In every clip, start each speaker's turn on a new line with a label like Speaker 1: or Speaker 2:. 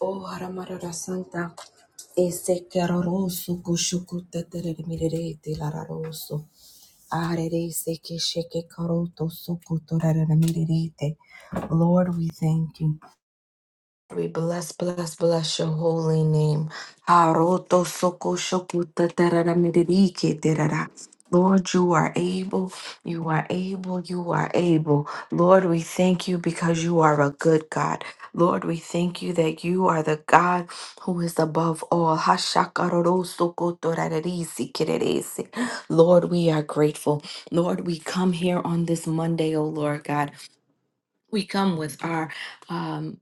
Speaker 1: Oh, Aramarara Santa. Ese caroroso, cushucuta teremirete lararoso. Arere se que sheke caroto socutora mirete, Lord, we thank you. We bless, bless, bless your holy name. Haroto soko shoku tatarara miririke terara. Lord, you are able, you are able, you are able. Lord, we thank you because you are a good God. Lord, we thank you that you are the God who is above all. Hashakaroro soko torarerisi kererese. Lord, we are grateful. Lord, we come here on this Monday, O Lord God. We come with our um,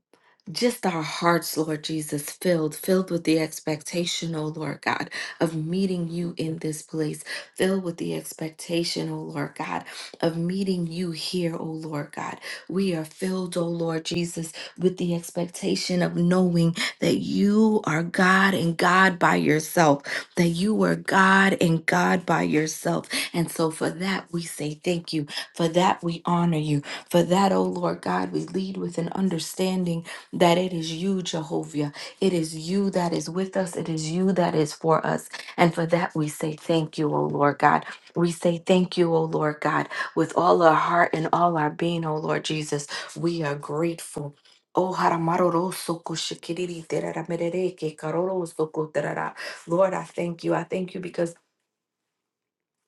Speaker 1: just our hearts, Lord Jesus, filled, filled with the expectation, oh Lord God, of meeting you in this place, filled with the expectation, oh Lord God, of meeting you here, oh Lord God. We are filled, oh Lord Jesus, with the expectation of knowing that you are God and God by yourself, that you are God and God by yourself. And so for that, we say thank you. For that, we honor you. For that, O Lord God, we lead with an understanding that it is you, Jehovah. It is you that is with us. It is you that is for us. And for that, we say thank you, O Lord God. We say thank you, O Lord God, with all our heart and all our being, O Lord Jesus. We are grateful. Oh, haramaroro soko shikiriri terara merere ke karoro soko terara. Lord, I thank you. I thank you because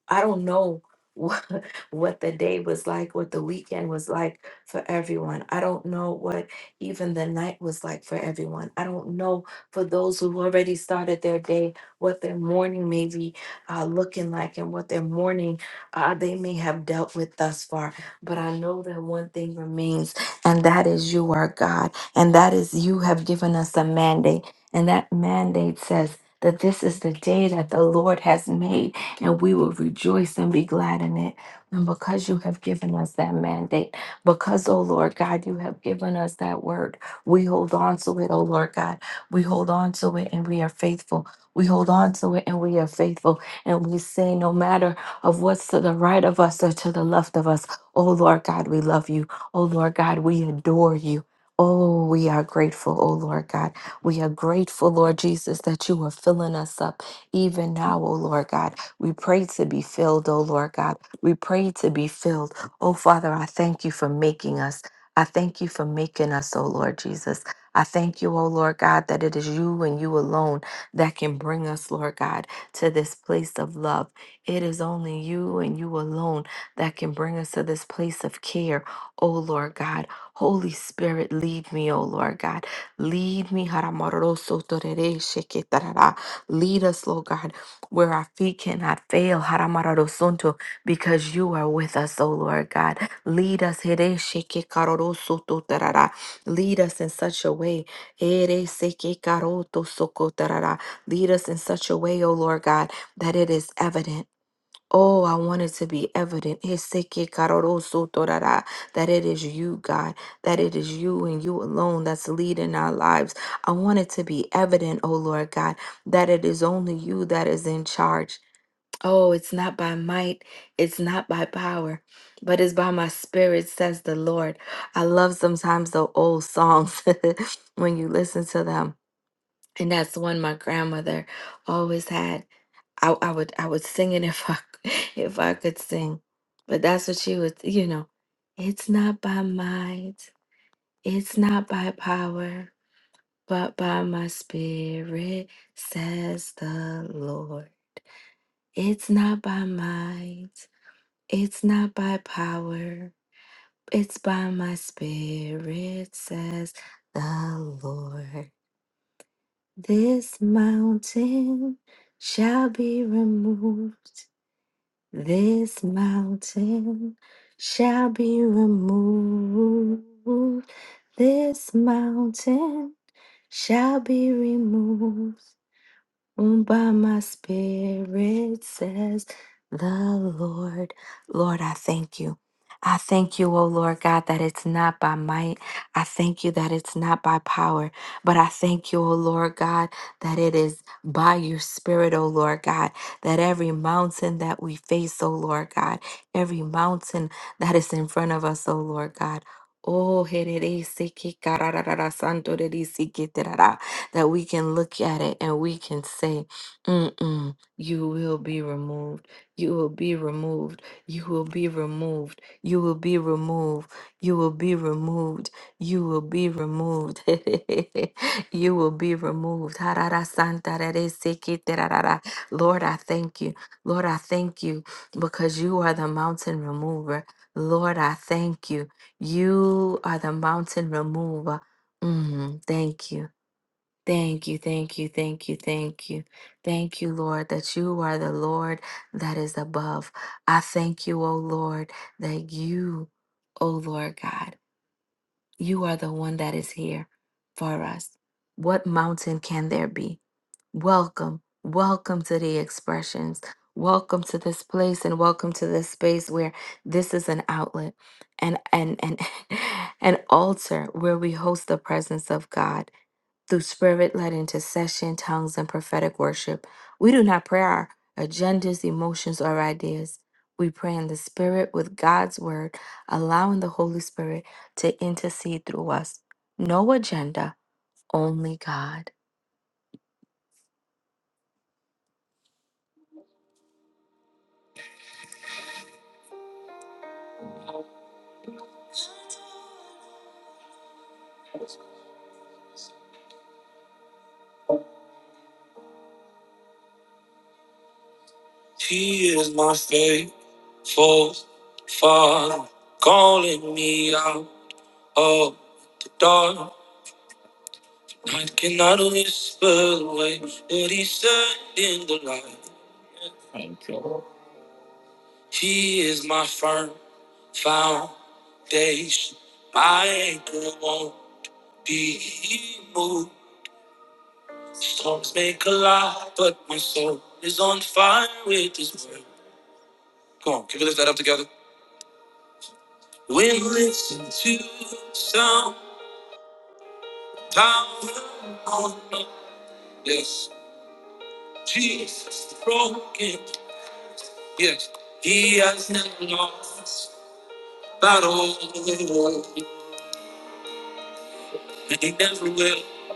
Speaker 1: I don't know what, what the day was like, what the weekend was like for everyone. I don't know what even the night was like for everyone. I don't know for those who've already started their day what their morning may be uh, looking like and what their morning uh, they may have dealt with thus far. But I know that one thing remains, and that is you are God, and that is you have given us a mandate. And that mandate says, that this is the day that the Lord has made and we will rejoice and be glad in it. And because you have given us that mandate, because, oh Lord God, you have given us that word, we hold on to it, oh Lord God. We hold on to it and we are faithful. We hold on to it and we are faithful. And we say, no matter of what's to the right of us or to the left of us, oh Lord God, we love you. Oh Lord God, we adore you. Oh, we are grateful, oh Lord God. We are grateful, Lord Jesus, that you are filling us up even now, O Lord God. We pray to be filled, O Lord God. We pray to be filled. Oh Father, I thank you for making us. I thank you for making us, O Lord Jesus. I thank you, O Lord God, that it is you and you alone that can bring us, Lord God, to this place of love. It is only you and you alone that can bring us to this place of care, O Lord God. Holy Spirit, lead me, O Lord God. Lead me. Lead us, Lord God, where our feet cannot fail. Haramararosunto, Because you are with us, O Lord God. Lead us. Hereshekekarosototarara. Lead us in such a way. Heresekekarotosoko tarara. Lead us in such a way, O Lord God, that it is evident. Oh, I want it to be evident. Heseke karoroso torara, That it is you, God, that it is you and you alone that's leading our lives. I want it to be evident, oh Lord God, that it is only you that is in charge. Oh, it's not by might, it's not by power, but it's by my spirit, says the Lord. I love sometimes the old songs when you listen to them. And that's one my grandmother always had. I, I would I would sing it if I if I could sing. But that's what she would you know. It's not by might, it's not by power, but by my spirit, says the Lord. It's not by might, it's not by power, it's by my spirit, says the Lord. This mountain shall be removed This mountain shall be removed. This mountain shall be removed. Owned by my spirit, says the Lord. Lord, I thank you. I thank you, O Lord God, that it's not by might. I thank you that it's not by power, but I thank you, O Lord God, that it is by your spirit, O Lord God, that every mountain that we face, O Lord God, every mountain that is in front of us, O Lord God. Oh, that we can look at it and we can say, Mm-mm, you will be removed. You will be removed. You will be removed. You will be removed. You will be removed. You will be removed. you will be removed. Harara santa rere seke terarara. Lord, I thank you. Lord, I thank you because you are the mountain remover. Lord, I thank you. You are the mountain remover. Mm, thank you. Thank you, thank you, thank you, thank you. Thank you, Lord, that you are the Lord that is above. I thank you, O Lord, that you, O Lord God, you are the one that is here for us. What mountain can there be? Welcome, welcome to the expressions. Welcome to this place and welcome to this space where this is an outlet and and and an altar where we host the presence of God through spirit led intercession, tongues, and prophetic worship. We do not pray our agendas, emotions, or ideas. We pray in the spirit with God's word, allowing the Holy Spirit to intercede through us. No agenda, only God. He is my faithful Father, calling me out of the dark. I cannot whisper the way, but He said in the light. He is my firm foundation. My anchor won't be moved. Storms may collide, but my soul is on fire with His word. Come on, can we lift that up together? When you listen to sound, power on earth. yes, Jesus broken, yes, He has never lost battle, and He never will.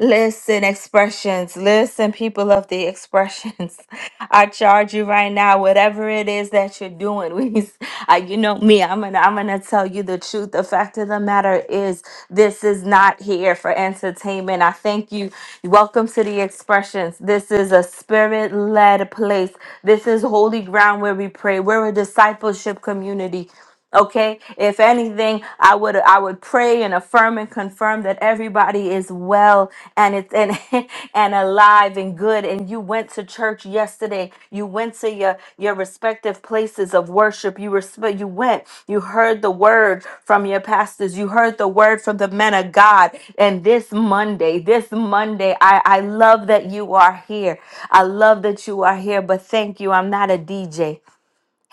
Speaker 1: Listen, expressions. Listen, people of the expressions. I charge you right now, whatever it is that you're doing. We, uh, you know me. I'm gonna, I'm gonna tell you the truth. The fact of the matter is, this is not here for entertainment. I thank you. Welcome to the expressions. This is a spirit-led place. This is holy ground where we pray. We're a discipleship community. Okay. If anything, I would I would pray and affirm and confirm that everybody is well and it's and and alive and good. And you went to church yesterday. You went to your your respective places of worship. You respect. You went. You heard the word from your pastors. You heard the word from the men of God. And this Monday, this Monday, I I love that you are here. I love that you are here. But thank you. I'm not a DJ.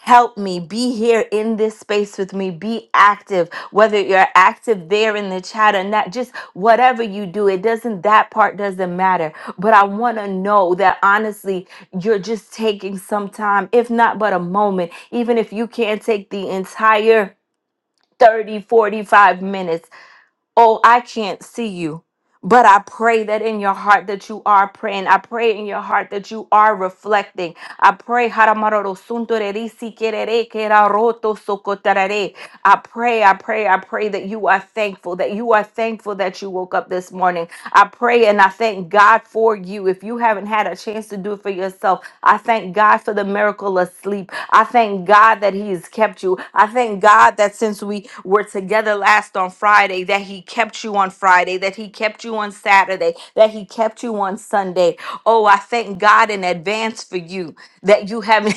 Speaker 1: Help me be here in this space with me. Be active, whether you're active there in the chat or not, just whatever you do. It doesn't, that part doesn't matter. But I want to know that honestly, you're just taking some time, if not but a moment, even if you can't take the entire 30, 45 minutes oh, I can't see you. But I pray that in your heart that you are praying. I pray in your heart that you are reflecting. I pray. Haramaroro suntoreri sikerere keraroto sokotarare. I pray, I pray, I pray that you are thankful, that you are thankful that you woke up this morning. I pray and I thank God for you. If you haven't had a chance to do it for yourself, I thank God for the miracle of sleep. I thank God that He has kept you. I thank God that since we were together last on Friday, that He kept you on Friday, that He kept you on Saturday, that He kept you on Sunday. Oh, I thank God in advance for you that you have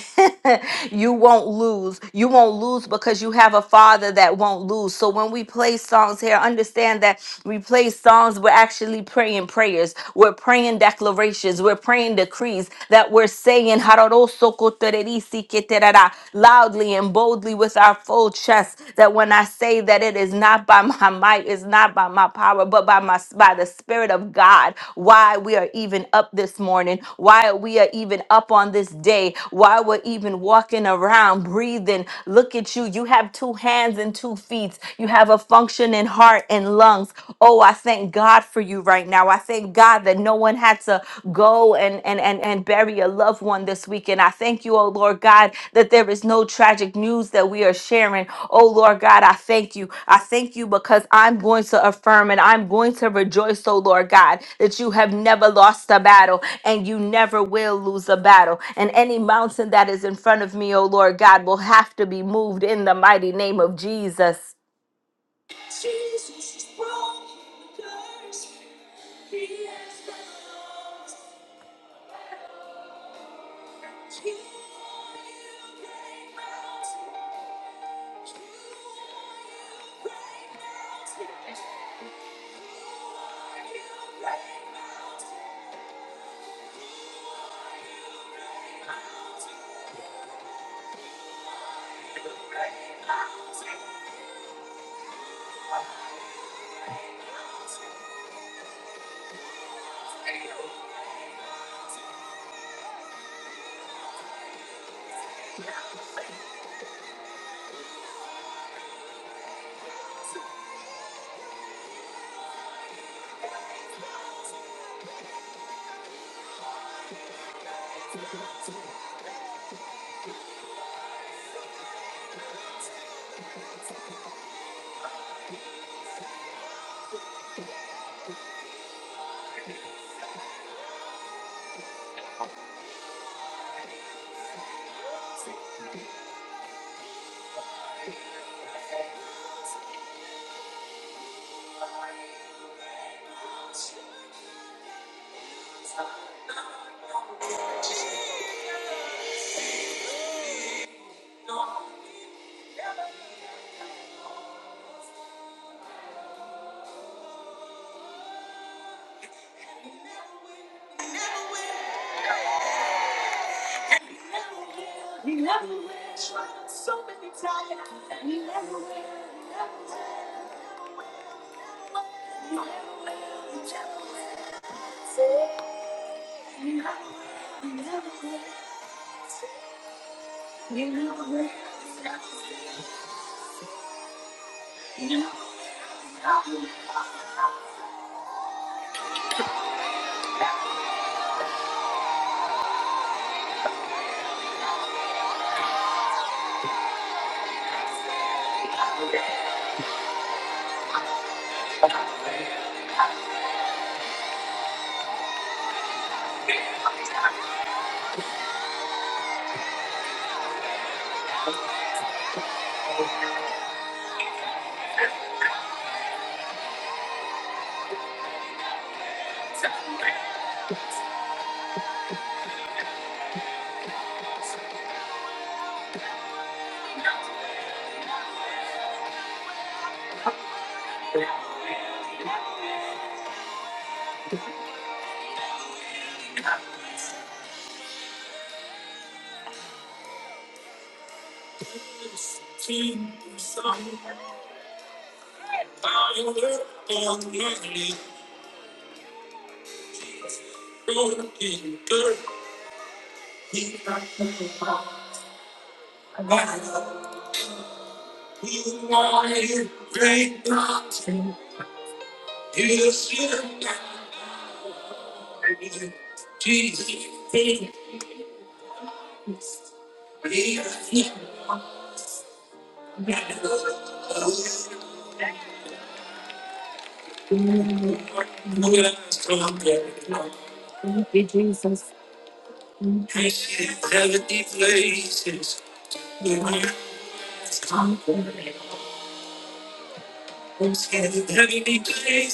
Speaker 1: you won't lose. You won't lose because you have a father that won't lose. So when we play songs here, understand that we play songs, we're actually praying prayers. We're praying praying declarations, we're praying decrees that we're saying "Hararosokotererisi-keterara," loudly and boldly with our full chest. That when I say that it is not by my might, it's not by my power, but by my by the Spirit of God. Why we are even up this morning, why we are even up on this day, why we're even walking around, breathing. Look at you. You have two hands and two feet. You have a functioning heart and lungs. Oh, I thank God for you right now. I thank God that no one had to go and, and, and, and bury a loved one this weekend. I thank you, oh Lord God, that there is no tragic news that we are sharing. Oh Lord God, I thank you. I thank you because I'm going to affirm and I'm going to rejoice, oh Lord God, that you have never lost a battle and you never will lose a battle. And any mountain that is in front of me, oh Lord God, will have to be moved in the mighty name of Jesus. I look for lonely places. Broken girls, he doesn't know. He wants to break hearts. He's scared of empty places. He's scared of empty places.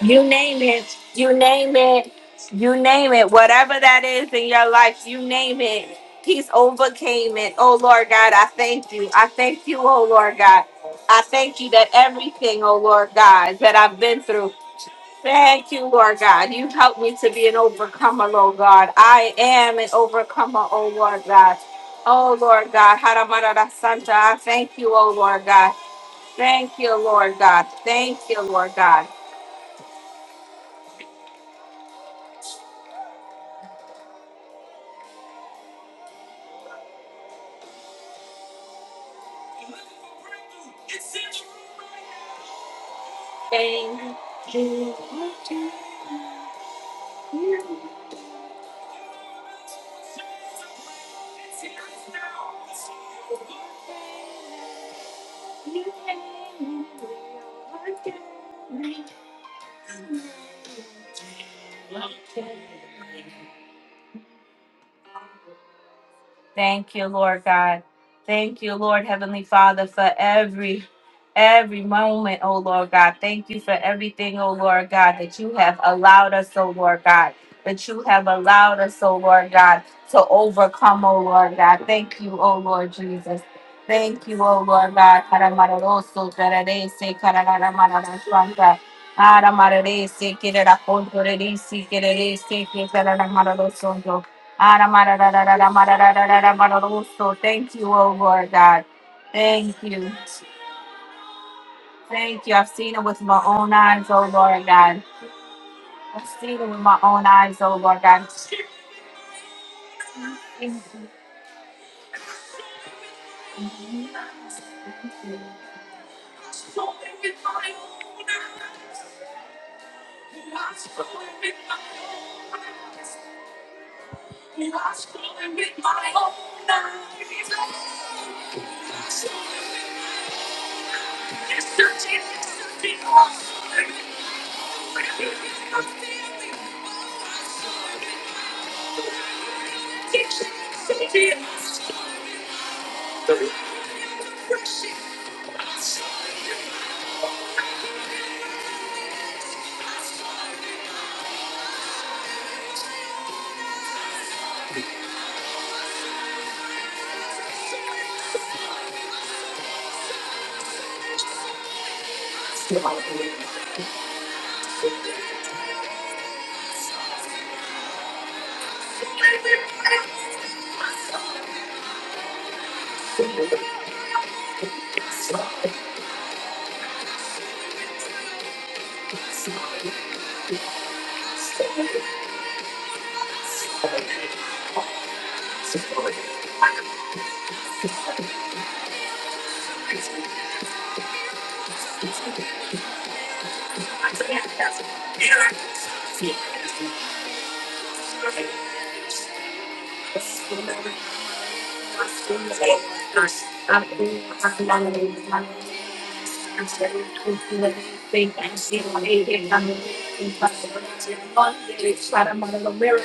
Speaker 1: You name it. You name it. You name it. Whatever that is in your life, you name it. He's overcame it. Oh Lord God, I thank you. I thank you, oh Lord God. I thank you that everything, oh Lord God, that I've been through. Thank you, Lord God. You helped me to be an overcomer, Lord God. I am an overcomer, oh Lord God. Oh Lord God, Haramarada Santa, I thank you, oh Lord God. Thank you, Lord God. Thank you, Lord God. Thank you, Lord God. Thank you, Lord Heavenly Father, for every every moment, oh Lord God. Thank you for everything, oh Lord God, that you have allowed us, oh Lord God, that you have allowed us, oh Lord God, to overcome, oh Lord God. Thank you, oh Lord Jesus. Thank you, oh Lord God. Karamararoso, tararese, kararamararasanta. Aramararese, kirerakontorerese, kirerese, kireramararosonto. Aramararararamarararararamaroroso. Thank you, oh Lord God. Thank you. Thank you. I've seen it with my own eyes, oh Lord God. I've seen it with my own eyes, oh Lord God.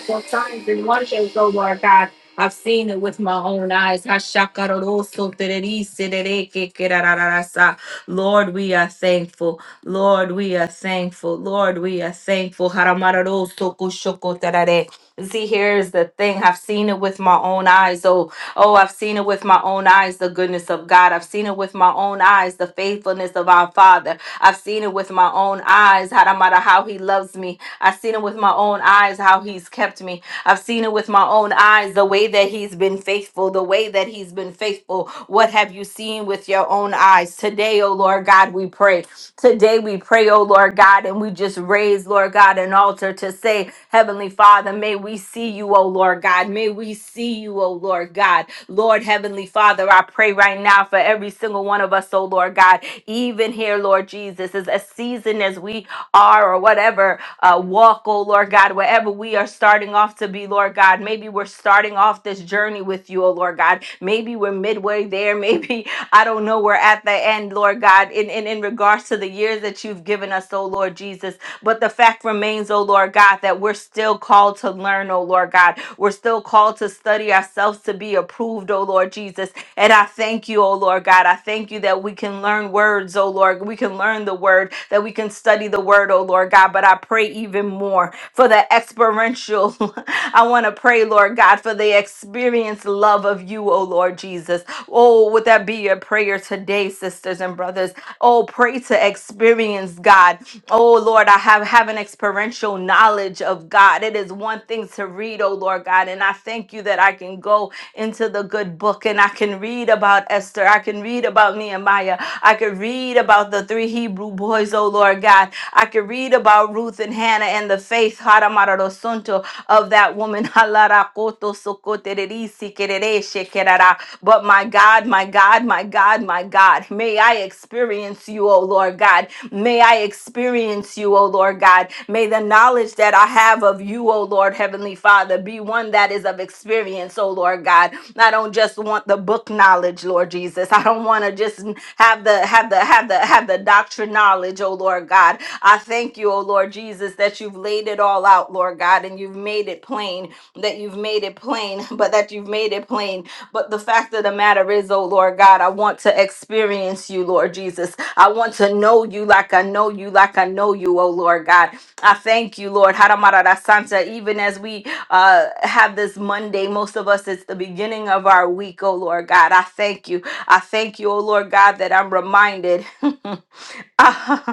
Speaker 1: wonderful signs and wonders, oh Lord God. I've seen it with my own eyes. Hashakaroroso tererisi dereke kerarararasa. Lord, we are thankful. Lord, we are thankful. Lord, we are thankful. Haramararoso kushoko terare. See, here's the thing. I've seen it with my own eyes. Oh, oh, I've seen it with my own eyes, the goodness of God. I've seen it with my own eyes, the faithfulness of our Father. I've seen it with my own eyes, Haramara, how He loves me. I've seen it with my own eyes how he's kept me. I've seen it with my own eyes the way that he's been faithful, the way that he's been faithful. What have you seen with your own eyes? Today, oh Lord God, we pray. Today we pray, oh Lord God, and we just raise, Lord God, an altar to say, Heavenly Father, may we see you, oh Lord God. May we see you, oh Lord God. Lord Heavenly Father, I pray right now for every single one of us, oh Lord God, even here, Lord Jesus, as a season as we are or whatever uh, walk, oh Lord God, wherever we are starting off to be, Lord God. Maybe we're starting off this journey with you, oh Lord God. Maybe we're midway there. Maybe, I don't know, we're at the end, Lord God, in, in, in regards to the years that you've given us, oh Lord Jesus. But the fact remains, oh Lord God, that we're still called to learn, oh Lord God. We're still called to study ourselves to be approved, oh Lord Jesus. And I thank you, oh Lord God. I thank you that we can learn words, oh Lord. We can learn the word, that we can study the word, oh Lord God. But I pray even more for the experiential. I want to pray, Lord God, for the experience love of you, oh Lord Jesus. Oh, would that be your prayer today, sisters and brothers? Oh, pray to experience God. Oh, Lord, I have, have an experiential knowledge of God. It is one thing to read, oh, Lord God. And I thank you that I can go into the good book and I can read about Esther. I can read about Nehemiah. I can read about the three Hebrew boys, oh, Lord God. I can read about Ruth and Hannah and the faith Haramarorosunto, of that woman. Halarakotosokotererisikerereshekera. But my God, my God, my God, my God, may I experience you, O Lord God. May I experience you, O Lord God. May the knowledge that I have of you, O Lord Heavenly Father, be one that is of experience, O Lord God. I don't just want the book knowledge, Lord Jesus. I don't want to just have the have the have the have the doctrine knowledge, O Lord God. I thank you, O Lord Jesus, that you've laid it all out, Lord God, and you've made it plain, that you've made it plain, but that you've made it plain but the fact of the matter is, oh Lord God, I want to experience you, Lord Jesus. I want to know you like I know you, like I know you, oh Lord God. I thank you, Lord. Haramarara Santa, even as we uh, have this Monday, most of us, it's the beginning of our week, oh Lord God. I thank you. I thank you, oh Lord God, that I'm reminded.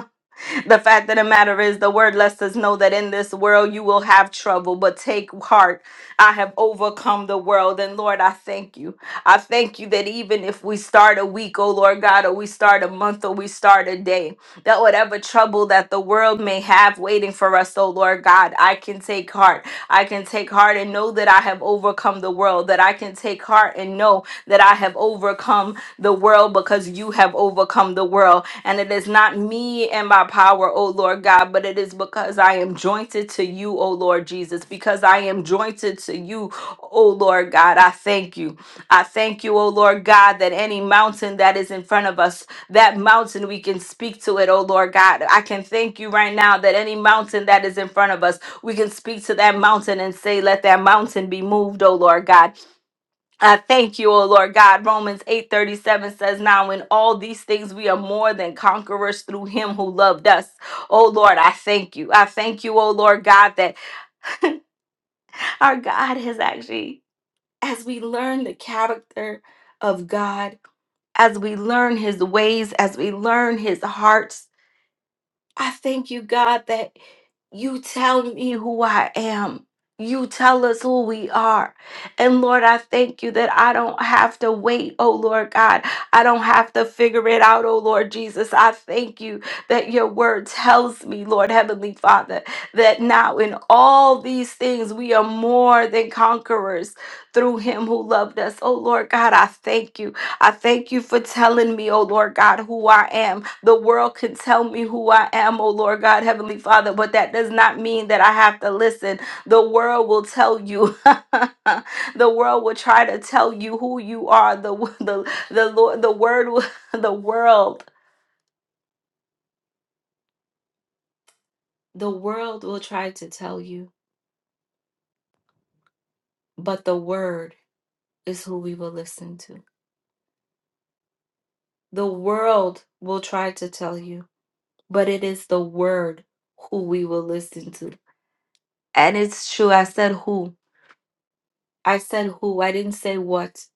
Speaker 1: the fact of the matter is, the word lets us know that in this world you will have trouble, but take heart. I have overcome the world. And Lord, I thank you. I thank you that even if we start a week, oh Lord God, or we start a month, or we start a day, that whatever trouble that the world may have waiting for us, oh Lord God, I can take heart. I can take heart and know that I have overcome the world, that I can take heart and know that I have overcome the world because you have overcome the world. And it is not me and my power, O Lord God, but it is because I am jointed to you, O Lord Jesus, because I am jointed to you, O Lord God. I thank you. I thank you, O Lord God, that any mountain that is in front of us, that mountain we can speak to it, O Lord God. I can thank you right now that any mountain that is in front of us, we can speak to that mountain and say, Let that mountain be moved, O Lord God. I thank you, O Lord God. Romans 8:37 says, Now in all these things we are more than conquerors through him who loved us. O Lord, I thank you. I thank you, O Lord God, that our God has actually, as we learn the character of God, as we learn his ways, as we learn his hearts, I thank you, God, that. You tell me who I am. You tell us who we are. And Lord, I thank you that I don't have to wait, oh Lord God. I don't have to figure it out, oh Lord Jesus. I thank you that your word tells me, Lord Heavenly Father, that now in all these things we are more than conquerors through him who loved us. Oh Lord God, I thank you. I thank you for telling me, oh Lord God, who I am. The world can tell me who I am, oh Lord God, Heavenly Father, but that does not mean that I have to listen. The world will tell you. the world will try to tell you who you are. The the the Lord, the word, will- the world, the world will try to tell you, but the word is who we will listen to. The world will try to tell you, but it is the word who we will listen to. And it's true. I said who I said who, I didn't say what.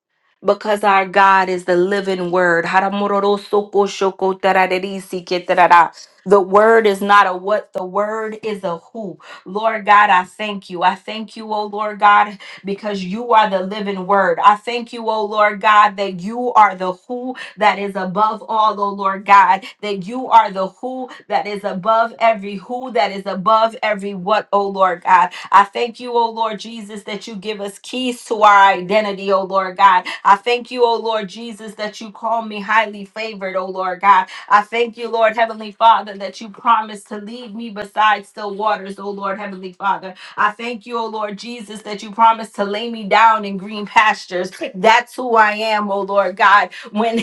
Speaker 1: Because our God is the living word. Haramororosokoshokotararirisiketara. The word is not a what, the word is a who. Lord God, I thank you. I thank you, oh Lord God, because you are the living word. I thank you, oh Lord God, that you are the who that is above all, oh Lord God, that you are the who that is above every who, that is above every what, oh Lord God. I thank you, O Lord Jesus, that you give us keys to our identity, O Lord God. I thank you, O Lord Jesus, that you call me highly favored, O Lord God. I thank you, Lord Heavenly Father, that you promised to lead me beside still waters, O Lord Heavenly Father. I thank you, O Lord Jesus, that you promised to lay me down in green pastures. That's who I am, O Lord God. When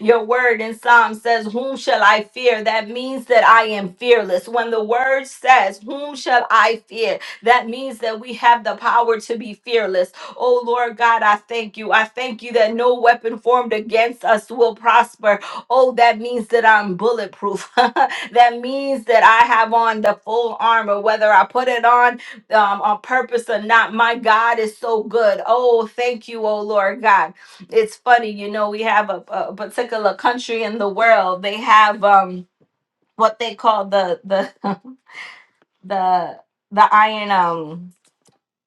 Speaker 1: your word in Psalm says, Whom shall I fear? That means that I am fearless. When the word says, Whom shall I fear? That means that we have the power to be fearless. Oh Lord God, I thank you. I thank you that no weapon formed against us will prosper. Oh, that means that I'm bulletproof. that means that I have on the full armor, whether I put it on um, on purpose or not. My God is so good. Oh, thank you, oh Lord God it's funny, you know, we have a, a particular country in the world. They have um what they call the the the the iron um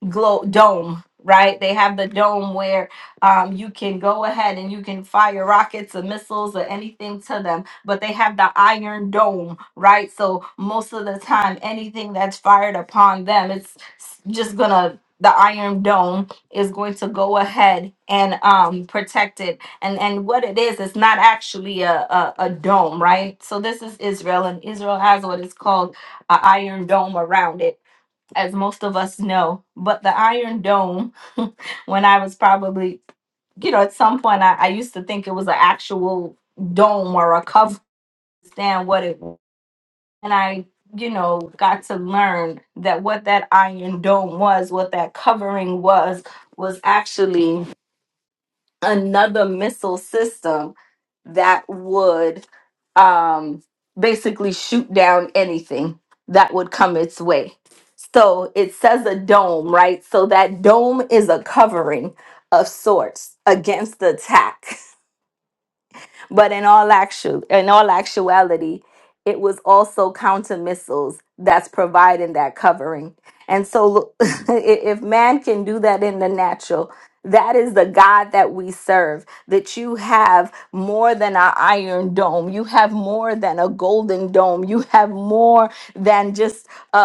Speaker 1: glow dome right they have the dome where um, you can go ahead and you can fire rockets or missiles or anything to them but they have the iron dome right so most of the time anything that's fired upon them it's s- just gonna the iron dome is going to go ahead and um, protect it and and what it is it's not actually a, a, a dome right so this is israel and israel has what is called an iron dome around it as most of us know. But the Iron Dome, when I was probably, you know, at some point, I, I used to think it was an actual dome or a cover, understand what it was. And I, you know, got to learn that what that Iron Dome was, what that covering was, was actually another missile system that would um, basically shoot down anything that would come its way. So it says a dome, right? So that dome is a covering of sorts against attack. But in all actual in all actuality, it was also counter missiles that's providing that covering. And so look, i- if man can do that in the natural, that is the God that we serve, that you have more than an iron dome. You have more than a golden dome. You have more than just a, a,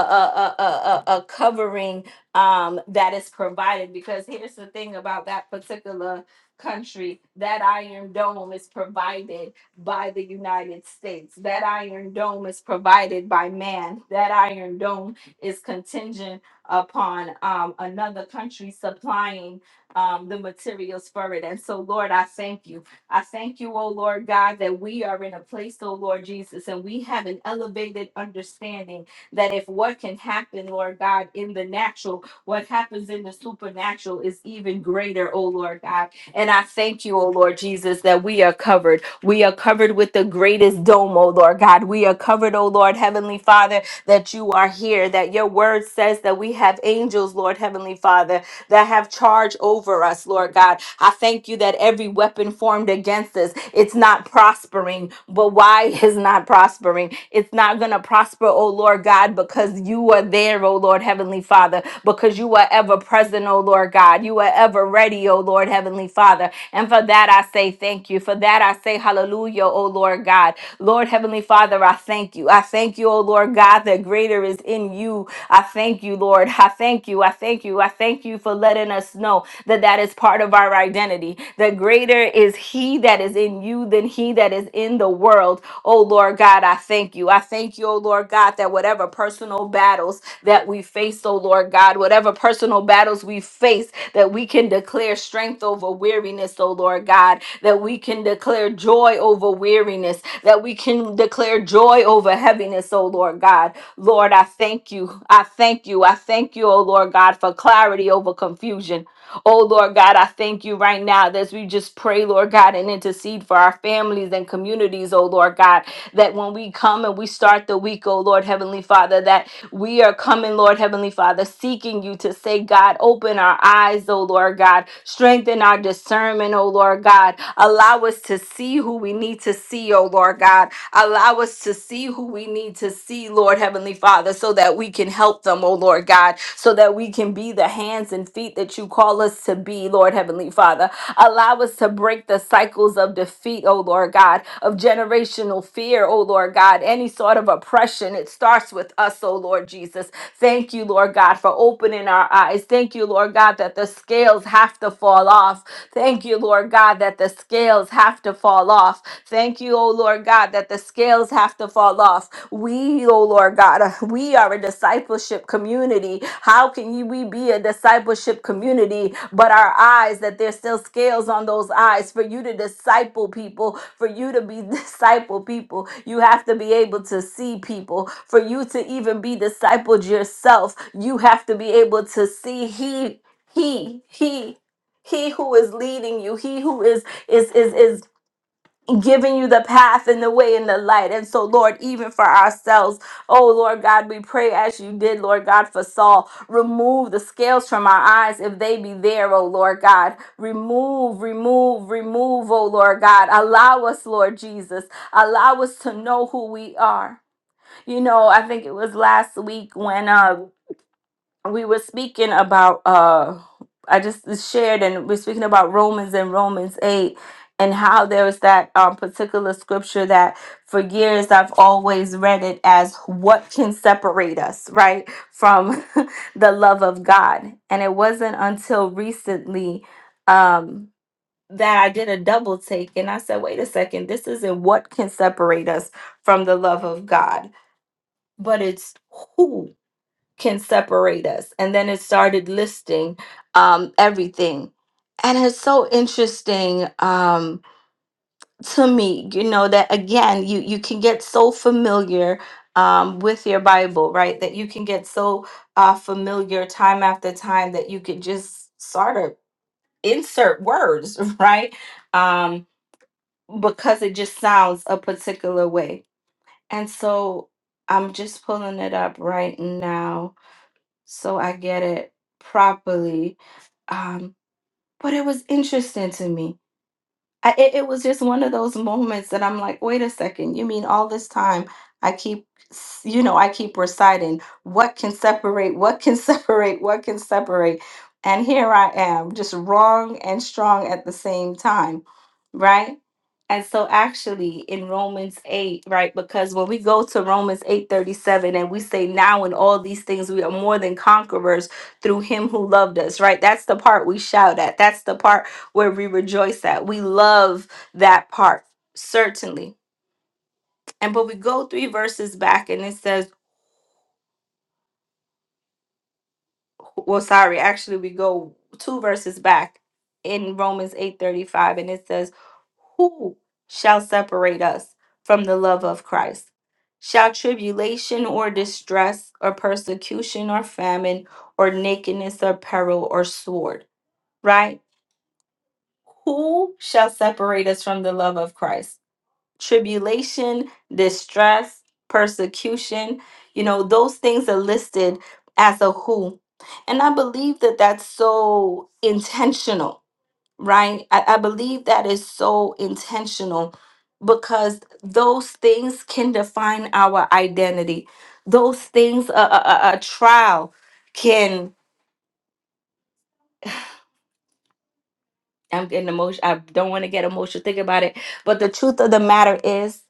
Speaker 1: a, a, a a covering um, that is provided. Because here's the thing about that particular country. That Iron Dome is provided by the United States. That Iron Dome is provided by man. That Iron Dome is contingent upon um, another country supplying um, the materials for it. And so, Lord, I thank you. I thank you, oh Lord God, that we are in a place, oh Lord Jesus, and we have an elevated understanding that if what can happen, Lord God, in the natural, what happens in the supernatural is even greater, oh Lord God. And I thank you, O Lord Jesus, that we are covered. We are covered with the greatest dome, O Lord God. We are covered, O Lord Heavenly Father, that you are here, that your word says that we have angels, Lord Heavenly Father, that have charge over us, Lord God. I thank you that every weapon formed against us, it's not prospering. But why is not prospering? It's not going to prosper, oh Lord God, because you are there, oh Lord Heavenly Father, because you are ever present, oh Lord God. You are ever ready, oh Lord Heavenly Father. And for that I say thank you. For that I say hallelujah, oh Lord God. Lord Heavenly Father, I thank you. I thank you, oh Lord God, that greater is in you I thank you, Lord. I thank you. I thank you. I thank you for letting us know that that is part of our identity. That greater is He that is in you than He that is in the world. Oh, Lord God, I thank you. I thank you, oh, Lord God, that whatever personal battles that we face, oh, Lord God, whatever personal battles we face, that we can declare strength over weariness, oh, Lord God, that we can declare joy over weariness, that we can declare joy over heaviness, oh, Lord God Lord, I thank you. I thank you. I thank you, oh Lord God, for clarity over confusion. Oh Lord God, I thank you right now as we just pray, Lord God, and intercede for our families and communities, oh Lord God, that when we come and we start the week, oh Lord Heavenly Father, that we are coming, Lord Heavenly Father, seeking you to say, God, open our eyes, oh Lord God, strengthen our discernment, oh Lord God, allow us to see who we need to see, oh Lord God. Allow us to see who we need to see, Lord Heavenly Father, so that we can help them, oh Lord God, so that we can be the hands and feet that you call us to be, Lord Heavenly Father. Allow us to break the cycles of defeat, oh Lord God, of generational fear, oh Lord God, any sort of oppression. It starts with us, oh Lord Jesus. Thank you, Lord God, for opening our eyes. Thank you, Lord God, that the scales have to fall off Thank you, Lord God, that the scales have to fall off. Thank you, oh Lord God, that the scales have to fall off. We, oh Lord God, we are a discipleship community. How can you, we be a discipleship community, but our eyes, that there's still scales on those eyes for you to disciple people, for you to be disciple people? You have to be able to see people. For you to even be discipled yourself, you have to be able to see He. He, he, he who is leading you he who is is is is giving you the path and the way and the light and so lord even for ourselves oh lord god we pray as you did lord god for saul remove the scales from our eyes if they be there oh lord god remove remove remove oh lord god allow us lord jesus allow us to know who we are you know i think it was last week when uh we were speaking about uh i just shared and we're speaking about romans and romans 8 and how there was that um, particular scripture that for years i've always read it as what can separate us right from the love of god and it wasn't until recently um that i did a double take and i said wait a second this isn't what can separate us from the love of god but it's who can separate us. And then it started listing um, everything. And it's so interesting um, to me, you know, that again, you, you can get so familiar um, with your Bible, right? That you can get so uh, familiar time after time that you could just sort of insert words, right? Um, because it just sounds a particular way. And so I'm just pulling it up right now so I get it properly. Um, but it was interesting to me. I, it, it was just one of those moments that I'm like, wait a second, you mean all this time I keep, s- you know, I keep reciting, what can separate, what can separate, what can separate? And here I am, just wrong and strong at the same time, right? And so actually in Romans 8, right? Because when we go to Romans 8:37 and we say now in all these things we are more than conquerors through him who loved us, right? That's the part we shout at. That's the part where we rejoice at. We love that part, certainly. And but we go three verses back and it says, well, sorry, actually we go two verses back in Romans 8:35, and it says, Who shall separate us from the love of Christ? Shall tribulation or distress or persecution or famine or nakedness or peril or sword, right? Who shall separate us from the love of Christ? tribulation, distress, persecution. You know, those things are listed as a who. And I believe that that's so intentional, right? I, I believe that is so intentional because those things can define our identity. Those things, a, a, a a trial can I'm getting emotional. I don't want to get emotional. Think about it. But the truth of the matter is,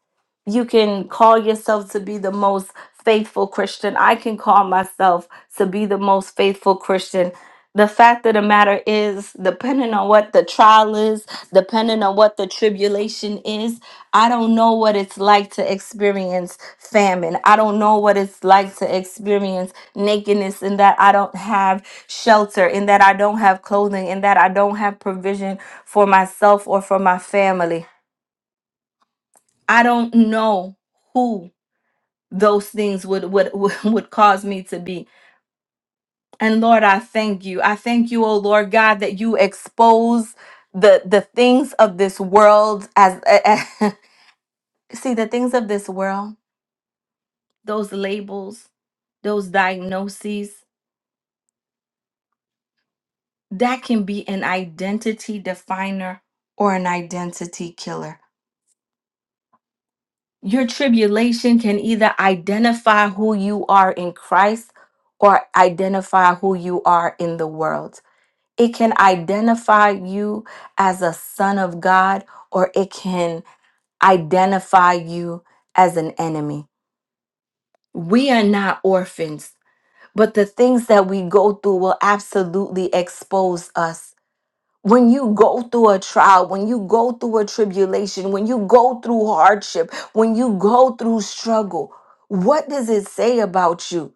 Speaker 1: you can call yourself to be the most faithful Christian. I can call myself to be the most faithful Christian. The fact of the matter is, depending on what the trial is, depending on what the tribulation is, I don't know what it's like to experience famine. I don't know what it's like to experience nakedness in that I don't have shelter, in that I don't have clothing, in that I don't have provision for myself or for my family. I don't know who those things would would would cause me to be. And Lord, I thank you. I thank you, oh Lord God, that you expose the the things of this world as see the things of this world, those labels, those diagnoses that can be an identity definer or an identity killer. Your tribulation can either identify who you are in Christ or identify who you are in the world. It can identify you as a son of God or it can identify you as an enemy. We are not orphans, but the things that we go through will absolutely expose us when you go through a trial, when you go through a tribulation, when you go through hardship, when you go through struggle, what does it say about you?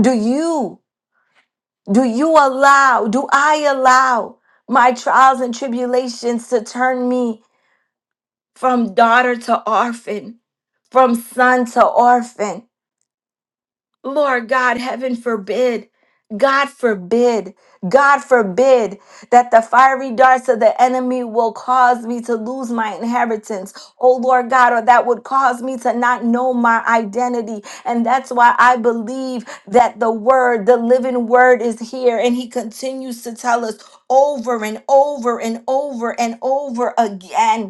Speaker 1: Do you do you allow, do I allow my trials and tribulations to turn me from daughter to orphan, from son to orphan? Lord God, heaven forbid. God forbid, God forbid that the fiery darts of the enemy will cause me to lose my inheritance. Oh Lord God, or that would cause me to not know my identity. And that's why I believe that the word, the living word is here. And he continues to tell us over and over and over and over again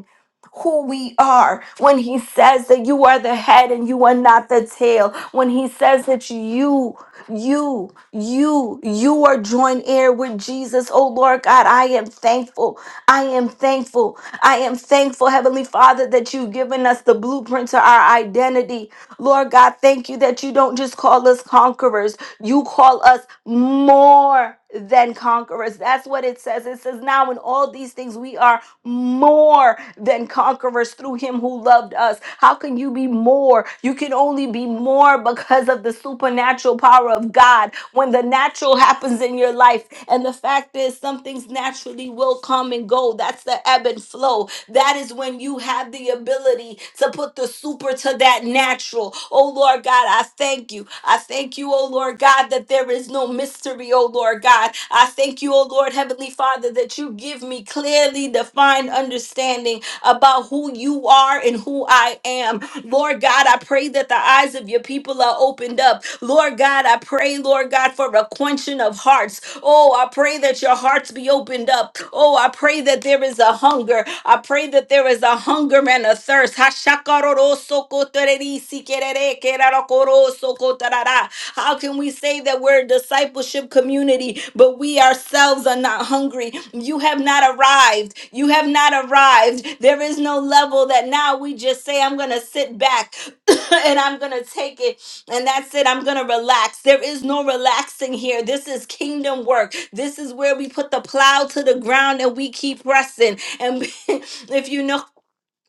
Speaker 1: who we are when he says that you are the head and you are not the tail when he says that you you you you are joint heir with jesus oh lord god i am thankful i am thankful i am thankful heavenly father that you've given us the blueprint to our identity Lord God, thank you that you don't just call us conquerors, you call us more than conquerors. That's what it says. It says, Now in all these things, we are more than conquerors through him who loved us. How can you be more? You can only be more because of the supernatural power of God. When the natural happens in your life, and the fact is, some things naturally will come and go. That's the ebb and flow. That is when you have the ability to put the super to that natural. Oh Lord God, I thank you. I thank you, oh Lord God, that there is no mystery, oh Lord God. I thank you, oh Lord Heavenly Father, that you give me clearly defined understanding about who you are and who I am. Lord God, I pray that the eyes of your people are opened up. Lord God, I pray, Lord God, for a quenching of hearts. Oh, I pray that your hearts be opened up. Oh, I pray that there is a hunger. I pray that there is a hunger and a thirst. Hashakarorosokotererisikerere, kerarokorosokotarara. How can we say that we're a discipleship community, but we ourselves are not hungry? You have not arrived. You have not arrived. There is no level that now we just say, I'm going to sit back and I'm going to take it and that's it. I'm going to relax. There is no relaxing here. This is kingdom work. This is where we put the plow to the ground and we keep pressing. And if you know,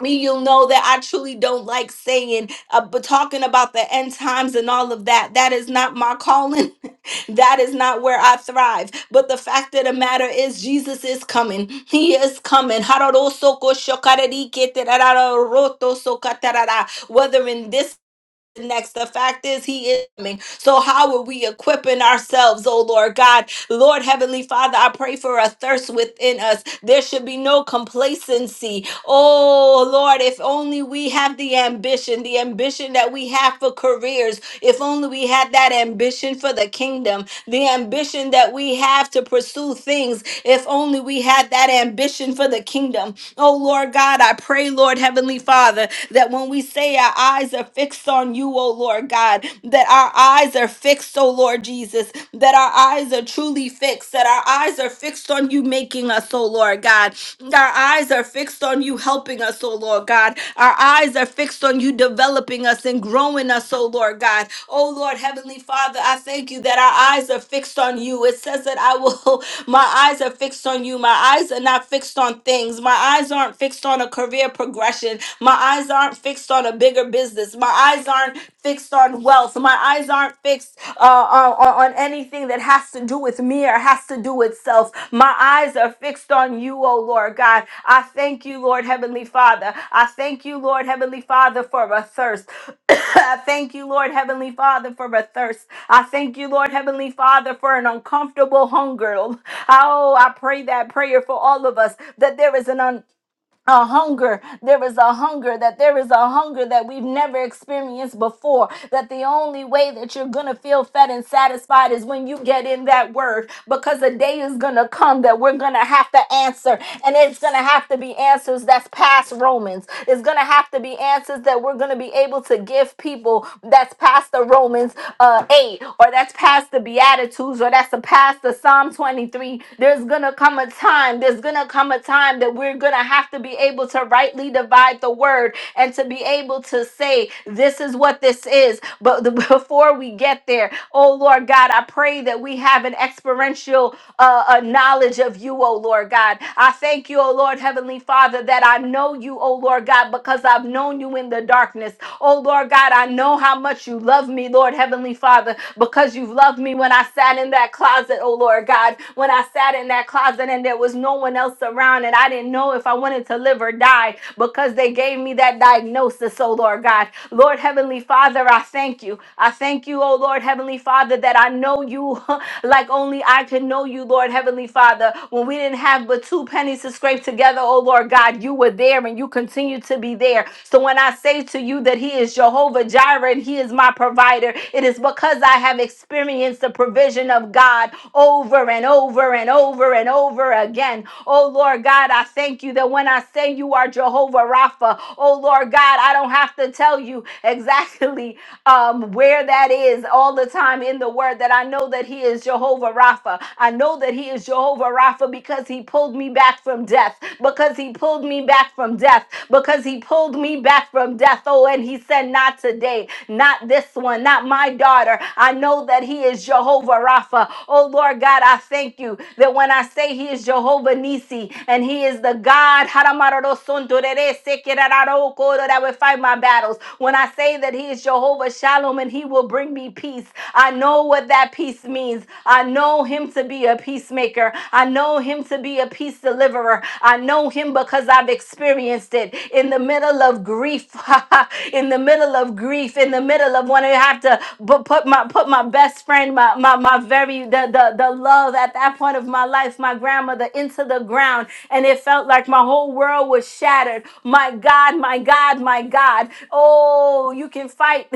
Speaker 1: me, you'll know that I truly don't like saying, uh, but talking about the end times and all of that, that is not my calling. that is not where I thrive. But the fact of the matter is, Jesus is coming. He is coming. Whether in this next. The fact is, He is coming. So, how are we equipping ourselves, oh Lord God? Lord Heavenly Father, I pray for a thirst within us. There should be no complacency. Oh Lord, if only we have the ambition, the ambition that we have for careers, if only we had that ambition for the kingdom, the ambition that we have to pursue things, if only we had that ambition for the kingdom. Oh Lord God, I pray, Lord Heavenly Father, that when we we say our eyes are fixed on you, O Lord God, that our eyes are fixed, O Lord Jesus, that our eyes are truly fixed, that our eyes are fixed on you making us, O Lord God. Our eyes are fixed on you helping us, O Lord God. Our eyes are fixed on you developing us and growing us, O Lord God. O Lord Heavenly Father, I thank you that our eyes are fixed on you. It says that I will, my eyes are fixed on you. My eyes are not fixed on things. My eyes aren't fixed on a career progression. My eyes aren't fixed on a bigger business. My eyes aren't fixed on wealth. My eyes aren't fixed uh, on, on on anything that has to do with me or has to do with self. My eyes are fixed on you, oh Lord God. I thank you, Lord Heavenly Father. I thank you, Lord Heavenly Father, for a thirst. I thank you, Lord Heavenly Father, for a thirst. I thank you, Lord Heavenly Father, for an uncomfortable hunger. Oh, I pray that prayer for all of us that there is an a hunger. There is a hunger that there is a hunger that we've never experienced before. That the only way that you're going to feel fed and satisfied is when you get in that word because a day is going to come that we're going to have to answer. And it's going to have to be answers that's past Romans. It's going to have to be answers that we're going to be able to give people that's past the Romans uh, 8, or that's past the Beatitudes, or that's the past the Psalm 23. There's going to come a time, there's going to come a time that we're going to have to be able to rightly divide the word and to be able to say, this is what this is. But the, before we get there, oh Lord God, I pray that we have an experiential uh, uh, knowledge of you, oh Lord God. I thank you, oh Lord Heavenly Father, that I know you, oh Lord God, because I've known you in the darkness. Oh, Lord God, I know how much you love me, Lord Heavenly Father, because you've loved me when I sat in that closet, oh, Lord God, when I sat in that closet and there was no one else around and I didn't know if I wanted to live or die because they gave me that diagnosis, oh, Lord God. Lord Heavenly Father, I thank you. I thank you, oh, Lord Heavenly Father, that I know you like only I can know you, Lord Heavenly Father. When we didn't have but two pennies to scrape together, oh Lord God, you were there and you continue to be there. So when I say to you that He is Jehovah Jireh and He is my provider, it is because I have experienced the provision of God over and over and over and over again. Oh Lord God, I thank you that when I say you are Jehovah Rapha, oh Lord God, I don't have to tell you exactly um, where that is all the time in the word that I know that He is Jehovah Rapha. I know that He is Jehovah Rapha because He pulled me back from death, because He pulled me back from death, because He pulled me back from death. Oh, and He said, Not today, not this one, not my daughter. I know that He is Jehovah Rapha. Oh, Lord God, I thank you that when I say He is Jehovah Nisi and He is the God Haramaroro Sontorere Sekerararo Koro, that will fight my battles. When I say that He is Jehovah Shalom and He will bring me peace, I know what that peace means. I know Him to be a peacemaker. I know Him to be a peace deliverer. I know Him because I've experienced it in the middle of grief, in the middle of grief, in the middle of when I have to bu- put my put my best friend, my my, my very the, the the love at that point of my life, my grandmother into the ground, and it felt like my whole world was shattered. My God, my God. God, my God. Oh, you can fight.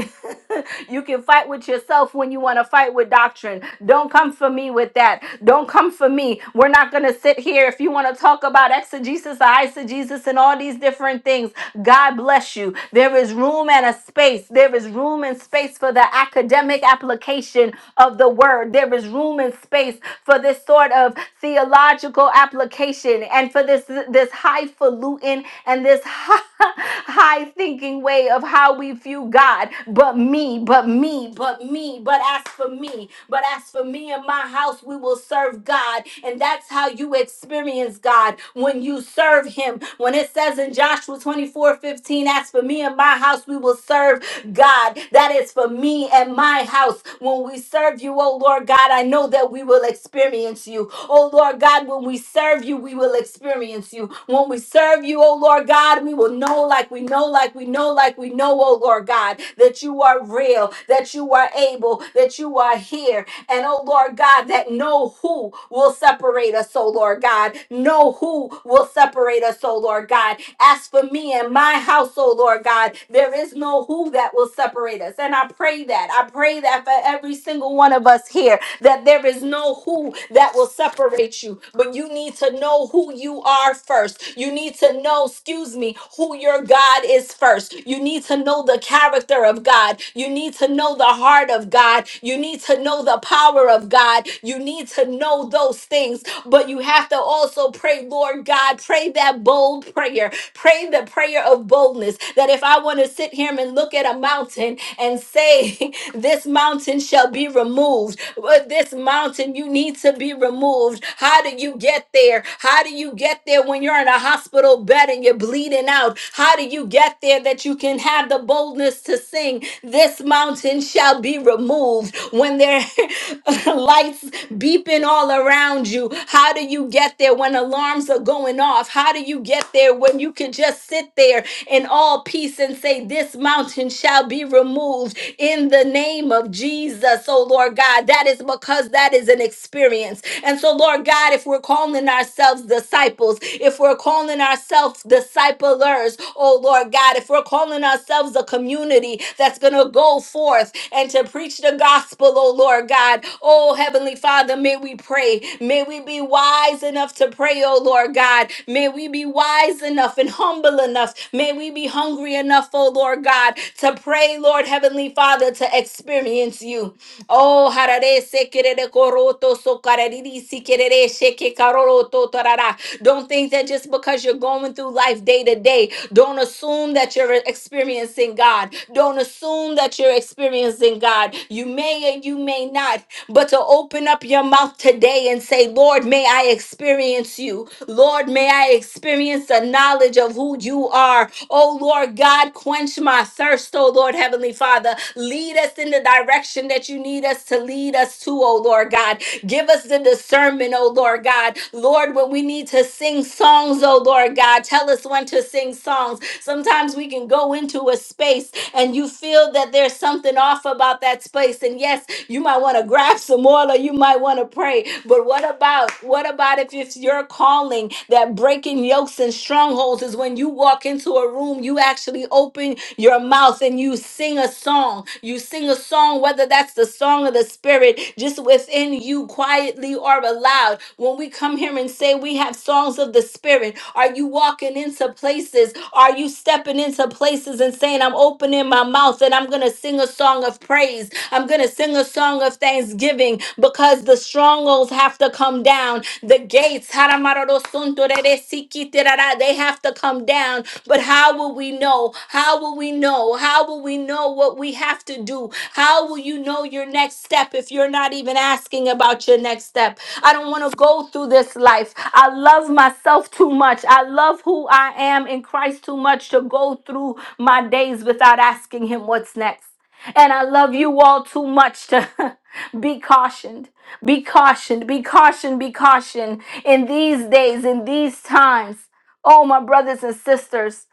Speaker 1: you can fight with yourself when you want to fight with doctrine. Don't come for me with that. Don't come for me. We're not going to sit here. If you want to talk about exegesis or eisegesis and all these different things, God bless you. There is room and a space. There is room and space for the academic application of the word. There is room and space for this sort of theological application and for this this highfalutin and this high thinking way of how we view God. But me, but me, but me, but as for me, but as for me and my house, we will serve God. And that's how you experience God when you serve Him. When it says in Joshua 24 15, as for me and my house, we will serve God. That is for me and my house. When we serve you, oh Lord God, I know that we will experience you. Oh Lord God, when we serve you, we will experience you. When we serve you, oh Lord God, we will know like we know, like we know, like we know, oh Lord God, that you are real, that you are able, that you are here, and oh Lord God, that no who will separate us, oh Lord God. No who will separate us, oh Lord God. As for me and my house, oh Lord God, there is no who that will separate us. And I pray that. I pray that for every single one of us here, that there is no know who that will separate you, but you need to know who you are first. You need to know, excuse me, who your God is first. You need to know the character of God. You need to know the heart of God. You need to know the power of God. You need to know those things, but you have to also pray, Lord God, pray that bold prayer Pray the prayer of boldness that if I want to sit here and look at a mountain and say, This mountain shall be removed, but this mountain you need to be removed. How do you get there? How do you get there when you're in a hospital bed and you're bleeding out? How do you get there that you can have the boldness to sing, This mountain shall be removed? When there lights beeping all around you? How do you get there when alarms are going off? How do you get there when you can just sit there in all peace and say, This mountain shall be removed in the name of Jesus, oh Lord God? That is because that is an experience. And so, Lord God, if we're calling ourselves disciples, if we're calling ourselves self disciplers, oh Lord God, if we're calling ourselves a community that's going to go forth and to preach the gospel, oh Lord God, oh Heavenly Father, may we pray. May we be wise enough to pray, oh Lord God. May we be wise enough and humble enough. May we be hungry enough, oh Lord God, to pray, Lord Heavenly Father, to experience you. Oh, harare sekerere koroto sokarariri sikerere sheke karoroto tarara. Don't think that just because you're going through life day to day, don't assume that you're experiencing God. Don't assume that you're experiencing God. You may and you may not, but to open up your mouth today and say, Lord, may I experience you. Lord, may I experience the knowledge of who you are. Oh, Lord God, quench quench my thirst, oh Lord Heavenly Father. Lead us in the direction that you need us to lead us to, oh Lord God. Give us the discernment, oh Lord God. Lord, when we need to sing songs, oh Lord God, tell us when to sing songs. Sometimes we can go into a space and you feel that there's something off about that space. And yes, you might want to grab some oil or you might want to pray. But what about what about if it's your calling that breaking yokes and strongholds is when you walk into a room, you actually open your mouth and you sing a song. You sing a song, whether that's the song of the spirit, just within you, quietly or aloud. When we come here and say we have songs of the spirit, are you walking into places? Are you stepping into places and saying, I'm opening my mouth and I'm going to sing a song of praise? I'm going to sing a song of thanksgiving because the the strongholds have to come down. The gates, Haramarosuntoreresikitirara, they have to come down. But how will we know? How will we know? How will we know what we have to do? How will you know your next step if you're not even asking about your next step? I don't want to go through this life. I love myself too much. I love who I am in Christ too much to go through my days without asking Him what's next. And I love you all too much to be cautioned. Be cautioned, be cautioned, be cautioned in these days, in these times. Oh, my brothers and sisters,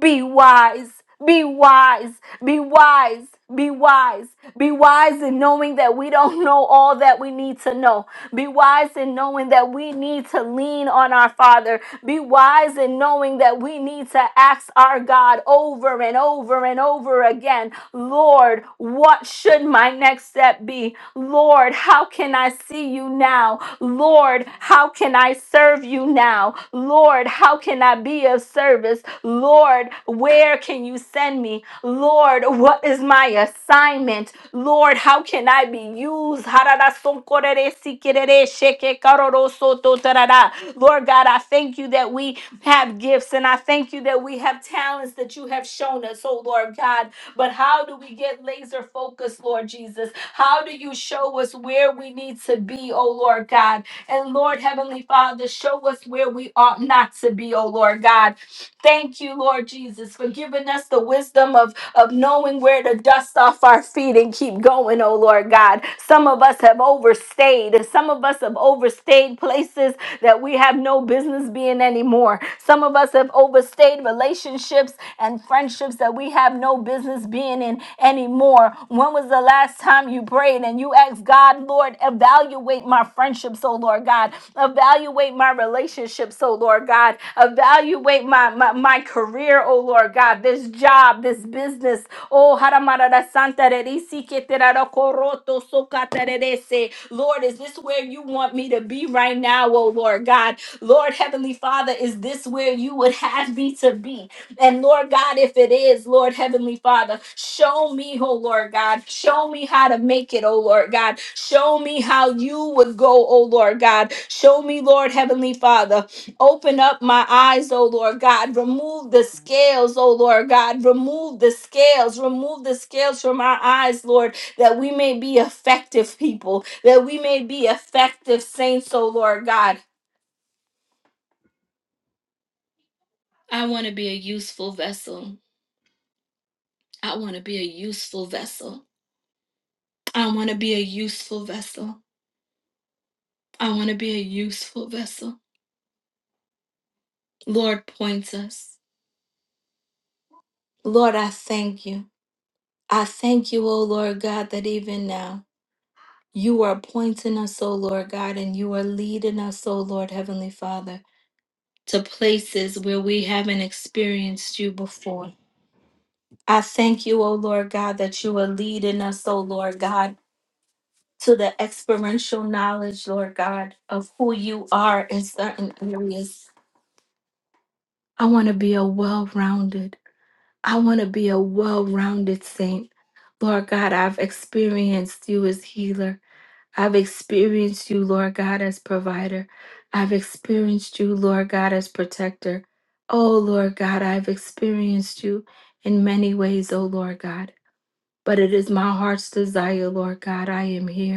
Speaker 1: be wise, be wise, be wise, be wise, be wise in knowing that we don't know all that we need to know. Be wise in knowing that we need to lean on our Father. Be wise in knowing that we need to ask our God over and over and over again Lord, what should my next step be? Lord, how can I see you now? Lord, how can I serve you now? Lord, how can I be of service? Lord, where can you send me? Lord, what is my assignment? Lord, how can I be used? Lord God, I thank you that we have gifts and I thank you that we have talents that you have shown us, oh Lord God. But how do we get laser focused, Lord Jesus? How do you show us where we need to be, oh Lord God? And Lord Heavenly Father, show us where we ought not to be, oh Lord God. Thank you, Lord Jesus, for giving us the wisdom of of knowing where to dust off our feet and keep going, oh Lord God. Some of us have overstayed. Some of us have overstayed places that we have no business being anymore. Some of us have overstayed relationships and friendships that we have no business being in anymore. When was the last time you prayed and you asked? life, God, Lord. Evaluate my friendships, oh Lord God. Evaluate my relationships, oh Lord God. Evaluate my, my, my career, oh Lord God. This job, this business. Oh, Haramarada Santa Rerisi Keterara Koroto Sokaterese. Lord, is this where you want me to be right now, oh Lord God? Lord, Heavenly Father, is this where you would have me to be? And Lord God, if it is, Lord Heavenly Father, show me, oh Lord God, show me how to make it, oh Lord God. Show me how you would go, oh Lord God. Show me, Lord Heavenly Father. Open up my eyes, oh Lord God. Remove the scales, oh Lord God. Remove the scales. Remove the scales from our eyes, Lord, that we may be effective people, that we may be effective saints, oh Lord God. I want to be a useful vessel. I want to be a useful vessel. I want to be a useful vessel. I want to be a useful vessel. Lord points us. Lord, I thank you. I thank you, O Lord God, that even now you are pointing us, O Lord God, and you are leading us, O Lord Heavenly Father, to places where we haven't experienced you before. I thank you, O Lord God, that you are leading us, O Lord God, to the experiential knowledge, Lord God, of who you are in certain areas. I want to be a I wounded saint. Lord God, I've experienced you as healer. I've experienced you, Lord God, as provider. I've experienced you, Lord God, as protector. Oh, Lord God, I've experienced you in many ways, oh, Lord God. But it is my heart's desire, Lord God, I am here.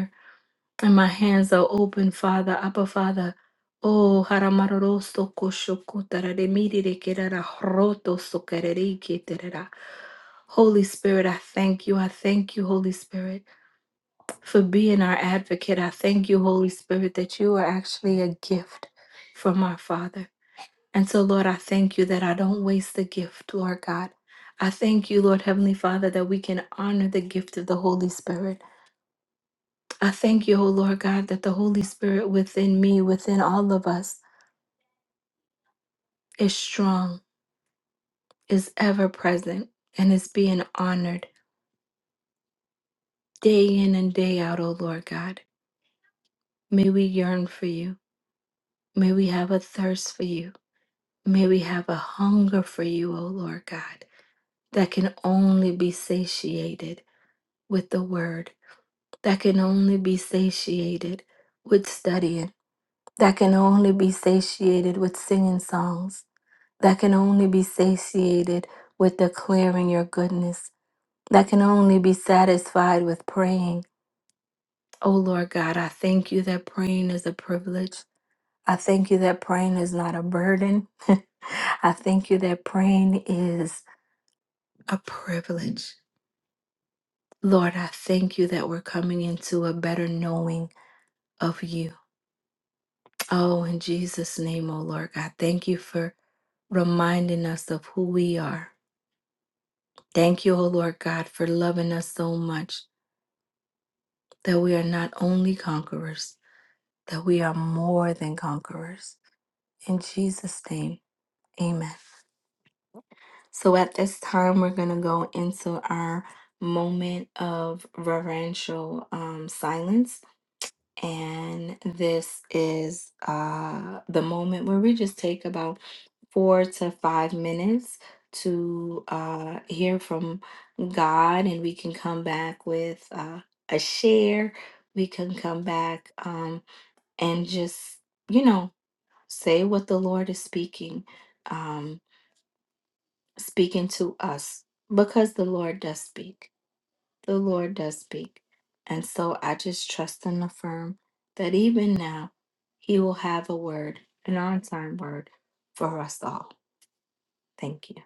Speaker 1: And my hands are open, Father, Abba Father. Oh, haramaroroso koshokotara de mirire kerara roto sokerere keterera. Holy Spirit, I thank you. I thank you, Holy Spirit, for being our advocate. I thank you, Holy Spirit, that you are actually a gift from our Father. And so, Lord, I thank you that I don't waste the gift, Lord God. I thank you, Lord Heavenly Father, that we can honor the gift of the Holy Spirit. I thank you, O Lord God, that the Holy Spirit within me, within all of us, is strong, is ever present, and is being honored day in and day out, O Lord God. May we yearn for you. May we have a thirst for you. May we have a hunger for you, O Lord God, that can only be satiated with the word, that can only be satiated with studying, that can only be satiated with singing songs that can only be satiated with declaring your goodness, that can only be satisfied with praying. Oh Lord God, I thank you that praying is a privilege. I thank you that praying is not a burden. I thank you that praying is a privilege. Lord, I thank you that we're coming into a better knowing of you. Oh, in Jesus' name, oh Lord God, thank you for reminding us of who we are. Thank you, oh Lord God, for loving us so much that we are not only conquerors, that we are more than conquerors. In Jesus' name, amen. So at this time, we're going to go into our moment of reverential um, silence. And this is uh, the moment where we just take about four to five minutes to uh, hear from God, and we can come back with uh, a share. We can come back. Um, and just you know say what the lord is speaking um speaking to us because the lord does speak the lord does speak and so i just trust and affirm that even now he will have a word an on-time word for us all thank you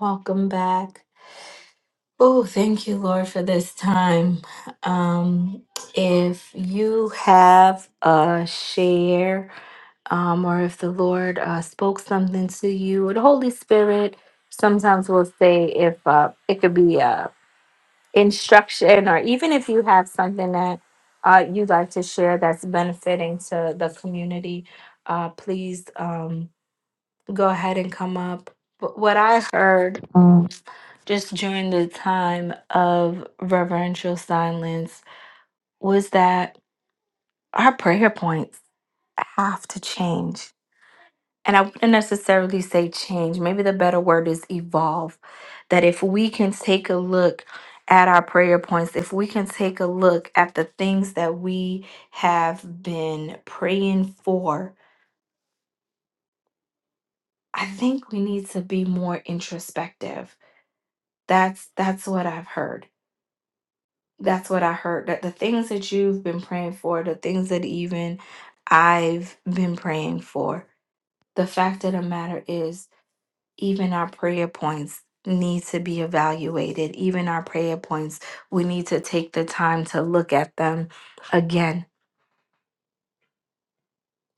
Speaker 1: welcome back oh thank you lord for this time um if you have a share um, or if the Lord uh, spoke something to you, or the Holy Spirit. Sometimes will say if uh, it could be uh, instruction, or even if you have something that uh, you'd like to share that's benefiting to the community, uh, please um, go ahead and come up. But what I heard um, just during the time of reverential silence was that our prayer points have to change and I wouldn't necessarily say change, maybe the better word is evolve. That if we can take a look at our prayer points, if we can take a look at the things that we have been praying for, I think we need to be more introspective. That's that's what I've heard. That's what I heard that the things that you've been praying for, the things that even I've been praying for. The fact of the matter is even our prayer points need to be evaluated. Even our prayer points, we need to take the time to look at them again.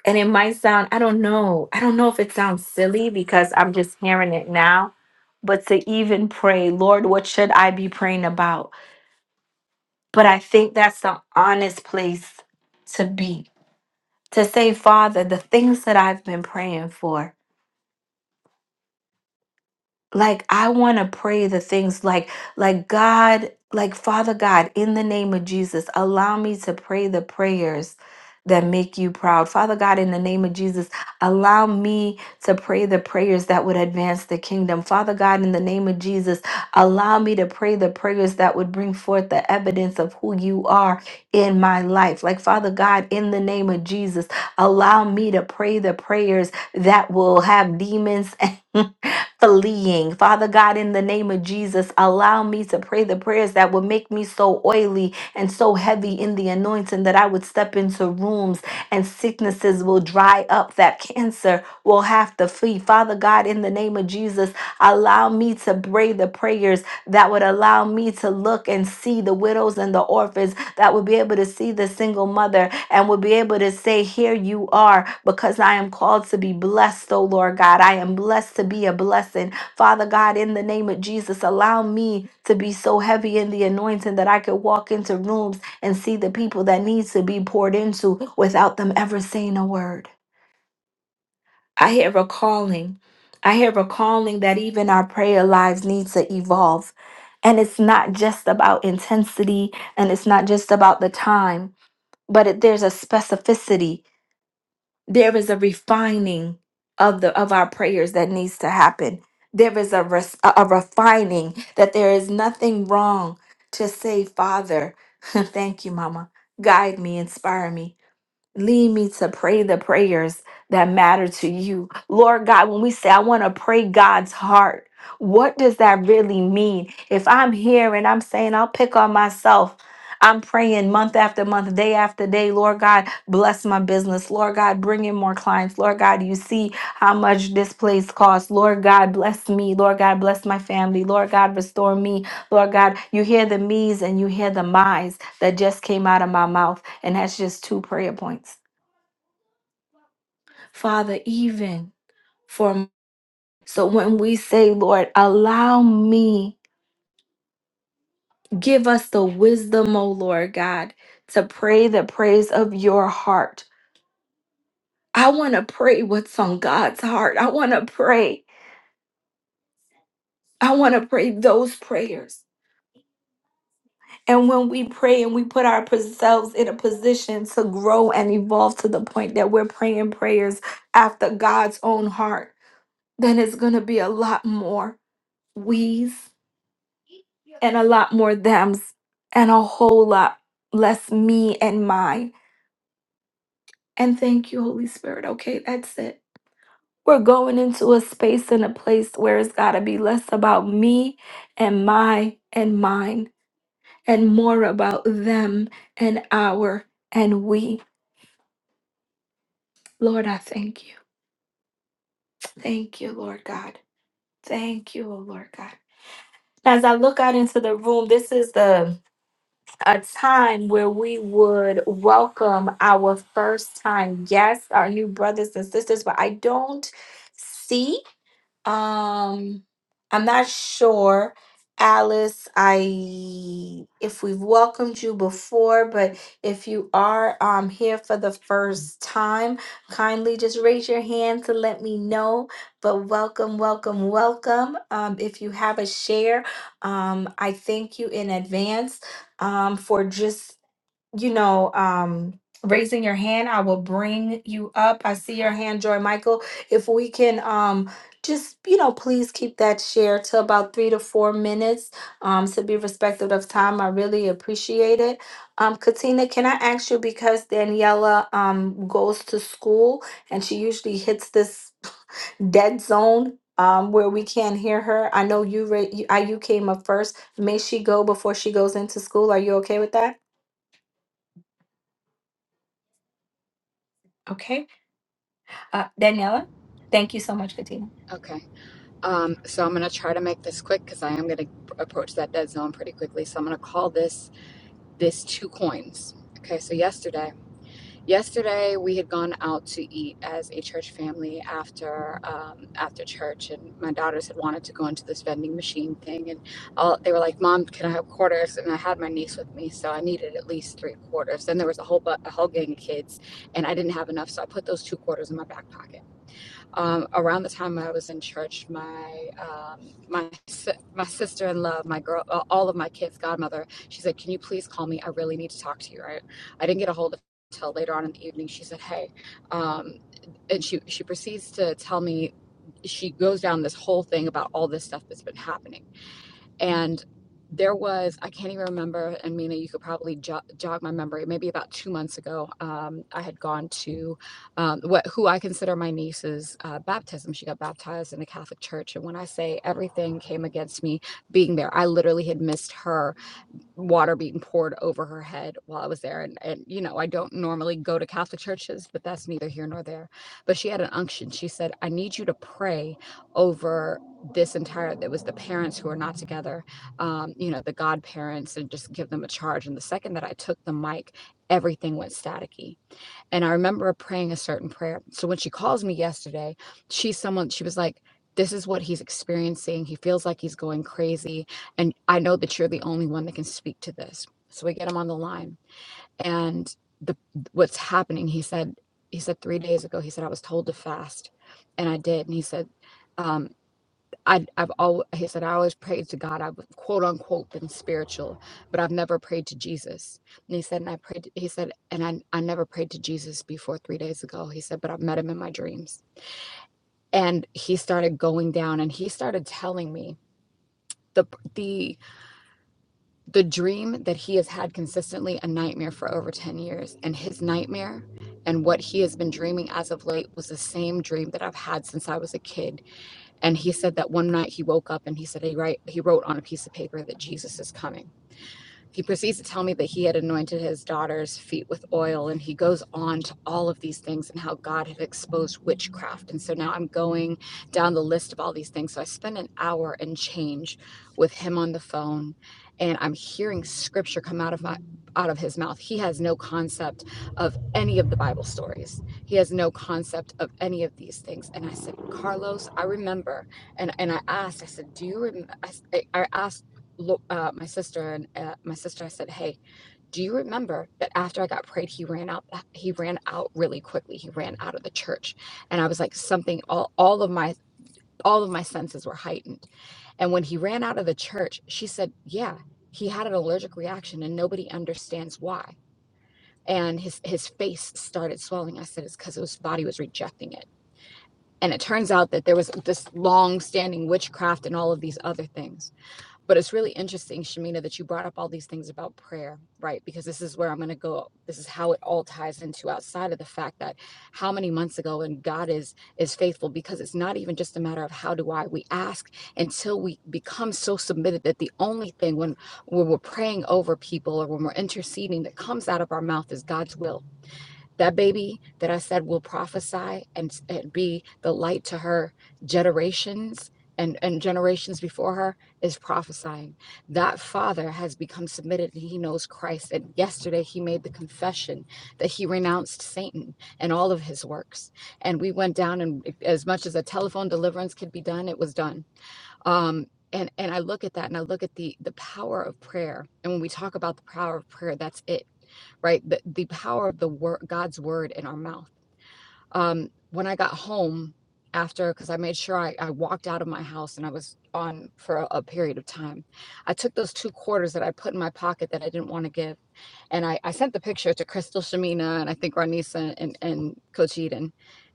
Speaker 1: And it might sound, I don't know, I don't know if it sounds silly because I'm just hearing it now, but to even pray, Lord, what should I be praying about? But I think that's the honest place to be. To say, Father, the things that I've been praying for, like i want to pray the things like like god like father god in the name of jesus allow me to pray the prayers that make you proud father god in the name of jesus allow me to pray the prayers that would advance the kingdom father god in the name of jesus allow me to pray the prayers that would bring forth the evidence of who you are in my life like father god in the name of jesus allow me to pray the prayers that will have demons fleeing. Father God, in the name of Jesus, allow me to pray the prayers that would make me so oily and so heavy in the anointing that I would step into rooms and sicknesses will dry up, that cancer will have to flee. Father God, in the name of Jesus, allow me to pray the prayers that would allow me to look and see the widows and the orphans that would be able to see the single mother and would be able to say, Here you are, because I am called to be blessed, oh Lord God. I am blessed to be a blessing. Father God, in the name of Jesus, allow me to be so heavy in the anointing that I could walk into rooms and see the people that need to be poured into without them ever saying a word. I hear a calling. I hear a calling that even our prayer lives need to evolve. And it's not just about intensity and it's not just about the time but it, there's a specificity there is a refining of the of our prayers that needs to happen there is a res, a a refining that there is nothing wrong to say father thank you mama guide me inspire me lead me to pray the prayers me just two prayer points father even for m- so when we say lord allow me give us the wisdom o lord god to pray the praise of your heart I want to pray what's on God's heart. I want to pray. I want to pray those prayers. And when we pray and we put ourselves in a position to grow and evolve to the point that we're praying prayers after God's own heart, then it's going to be a lot more we's and a lot more them's and a whole lot less me and mine. And thank you, Holy Spirit. Okay, that's it. We're going into a space and a place where it's got to be less about me and my and mine and more about them and our and we. Lord, I thank you. Thank you, Lord God. Thank you, oh Lord God. As I look out into the room, this is the a time where we would welcome our first time guests, our new brothers and sisters, but I don't see. Um, I'm not sure, Alice. I if we've welcomed you before, but if you are um here for the first time, kindly just raise your hand to let me know. But welcome, welcome, welcome. Um, if you have a share, um, I thank you in advance um for just you know, um, raising your hand, I will bring you up. I see your hand, Joy Michael. If we can um just, you know, please keep that share to about three to four minutes um, to be respectful of time. I really appreciate it. Um, Katina, can I ask you because Daniela um, goes to school and she usually hits this dead zone um, where we can't hear her. I know you, ra- you, I, you came up first. May she go before she goes into school. Are you okay with that? Okay. Uh, Daniela, thank you so much, Katina.
Speaker 2: Okay. Um, so I'm going to try to make this quick because I am going to approach that dead zone pretty quickly. So I'm going to call this this two coins. Okay. So yesterday, yesterday we had gone out to eat as a church family after um, after church, and my daughters had wanted to go into this vending machine thing, and all, they were like, "Mom, can I have quarters?" And I had my niece with me, so I needed at least three quarters. Then there was a whole bu- a whole gang of kids, and I didn't have enough, so I put those two quarters in my back pocket um, around the time I was in church, my um, my si- my sister in law, my girl, uh, all of my kids' godmother, she said, "Can you please call me? I really need to talk to you." Right? I didn't get a hold of her until later on in the evening. She said, "Hey," um, and she she proceeds to tell me she goes down this whole thing about all this stuff that's been happening and there was i can't even remember and mina you could probably jog, jog my memory maybe about two months ago um, i had gone to um, what who i consider my niece's uh, baptism she got baptized in a catholic church and when i say everything came against me being there i literally had missed her water being poured over her head while I was there. And, and, you know, I don't normally go to Catholic churches, but that's neither here nor there. But she had an unction. She said, I need you to pray over this entire, it was the parents who are not together, um, you know, the godparents, and just give them a charge. And the second that I took the mic, everything went staticky and I remember praying a certain prayer. So when she calls me yesterday, she's someone, she was like, this is what he's experiencing. He feels like he's going crazy. And I know that you're the only one that can speak to this. So we get him on the line. And the what's happening, he said, he said three days ago, he said, I was told to fast. And I did. And he said, um, I, I've always, he said, I always prayed to God. I've quote unquote been spiritual, but I've never prayed to Jesus. And he said, and I prayed, he said, and I, I never prayed to Jesus before three days ago. He said, but I've met him in my dreams. And he started going down and he started telling me the, the, the dream that he has had consistently a nightmare for over 10 years. And his nightmare and what he has been dreaming as of late was the same dream that I've had since I was a kid And he said that one night he woke up and he said he write he wrote on a piece of paper that Jesus is coming. He proceeds to tell me that he had anointed his daughter's feet with oil, and he goes on to all of these things and how God had exposed witchcraft. And so now I'm going down the list of all these things. So I spend an hour and change with him on the phone, and I'm hearing scripture come out of my out of his mouth. He has no concept of any of the Bible stories. He has no concept of any of these things. And I said, Carlos, I remember. And and I asked, I said, do you remember? I, s- I I asked look, uh, my sister and uh, my sister. I said, "Hey, do you remember that after I got prayed, he ran out? uh, He ran out really quickly. He ran out of the church." And I was like, "Something. All all of my all of my senses were heightened." And when he ran out of the church, she said, "Yeah, he had an allergic reaction, and nobody understands why." And his his face started swelling. I said, "It's because his body was rejecting it." And it turns out that there was this long standing witchcraft and all of these other things but it's really interesting, Shamina, that you brought up all these things about prayer, right? Because this is where I'm going to go. This is how it all ties into outside of the fact that how many months ago and God is is faithful because it's not even just a matter of how do I. We ask until we become so submitted that the only thing when when we're praying over people or when we're interceding that comes out of our mouth is God's will that baby that I said will prophesy and, and be the light to her generations and, and generations before her is prophesying. That father has become submitted and he knows Christ. And yesterday he made the confession that he renounced Satan and all of his works. And we went down and as much as a telephone deliverance could be done, it was done. Um, and, and I look at that and I look at the the power of prayer. And when we talk about the power of prayer, that's it right? The, the power of the word, God's word in our mouth. Um, when I got home after, because I made sure I, I walked out of my house and I was on for a, a period of time, I took those two quarters that I put in my pocket that I didn't want to give and I, I sent the picture to Crystal Shamina and I think Ranisa and, and Coach Eden.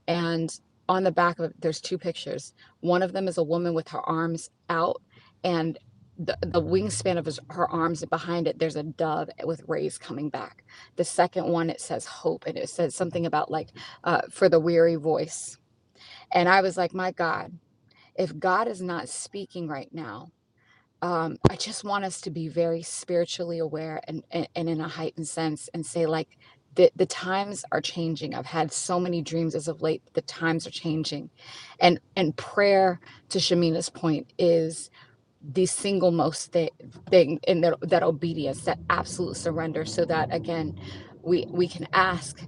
Speaker 2: And on the back of it, there's two pictures. One of them is a woman with her arms out and the, the wingspan of his, her arms and behind it, there's a dove with rays coming back. The second one, it says hope and it says something about like uh, for the weary voice. And I was like, my God, if God is not speaking right now, um, I just want us to be very spiritually aware and, and, and in a heightened sense and say, like, the, the times are changing. I've had so many dreams as of late. The times are changing. And and prayer, to Shamina's point, is the single most thi- thing in that, that obedience that absolute surrender so that again we we can ask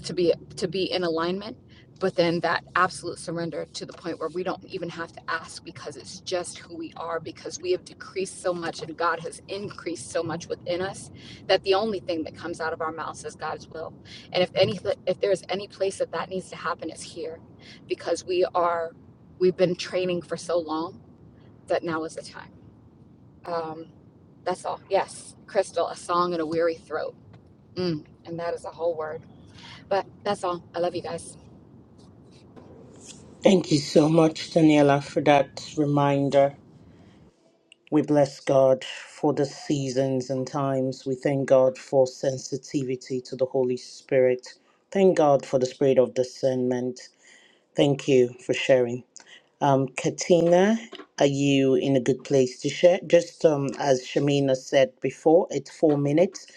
Speaker 2: to be to be in alignment but then that absolute surrender to the point where we don't even have to ask because it's just who we are because we have decreased so much and god has increased so much within us that the only thing that comes out of our mouths is god's will and if any if there's any place that that needs to happen it's here because we are we've been training for so long that now is the time um, that's all. Yes, Crystal, a song and a weary throat. Mm, and that is a whole word. But that's all. I love you guys.
Speaker 3: Thank you so much, Daniela, for that reminder. We bless God for the seasons and times. We thank God for sensitivity to the Holy Spirit. Thank God for the spirit of discernment. Thank you for sharing. Um, Katina, are you in a good place to share? Just um, as Shamina said before, it's four minutes.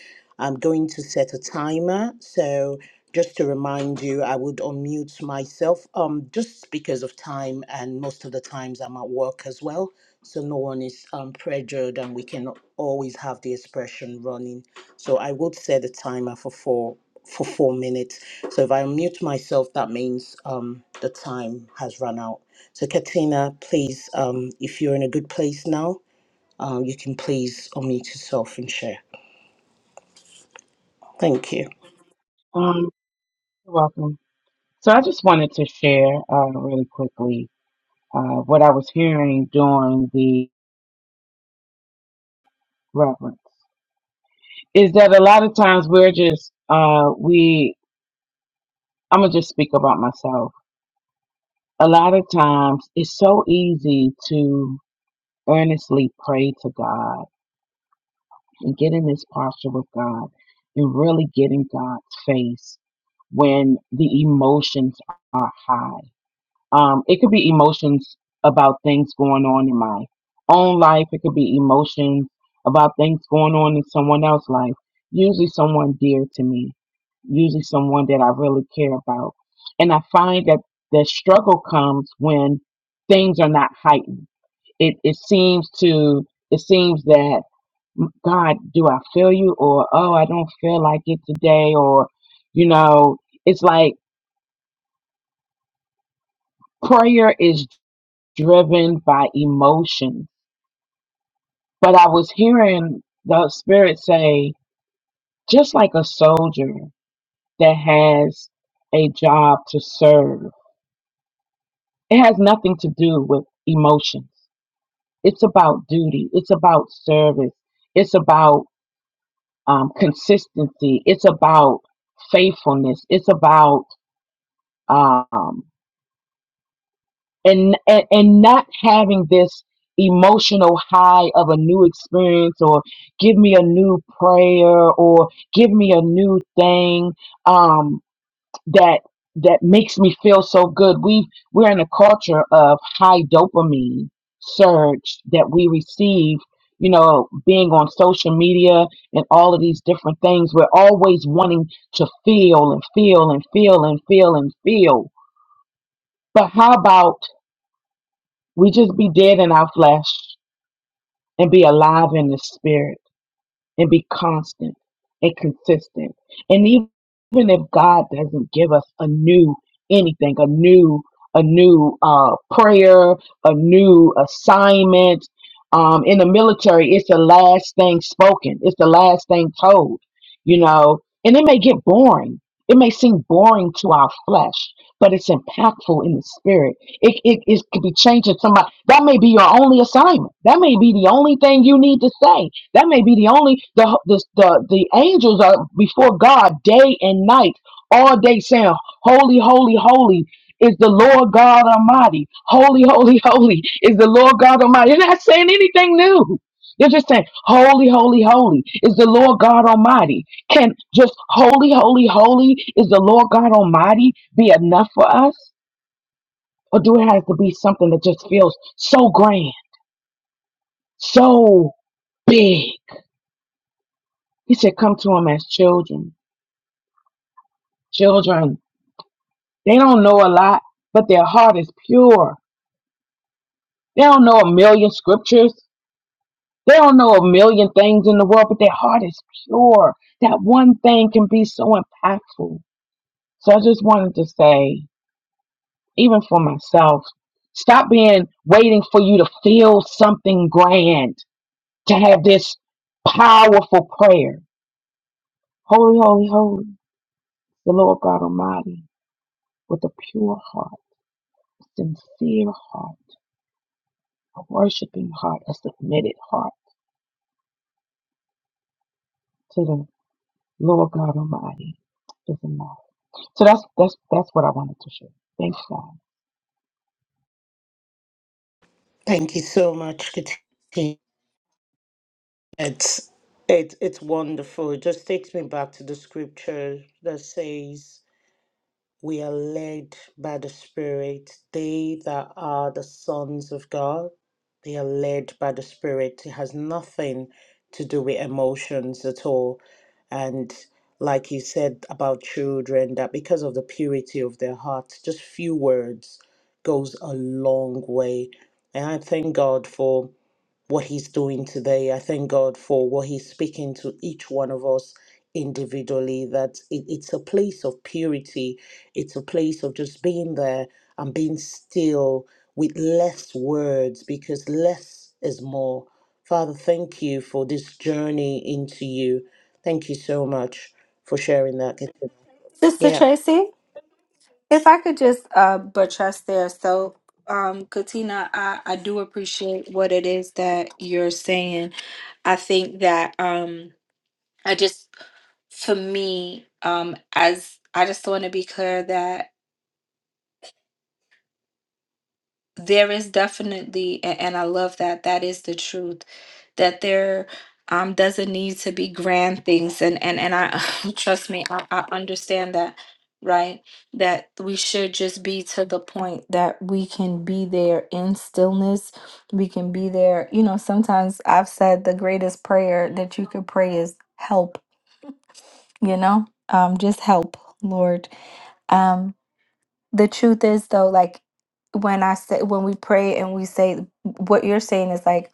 Speaker 3: I'm going to set a timer. So, just to remind you, I would unmute myself um, just because of time, and most of the times I'm at work as well. So, no one is um, pressured, and we can always have the expression running. So I would set the timer for four for four minutes. So if I mute myself, that means um, the time has run out. So Katina, please, um, if you're in a good place now, um, you can please unmute yourself and share. Thank you.
Speaker 4: Um, you're welcome. So I just wanted to share uh, really quickly uh, what I was hearing during the reverence. Is that a lot of times we're just uh, we? I'm gonna just speak about myself. A lot of times it's so easy to earnestly pray to God and get in this posture with God and really get in God's face when the emotions are high Um, it could be emotions about things going on in my own life. It could be emotions about things going on in someone else's life. Usually someone dear to me. Usually someone that I really care about. And I find that the struggle comes when things are not heightened. It it seems to it seems that God, do I feel you? Or oh, I don't feel like it today. Or you know, it's like prayer is. driven by emotion. But I was hearing the Spirit say, just like a soldier that has a job to serve, it has nothing to do with emotions. It's about duty, it's about service, it's about um, consistency, it's about faithfulness, it's about. um. and and, and not having this emotional high of a new experience or give me a new prayer or give me a new thing um that that makes me feel so good we we're in a culture of high dopamine surge that we receive you know being on social media and all of these different things we're always wanting to feel and feel and feel and feel and feel but how about we just be dead in our flesh and be alive in the spirit and be constant and consistent. And even if God doesn't give us a new anything, a new a new uh, prayer, a new assignment. Um, in the military, it's the last thing spoken. It's the last thing told. You know, and it may get boring. It may seem boring to our flesh, but it's impactful in the spirit. It it, it could be changing somebody. That may be your only assignment. That may be the only thing you need to say that may be the only the the the, the angels are before God day and night, all day saying, "Holy, holy, holy." Is the Lord God Almighty. Holy, holy, holy is the Lord God Almighty. They're not saying anything new. They're just saying, Holy, holy, holy is the Lord God Almighty. Can just holy, holy, holy is the Lord God Almighty be enough for us? Or do it have to be something that just feels so grand, so big? He said, Come to him as children. Children, they don't know a lot, but their heart is pure. They don't know a million scriptures. They don't know a million things in the world, but their heart is pure. That one thing can be so impactful. So I just wanted to say, even for myself, stop being waiting for you to feel something grand to have this powerful prayer. Holy, holy, holy, the Lord God Almighty, with a pure heart, sincere heart. a worshiping heart, a submitted heart to the Lord God Almighty is enough. So that's that's that's what I wanted to share. Thanks, God.
Speaker 3: Thank you so much, Katina. It's it, it's wonderful. It just takes me back to the scripture that says. We are led by the Spirit. They that are the sons of God, they are led by the Spirit. It has nothing to do with emotions at all. And like you said about children, that because of the purity of their hearts, just few words goes a long way. And I thank God for what He's doing today. I thank God for what He's speaking to each one of us individually, that it, it's a place of purity, it's a place of just being there and being still with less words because less is more. Father, thank you for this journey into you. Thank you so much for sharing that.
Speaker 1: Sister
Speaker 3: Yeah.
Speaker 1: Tracy, if I could just uh, buttress there. So, um, Katina, I, I do appreciate what it is that you're saying. I think that. Um, I just, for me, um, as I just want to be clear that there is definitely, a- and I love that, that is the truth, that there um, doesn't need to be grand things. And, and, and I, trust me, I, I understand that, right? That we should just be to the point that we can be there in stillness. We can be there. You know, sometimes I've said the greatest prayer that you could pray is help, you know, um, just help, Lord Um, the truth is though, like when I say when we pray and we say what you're saying is like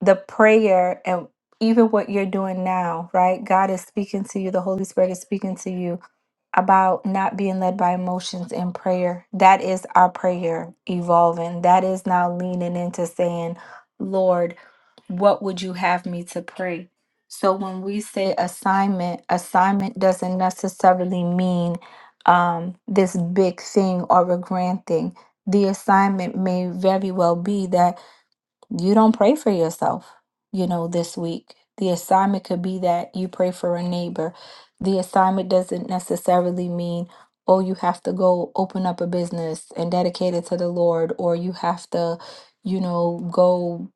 Speaker 1: the prayer and even what you're doing now, right? God is speaking to you, the Holy Spirit is speaking to you about not being led by emotions in prayer. That is our prayer evolving. That is now leaning into saying, Lord, what would you have me to pray? So when we say assignment, assignment doesn't necessarily mean um, this big thing or a grand thing. The assignment may very well be that you don't pray for yourself, you know, this week. The assignment could be that you pray for a neighbor. The assignment doesn't necessarily mean, oh, you have to go open up a business and dedicate it to the Lord, or you have to, you know, go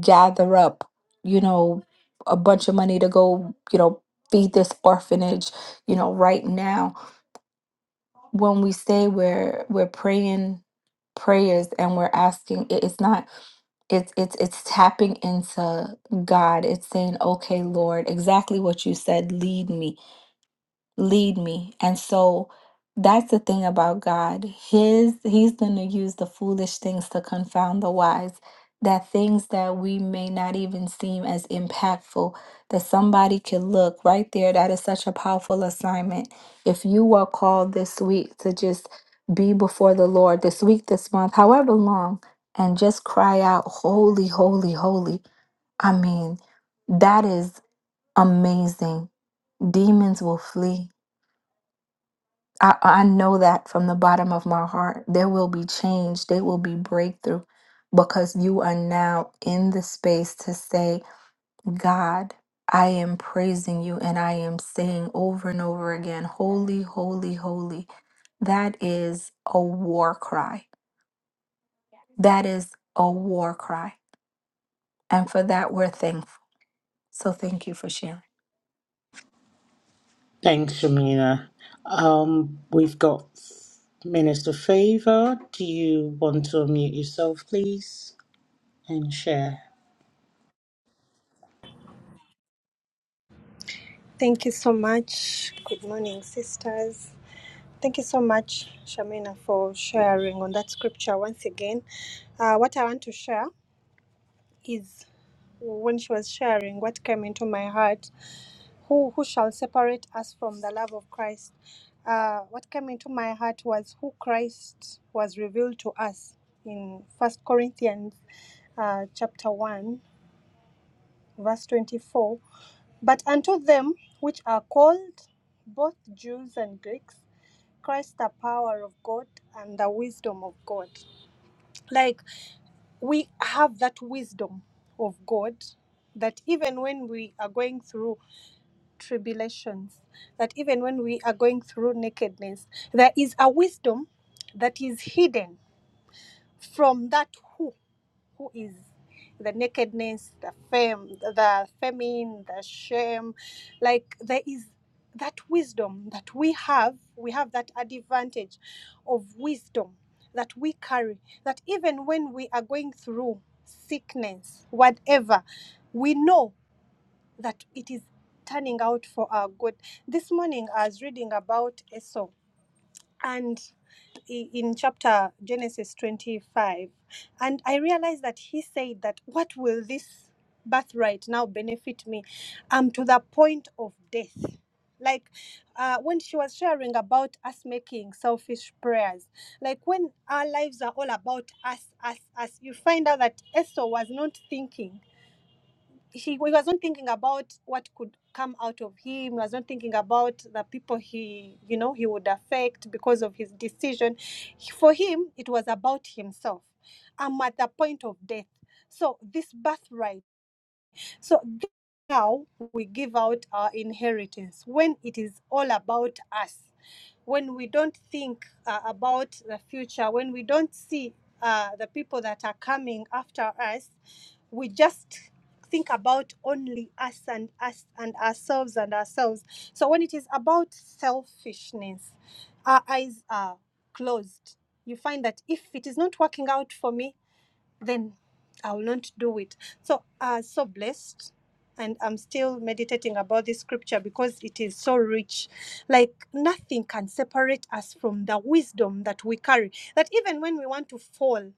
Speaker 1: gather up, you know, a bunch of money to go, you know, feed this orphanage, you know, right now when we say we're we're praying prayers and we're asking it- it's not it's it's it's tapping into God. It's saying, "Okay, Lord, exactly what you said, lead me lead me. And so that's the thing about God. His he's going to use the foolish things to confound the wise. That things that we may not even seem as impactful, that somebody could look right there. That is such a powerful assignment. If you are called this week to just be before the Lord this week, this month, however long, and just cry out, Holy, holy, holy. I mean, that is amazing. Demons will flee I, I know that from the bottom of my heart. There will be change, there will be breakthrough because you are now in the space to say, God, I am praising you and I am saying over and over again, Holy, holy, holy. That is a war cry. That is a war cry. And for that, we're thankful. So thank you for sharing.
Speaker 3: Thanks, Shamina. Um, we've got Minister Favor. Do you want to unmute yourself, please, and share?
Speaker 5: Thank you so much. Good morning, sisters. Thank you so much, Shamina, for sharing on that scripture once again. Uh, what I want to share is when she was sharing, what came into my heart who, who shall separate us from the love of Christ? Uh, what came into my heart was who Christ was revealed to us in First Corinthians uh, chapter 1, verse 24 But unto them which are called, both Jews and Greeks, Christ the power of God and the wisdom of God. Like we have that wisdom of God that even when we are going through tribulations, that even when we are going through nakedness, there is a wisdom that is hidden from that who who is the nakedness, the fame, the famine, the shame. Like there is that wisdom that we have, we have that advantage of wisdom that we carry, that even when we are going through sickness, whatever, we know that it is turning out for our good. This morning I was reading about Esau and in chapter Genesis 25, and I realized that he said that what will this birthright now benefit me? Um, to the point of death. Like uh, when she was sharing about us making selfish prayers, like when our lives are all about us, us, us, you find out that Esau was not thinking he, he wasn't thinking about what could come out of him. He was not thinking about the people he, you know, he would affect because of his decision. For him, it was about himself. I'm at the point of death. So this birthright so that's how we give out our inheritance when it is all about us, when we don't think uh, about the future, when we don't see uh, the people that are coming after us, we just think about only us and us and ourselves and ourselves. So when it is about selfishness, our eyes are closed. You find that if it is not working out for me, then I will not do it. So i uh, so blessed, and I'm still meditating about this scripture because it is so rich. Like nothing can separate us from the wisdom that we carry. That even when we want to fall,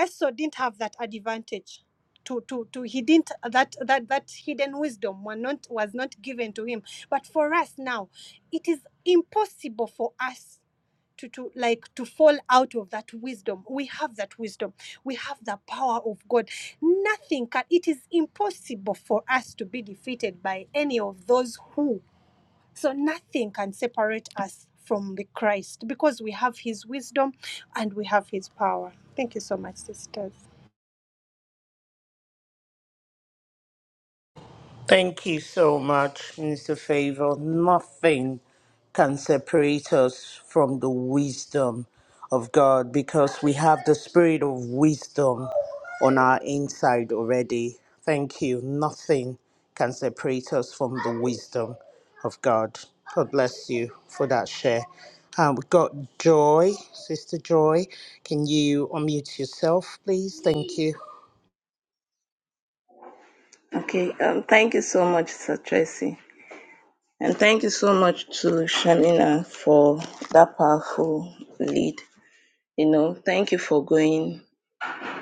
Speaker 5: Esau didn't have that advantage. To, to, to he didn't that that that hidden wisdom was not was not given to him but for us now it is impossible for us to, to like to fall out of that wisdom we have that wisdom we have the power of god nothing can it is impossible for us to be defeated by any of those who so nothing can separate us from the christ because we have his wisdom and we have his power thank you so much sisters
Speaker 3: Thank you so much, Mr. Favor. Nothing can separate us from the wisdom of God because we have the spirit of wisdom on our inside already. Thank you. Nothing can separate us from the wisdom of God. God bless you for that share. Um, we've got Joy, Sister Joy. Can you unmute yourself, please? Thank you.
Speaker 6: Okay, um, thank you so much, Sir Tracy. And thank you so much to Shamina for that powerful lead. You know, thank you for going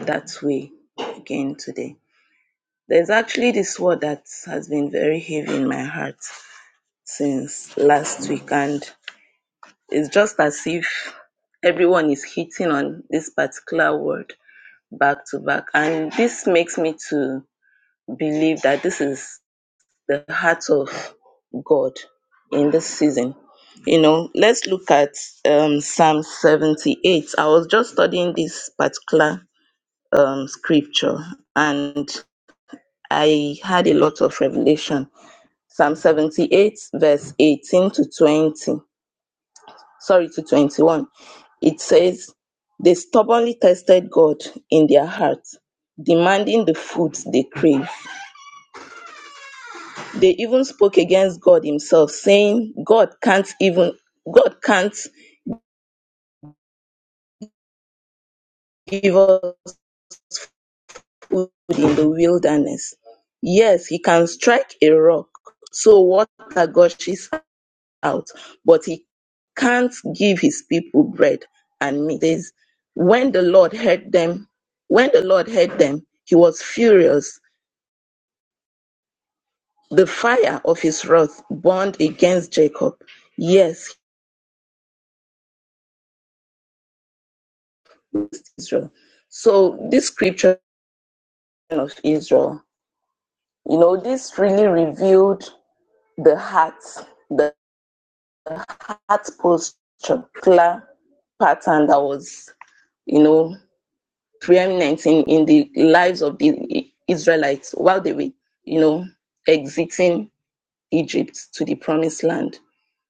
Speaker 6: that way again today. There's actually this word that has been very heavy in my heart since last week, and it's just as if everyone is hitting on this particular word back to back. And this makes me to believe that this is the heart of God in this season. You know, let's look at um, Psalm 78. I was just studying this particular um, scripture and I had a lot of revelation. Psalm 78, verse 18 to 20, sorry, to 21. It says, They stubbornly tested God in their hearts, demanding the food they crave." They even spoke against God himself, saying, God can't even God can't give us food in the wilderness. Yes, he can strike a rock, so water gushes out, but he can't give his people bread and meat. says, When the Lord heard them, when the Lord heard them, he was furious. The fire of his wrath burned against Jacob. Yes, he used Israel. So this scripture of Israel You know, this really revealed the heart, the heart posture, clear pattern that was, you know, preeminent in, in the lives of the Israelites while they were, you know, exiting Egypt to the promised land.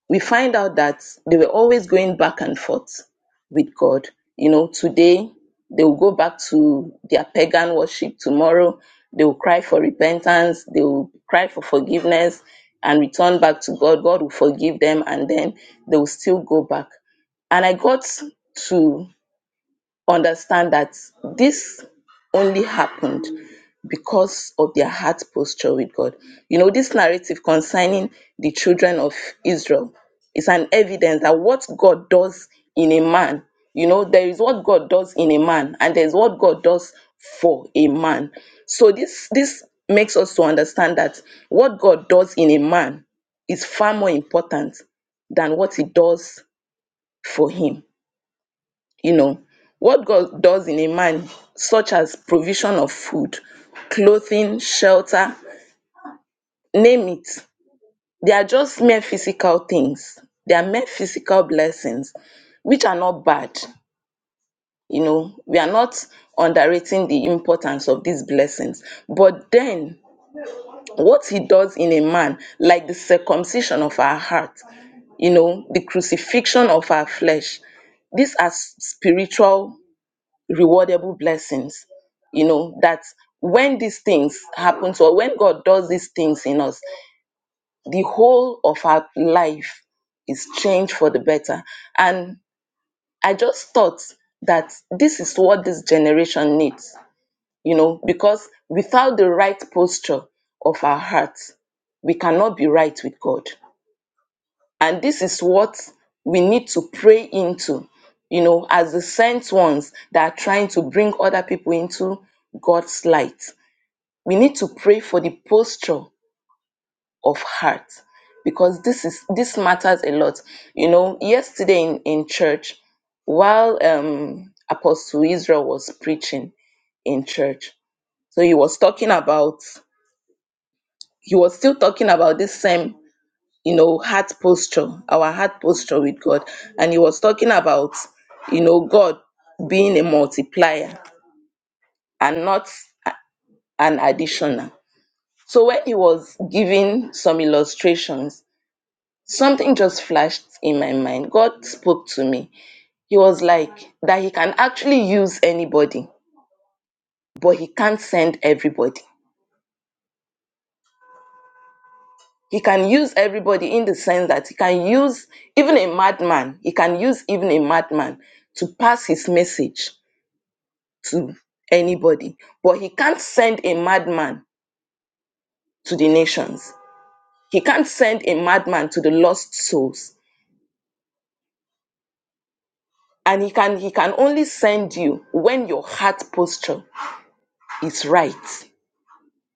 Speaker 6: we find out that they were always going back and forth with God. You know, today they will go back to their pagan worship, tomorrow they will cry for repentance, they will cry for forgiveness and return back to God. God will forgive them and then they will still go back. And I got to understand that this only happened because of their heart posture with God. You know, this narrative concerning the children of Israel is an evidence that what God does in a man, you know, there is what God does in a man, and there's what God does for a man. So this this makes us to understand that what God does in a man is far more important than what he does for him you know what god does in a man such as provision of food clothing shelter name it they are just mere physical things they are mere physical blessings which are not bad you know we are not underrating the importance of these blessings but then what he does in a man like the circumcision of our heart you know the crucifixion of our flesh these are s- spiritual rewardable blessings you know that when these things happen to us when god does these things in us the whole of our life is changed for the better and i just thought that this is what this generation needs you know because without the right posture of our hearts we cannot be right with god and this is what we need to pray into, you know, as the sent ones that are trying to bring other people into God's light. We need to pray for the posture of heart because this is this matters a lot. You know, yesterday in, in church, while um Apostle Israel was preaching in church, so he was talking about he was still talking about this same you know, heart posture, our heart posture with God. And he was talking about, you know, God being a multiplier and not a- an additional. So when he was giving some illustrations, something just flashed in my mind. God spoke to me. He was like, that he can actually use anybody, but he can't send everybody. He can use everybody in the sense that he can use even a madman, he can use even a madman to pass his message to anybody, but he can't send a madman to the nations. He can't send a madman to the lost souls. And he can he can only send you when your heart posture is right.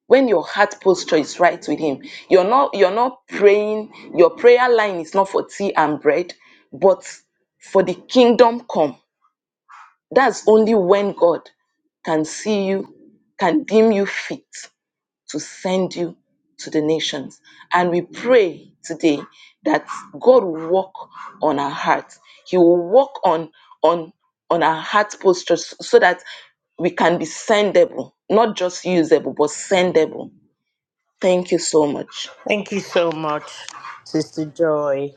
Speaker 6: When your heart posture is right with him. You're not you're not praying, your prayer line is not for tea and bread, but for the kingdom come. That's only when God can see you, can deem you fit to send you to the nations. And we pray today that God will work on our hearts. He will work on on on our heart posture so that we can be sendable, not just usable, but sendable. Thank you so much.
Speaker 3: Thank you so much, Sister Joy.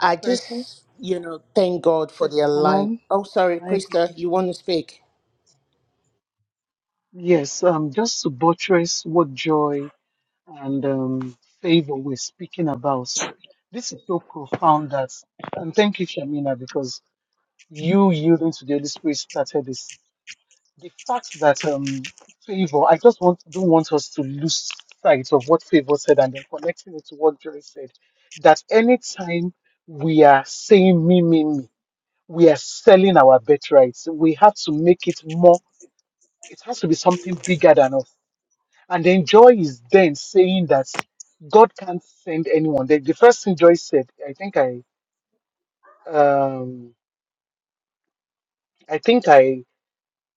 Speaker 3: I
Speaker 7: Tracy,
Speaker 3: just, you know, thank God for
Speaker 7: Tracy,
Speaker 3: their
Speaker 7: can
Speaker 3: life.
Speaker 7: I
Speaker 3: Oh, sorry,
Speaker 7: can I
Speaker 3: Krista,
Speaker 7: quickly
Speaker 3: you
Speaker 7: share?
Speaker 3: want to speak?
Speaker 7: Yes, um, just to buttress what joy and um, favor we're speaking about. This is so profound that, and thank you, Shamina, because you yielding to the Holy Spirit started this. The fact that um, favor, I just want don't want us to lose sight of what favor said and then connecting it to what joy said. That anytime we are saying me, me, me. we are selling our birthrights. We have to make it more, it has to be something bigger than us. And then Joy is then saying that God can't send anyone. The, the first thing Joy said, I think I, um, I think I,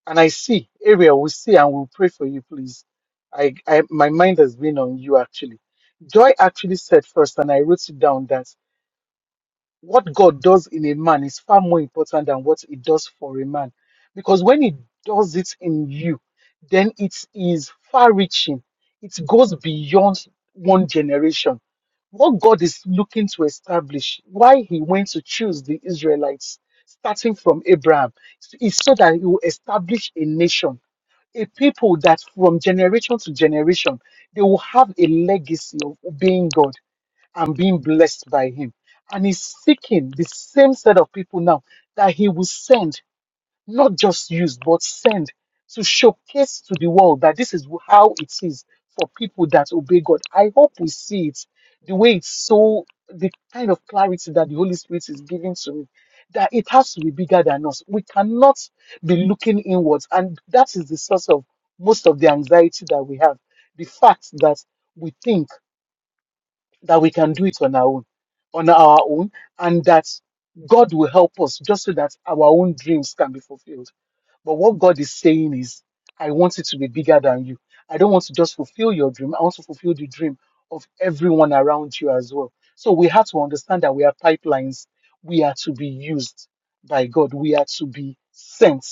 Speaker 7: and I see, Ariel, we see and we'll pray for you, please. I, I, my mind has been on you actually. Joy actually said first, and I wrote it down that what God does in a man is far more important than what He does for a man. Because when He does it in you, then it is far reaching, it goes beyond one generation. What God is looking to establish, why He went to choose the Israelites, starting from Abraham, is so that He will establish a nation. A people that from generation to generation they will have a legacy of obeying God I'm being blessed by him. And he's seeking the same set of people now that he will send, not just use, but send to showcase to the world that this is how it is for people that obey God. I hope we see it the way it's so, the kind of clarity that the Holy Spirit is giving to me, that it has to be bigger than us. We cannot be looking inwards. And that is the source of most of the anxiety that we have. The fact that we think that we can do it on our own, on our own, and that God will help us just so that our own dreams can be fulfilled. But what God is saying is, I want it to be bigger than you. I don't want to just fulfill your dream. I want to fulfill the dream of everyone around you as well. So we have to understand that we are pipelines. We are to be used by God. We are to be sent.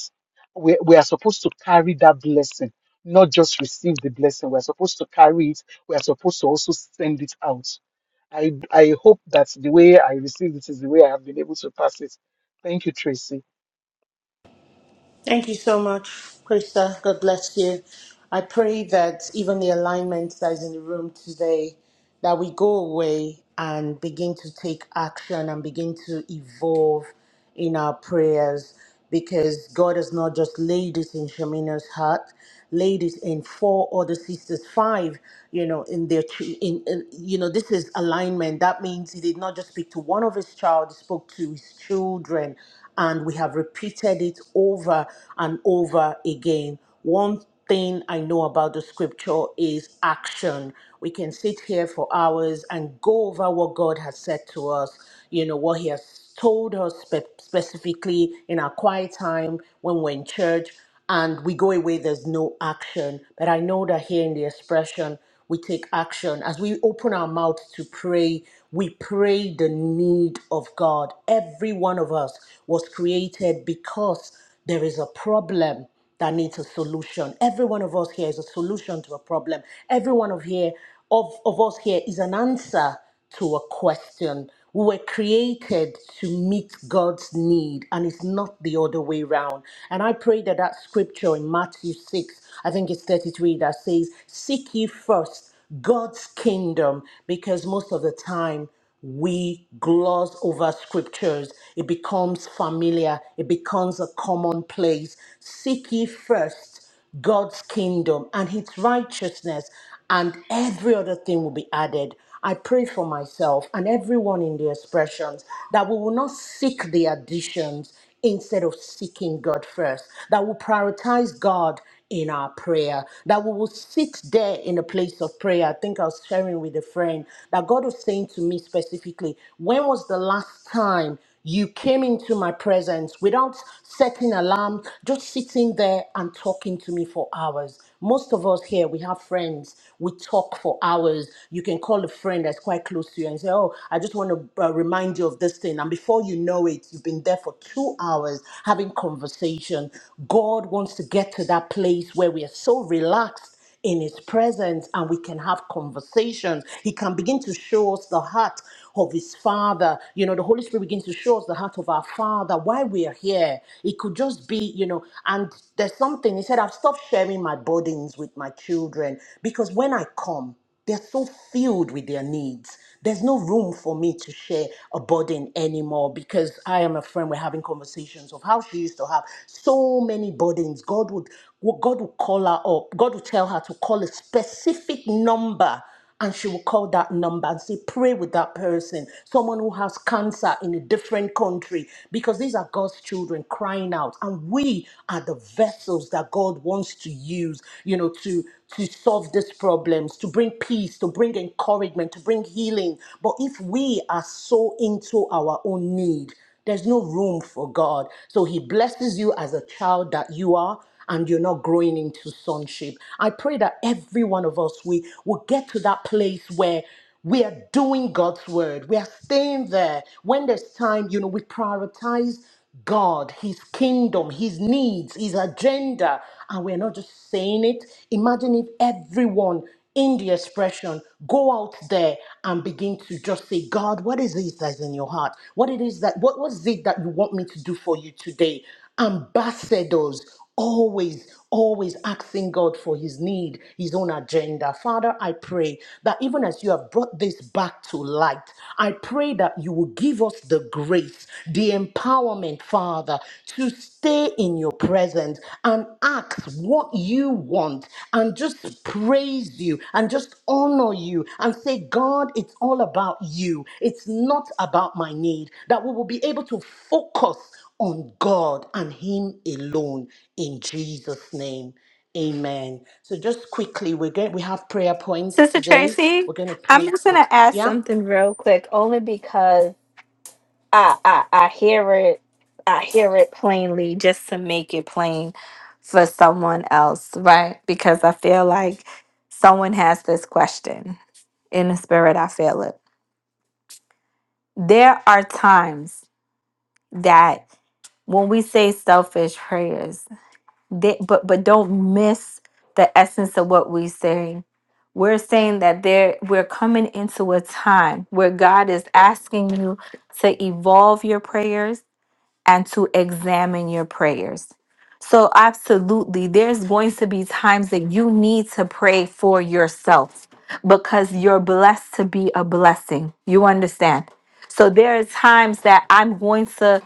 Speaker 7: We, we are supposed to carry that blessing, not just receive the blessing. We're supposed to carry it. We are supposed to also send it out I I hope that the way I received it is the way I have been able to pass it. Thank you, Tracy.
Speaker 3: Thank you so much, Krista. God bless you. I pray that even the alignment that is in the room today, that we go away and begin to take action and begin to evolve in our prayers because God has not just laid it in Shamina's heart, laid it in four other sisters, five, you know, in their, ch- in, in you know, this is alignment. That means he did not just speak to one of his child, he spoke to his children and we have repeated it over and over again. One thing I know about the scripture is action. We can sit here for hours and go over what God has said to us, you know, what He has told us spe- specifically in our quiet time when we're in church, and we go away, there's no action. But I know that here in the expression, we take action. As we open our mouth to pray, we pray the need of God. Every one of us was created because there is a problem that needs a solution. Every one of us here is a solution to a problem. Every one of here of, of us here is an answer to a question. We were created to meet God's need, and it's not the other way round. And I pray that that scripture in Matthew 6, I think it's 33, that says, Seek ye first God's kingdom, because most of the time we gloss over scriptures. It becomes familiar, it becomes a commonplace. Seek ye first God's kingdom and His righteousness, and every other thing will be added. I pray for myself and everyone in the expressions that we will not seek the additions instead of seeking God first, that will prioritize God in our prayer, that we will sit there in a place of prayer. I think I was sharing with a friend that God was saying to me specifically, when was the last time you came into my presence without setting alarm, just sitting there and talking to me for hours. Most of us here, we have friends. We talk for hours. You can call a friend that's quite close to you and say, Oh, I just want to uh, remind you of this thing. And before you know it, you've been there for two hours having conversation. God wants to get to that place where we are so relaxed in his presence and we can have conversations. He can begin to show us the heart of his father. You know, the Holy Spirit begins to show us the heart of our father, why we are here. It could just be, you know, and there's something he said, I've stopped sharing my burdens with my children because when I come, they're so filled with their needs. There's no room for me to share a burden anymore because I am a friend. We're having conversations of how she used to have so many burdens. God would God would call her up. God would tell her to call a specific number and she will call that number and say, Pray with that person, someone who has cancer in a different country, because these are God's children crying out. And we are the vessels that God wants to use, you know, to, to solve these problems, to bring peace, to bring encouragement, to bring healing. But if we are so into our own need, there's no room for God. So He blesses you as a child that you are and you're not growing into sonship. I pray that every one of us we will get to that place where we are doing God's word. We are staying there. When there's time, you know, we prioritize God, His kingdom, His needs, His agenda, and we're not just saying it. Imagine if everyone in the expression go out there and begin to just say god what is it that's in your heart what it is that what was it that you want me to do for you today ambassadors always always asking god for his need his own agenda father i pray that even as you have brought this back to light i pray that you will give us the grace the empowerment father to stay in your presence and ask what you want and just praise you and just honor you and say god it's all about you it's not about my need that we will be able to focus on God and Him alone in Jesus' name. Amen. So just quickly, we're going we have prayer points
Speaker 1: Sister
Speaker 3: today.
Speaker 1: Tracy,
Speaker 3: We're going to
Speaker 1: I'm
Speaker 3: pray
Speaker 1: just
Speaker 3: for
Speaker 1: gonna ask
Speaker 3: yeah.
Speaker 1: something real quick, only because I, I I hear it, I hear it plainly, just to make it plain for someone else, right? Because I feel like someone has this question. in the spirit i feel it there are times that when we say selfish prayers they, but but don't miss the essence of what we say we're saying that there we're coming into a time where god is asking you to evolve your prayers and to examine your prayers. So, absolutely, there's going to be times that you need to pray for yourself because you're blessed to be a blessing. You understand? So, there are times that I'm going to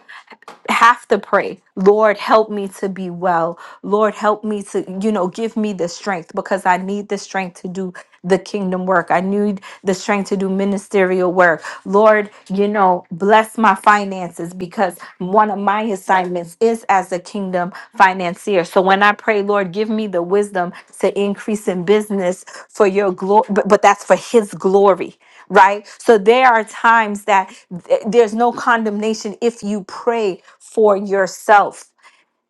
Speaker 1: have to pray, Lord, help me to be well. Lord, help me to, you know, give me the strength because I need the strength to do the kingdom work. I need the strength to do ministerial work. Lord, you know, bless my finances because one of my assignments is as a kingdom financier. So when I pray, Lord, give me the wisdom to increase in business for your glory, but, but that's for his glory right? So there are times that th- there's no condemnation if you pray for yourself.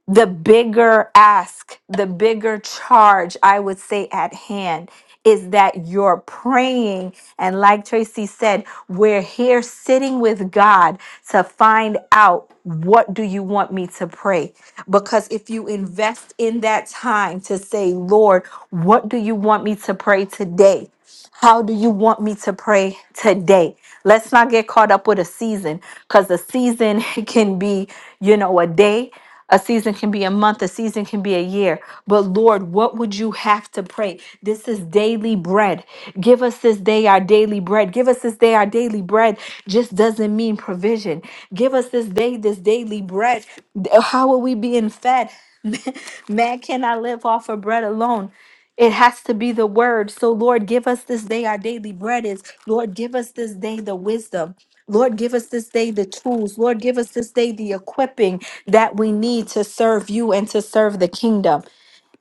Speaker 1: The bigger ask, the bigger charge, I would say, at hand is that you're praying. And like Tracy said, we're here sitting with God to find out what do you want me to pray? Because if you invest in that time to say, Lord, what do you want me to pray today? How do you want me to pray today? Let's not get caught up with a season because a season can be, you know, a day, a season can be a month, a season can be a year. But Lord, what would you have to pray? This is daily bread. Give us this day our daily bread. Give us this day our daily bread just doesn't mean provision. Give us this day this daily bread. How are we being fed? Man cannot live off of bread alone. It has to be the word. So, Lord, give us this day our daily bread is. Lord, give us this day the wisdom. Lord, give us this day the tools. Lord, give us this day the equipping that we need to serve you and to serve the kingdom.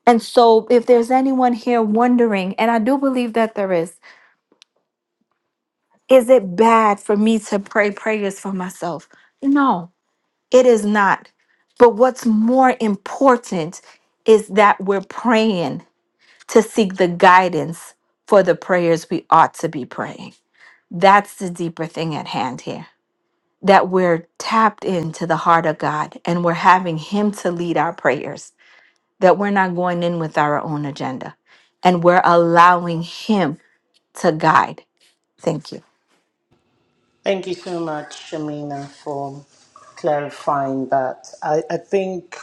Speaker 1: And so, if there's anyone here wondering, and I do believe that there is, is it bad for me to pray prayers for myself? No, it is not. But what's more important is that we're praying to seek the guidance for the prayers we ought to be praying. That's the deeper thing at hand here that we're tapped into the heart of God and we're having Him to lead our prayers, that we're not going in with our own agenda and we're allowing Him to guide. Thank you.
Speaker 3: Thank you so much, Shamina, for clarifying that. I, I think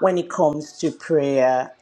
Speaker 3: when it comes to prayer.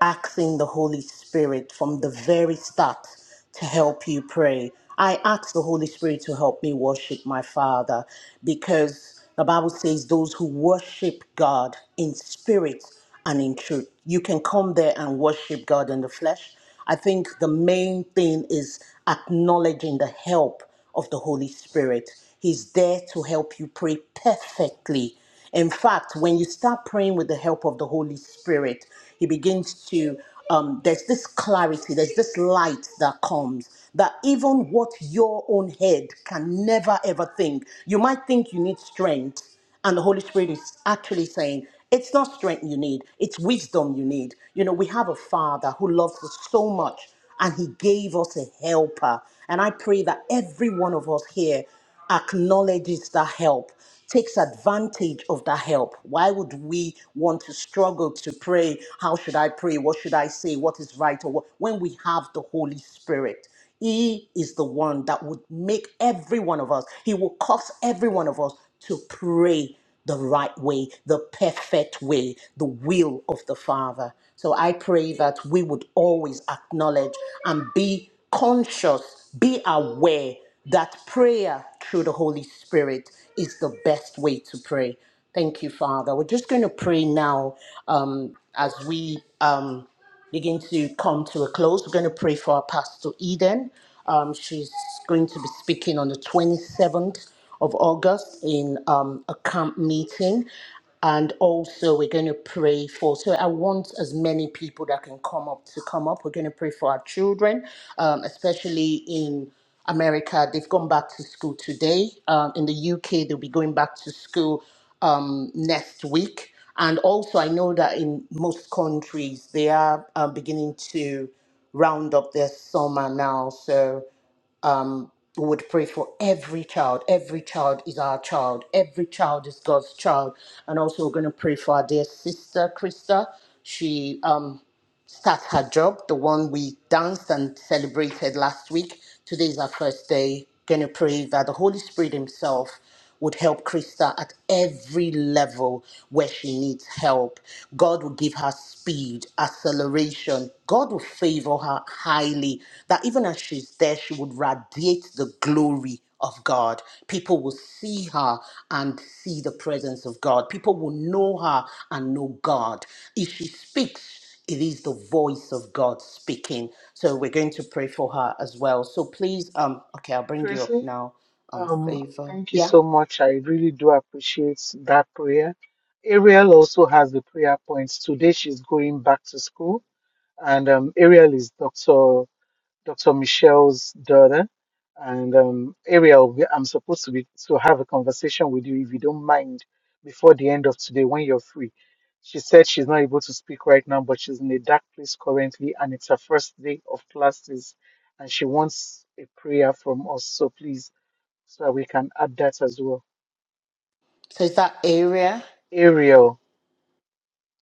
Speaker 3: asking the Holy Spirit from the very start to help you pray. I ask the Holy Spirit to help me worship my Father because the Bible says those who worship God in spirit and in truth. You can come there and worship God in the flesh. I think the main thing is acknowledging the help of the Holy Spirit. He's there to help you pray perfectly in fact, when you start praying with the help of the Holy Spirit, He begins to, um, there's this clarity, there's this light that comes that even what your own head can never ever think. You might think you need strength, and the Holy Spirit is actually saying, it's not strength you need, it's wisdom you need. You know, we have a Father who loves us so much, and He gave us a helper. And I pray that every one of us here acknowledges the help, takes advantage of the help. Why would we want to struggle to pray? How should I pray? What should I say? What is right? Or what? when we have the Holy Spirit, He is the one that would make every one of us, He will cause every one of us to pray the right way, the perfect way, the will of the Father. So I pray that we would always acknowledge and be conscious, be aware that prayer through the Holy Spirit is the best way to pray. Thank you, Father. We're just going to pray now um, as we um, begin to come to a close. We're going to pray for our Pastor Eden. Um, she's going to be speaking on the 27th of August in um, a camp meeting. And also, we're going to pray for. So, I want as many people that can come up to come up. We're going to pray for our children, um, especially in America, they've gone back to school today. Um, in the UK, they'll be going back to school um, next week. And also, I know that in most countries, they are uh, beginning to round up their summer now. So um, we would pray for every child. Every child is our child. Every child is God's child. And also, we're going to pray for our dear sister, Krista. She um, start her job, the one we danced and celebrated last week. Today is our first day. Going to pray that the Holy Spirit Himself would help Krista at every level where she needs help. God will give her speed, acceleration. God will favor her highly, that even as she's there, she would radiate the glory of God. People will see her and see the presence of God. People will know her and know God. If she speaks, it is the voice of God speaking. So we're going to pray for her as well. So please, um, okay, I'll bring you up
Speaker 7: Tracy,
Speaker 3: now. Um,
Speaker 7: um,
Speaker 3: favor,
Speaker 7: thank you
Speaker 3: yeah.
Speaker 7: so much. I really do appreciate that prayer. Ariel also has the prayer points. Today she's going back to school, and um, Ariel is Doctor. Dr. Michelle's daughter. And um, Ariel, we- I'm supposed to be to have a conversation with you if you don't mind before the end of today when you're free. She said she's not able to speak right now, but she's in a dark place currently, and it's her first day of classes, and she wants a prayer from us. So please, so that we can add that as well.
Speaker 3: So is that area,
Speaker 7: Ariel,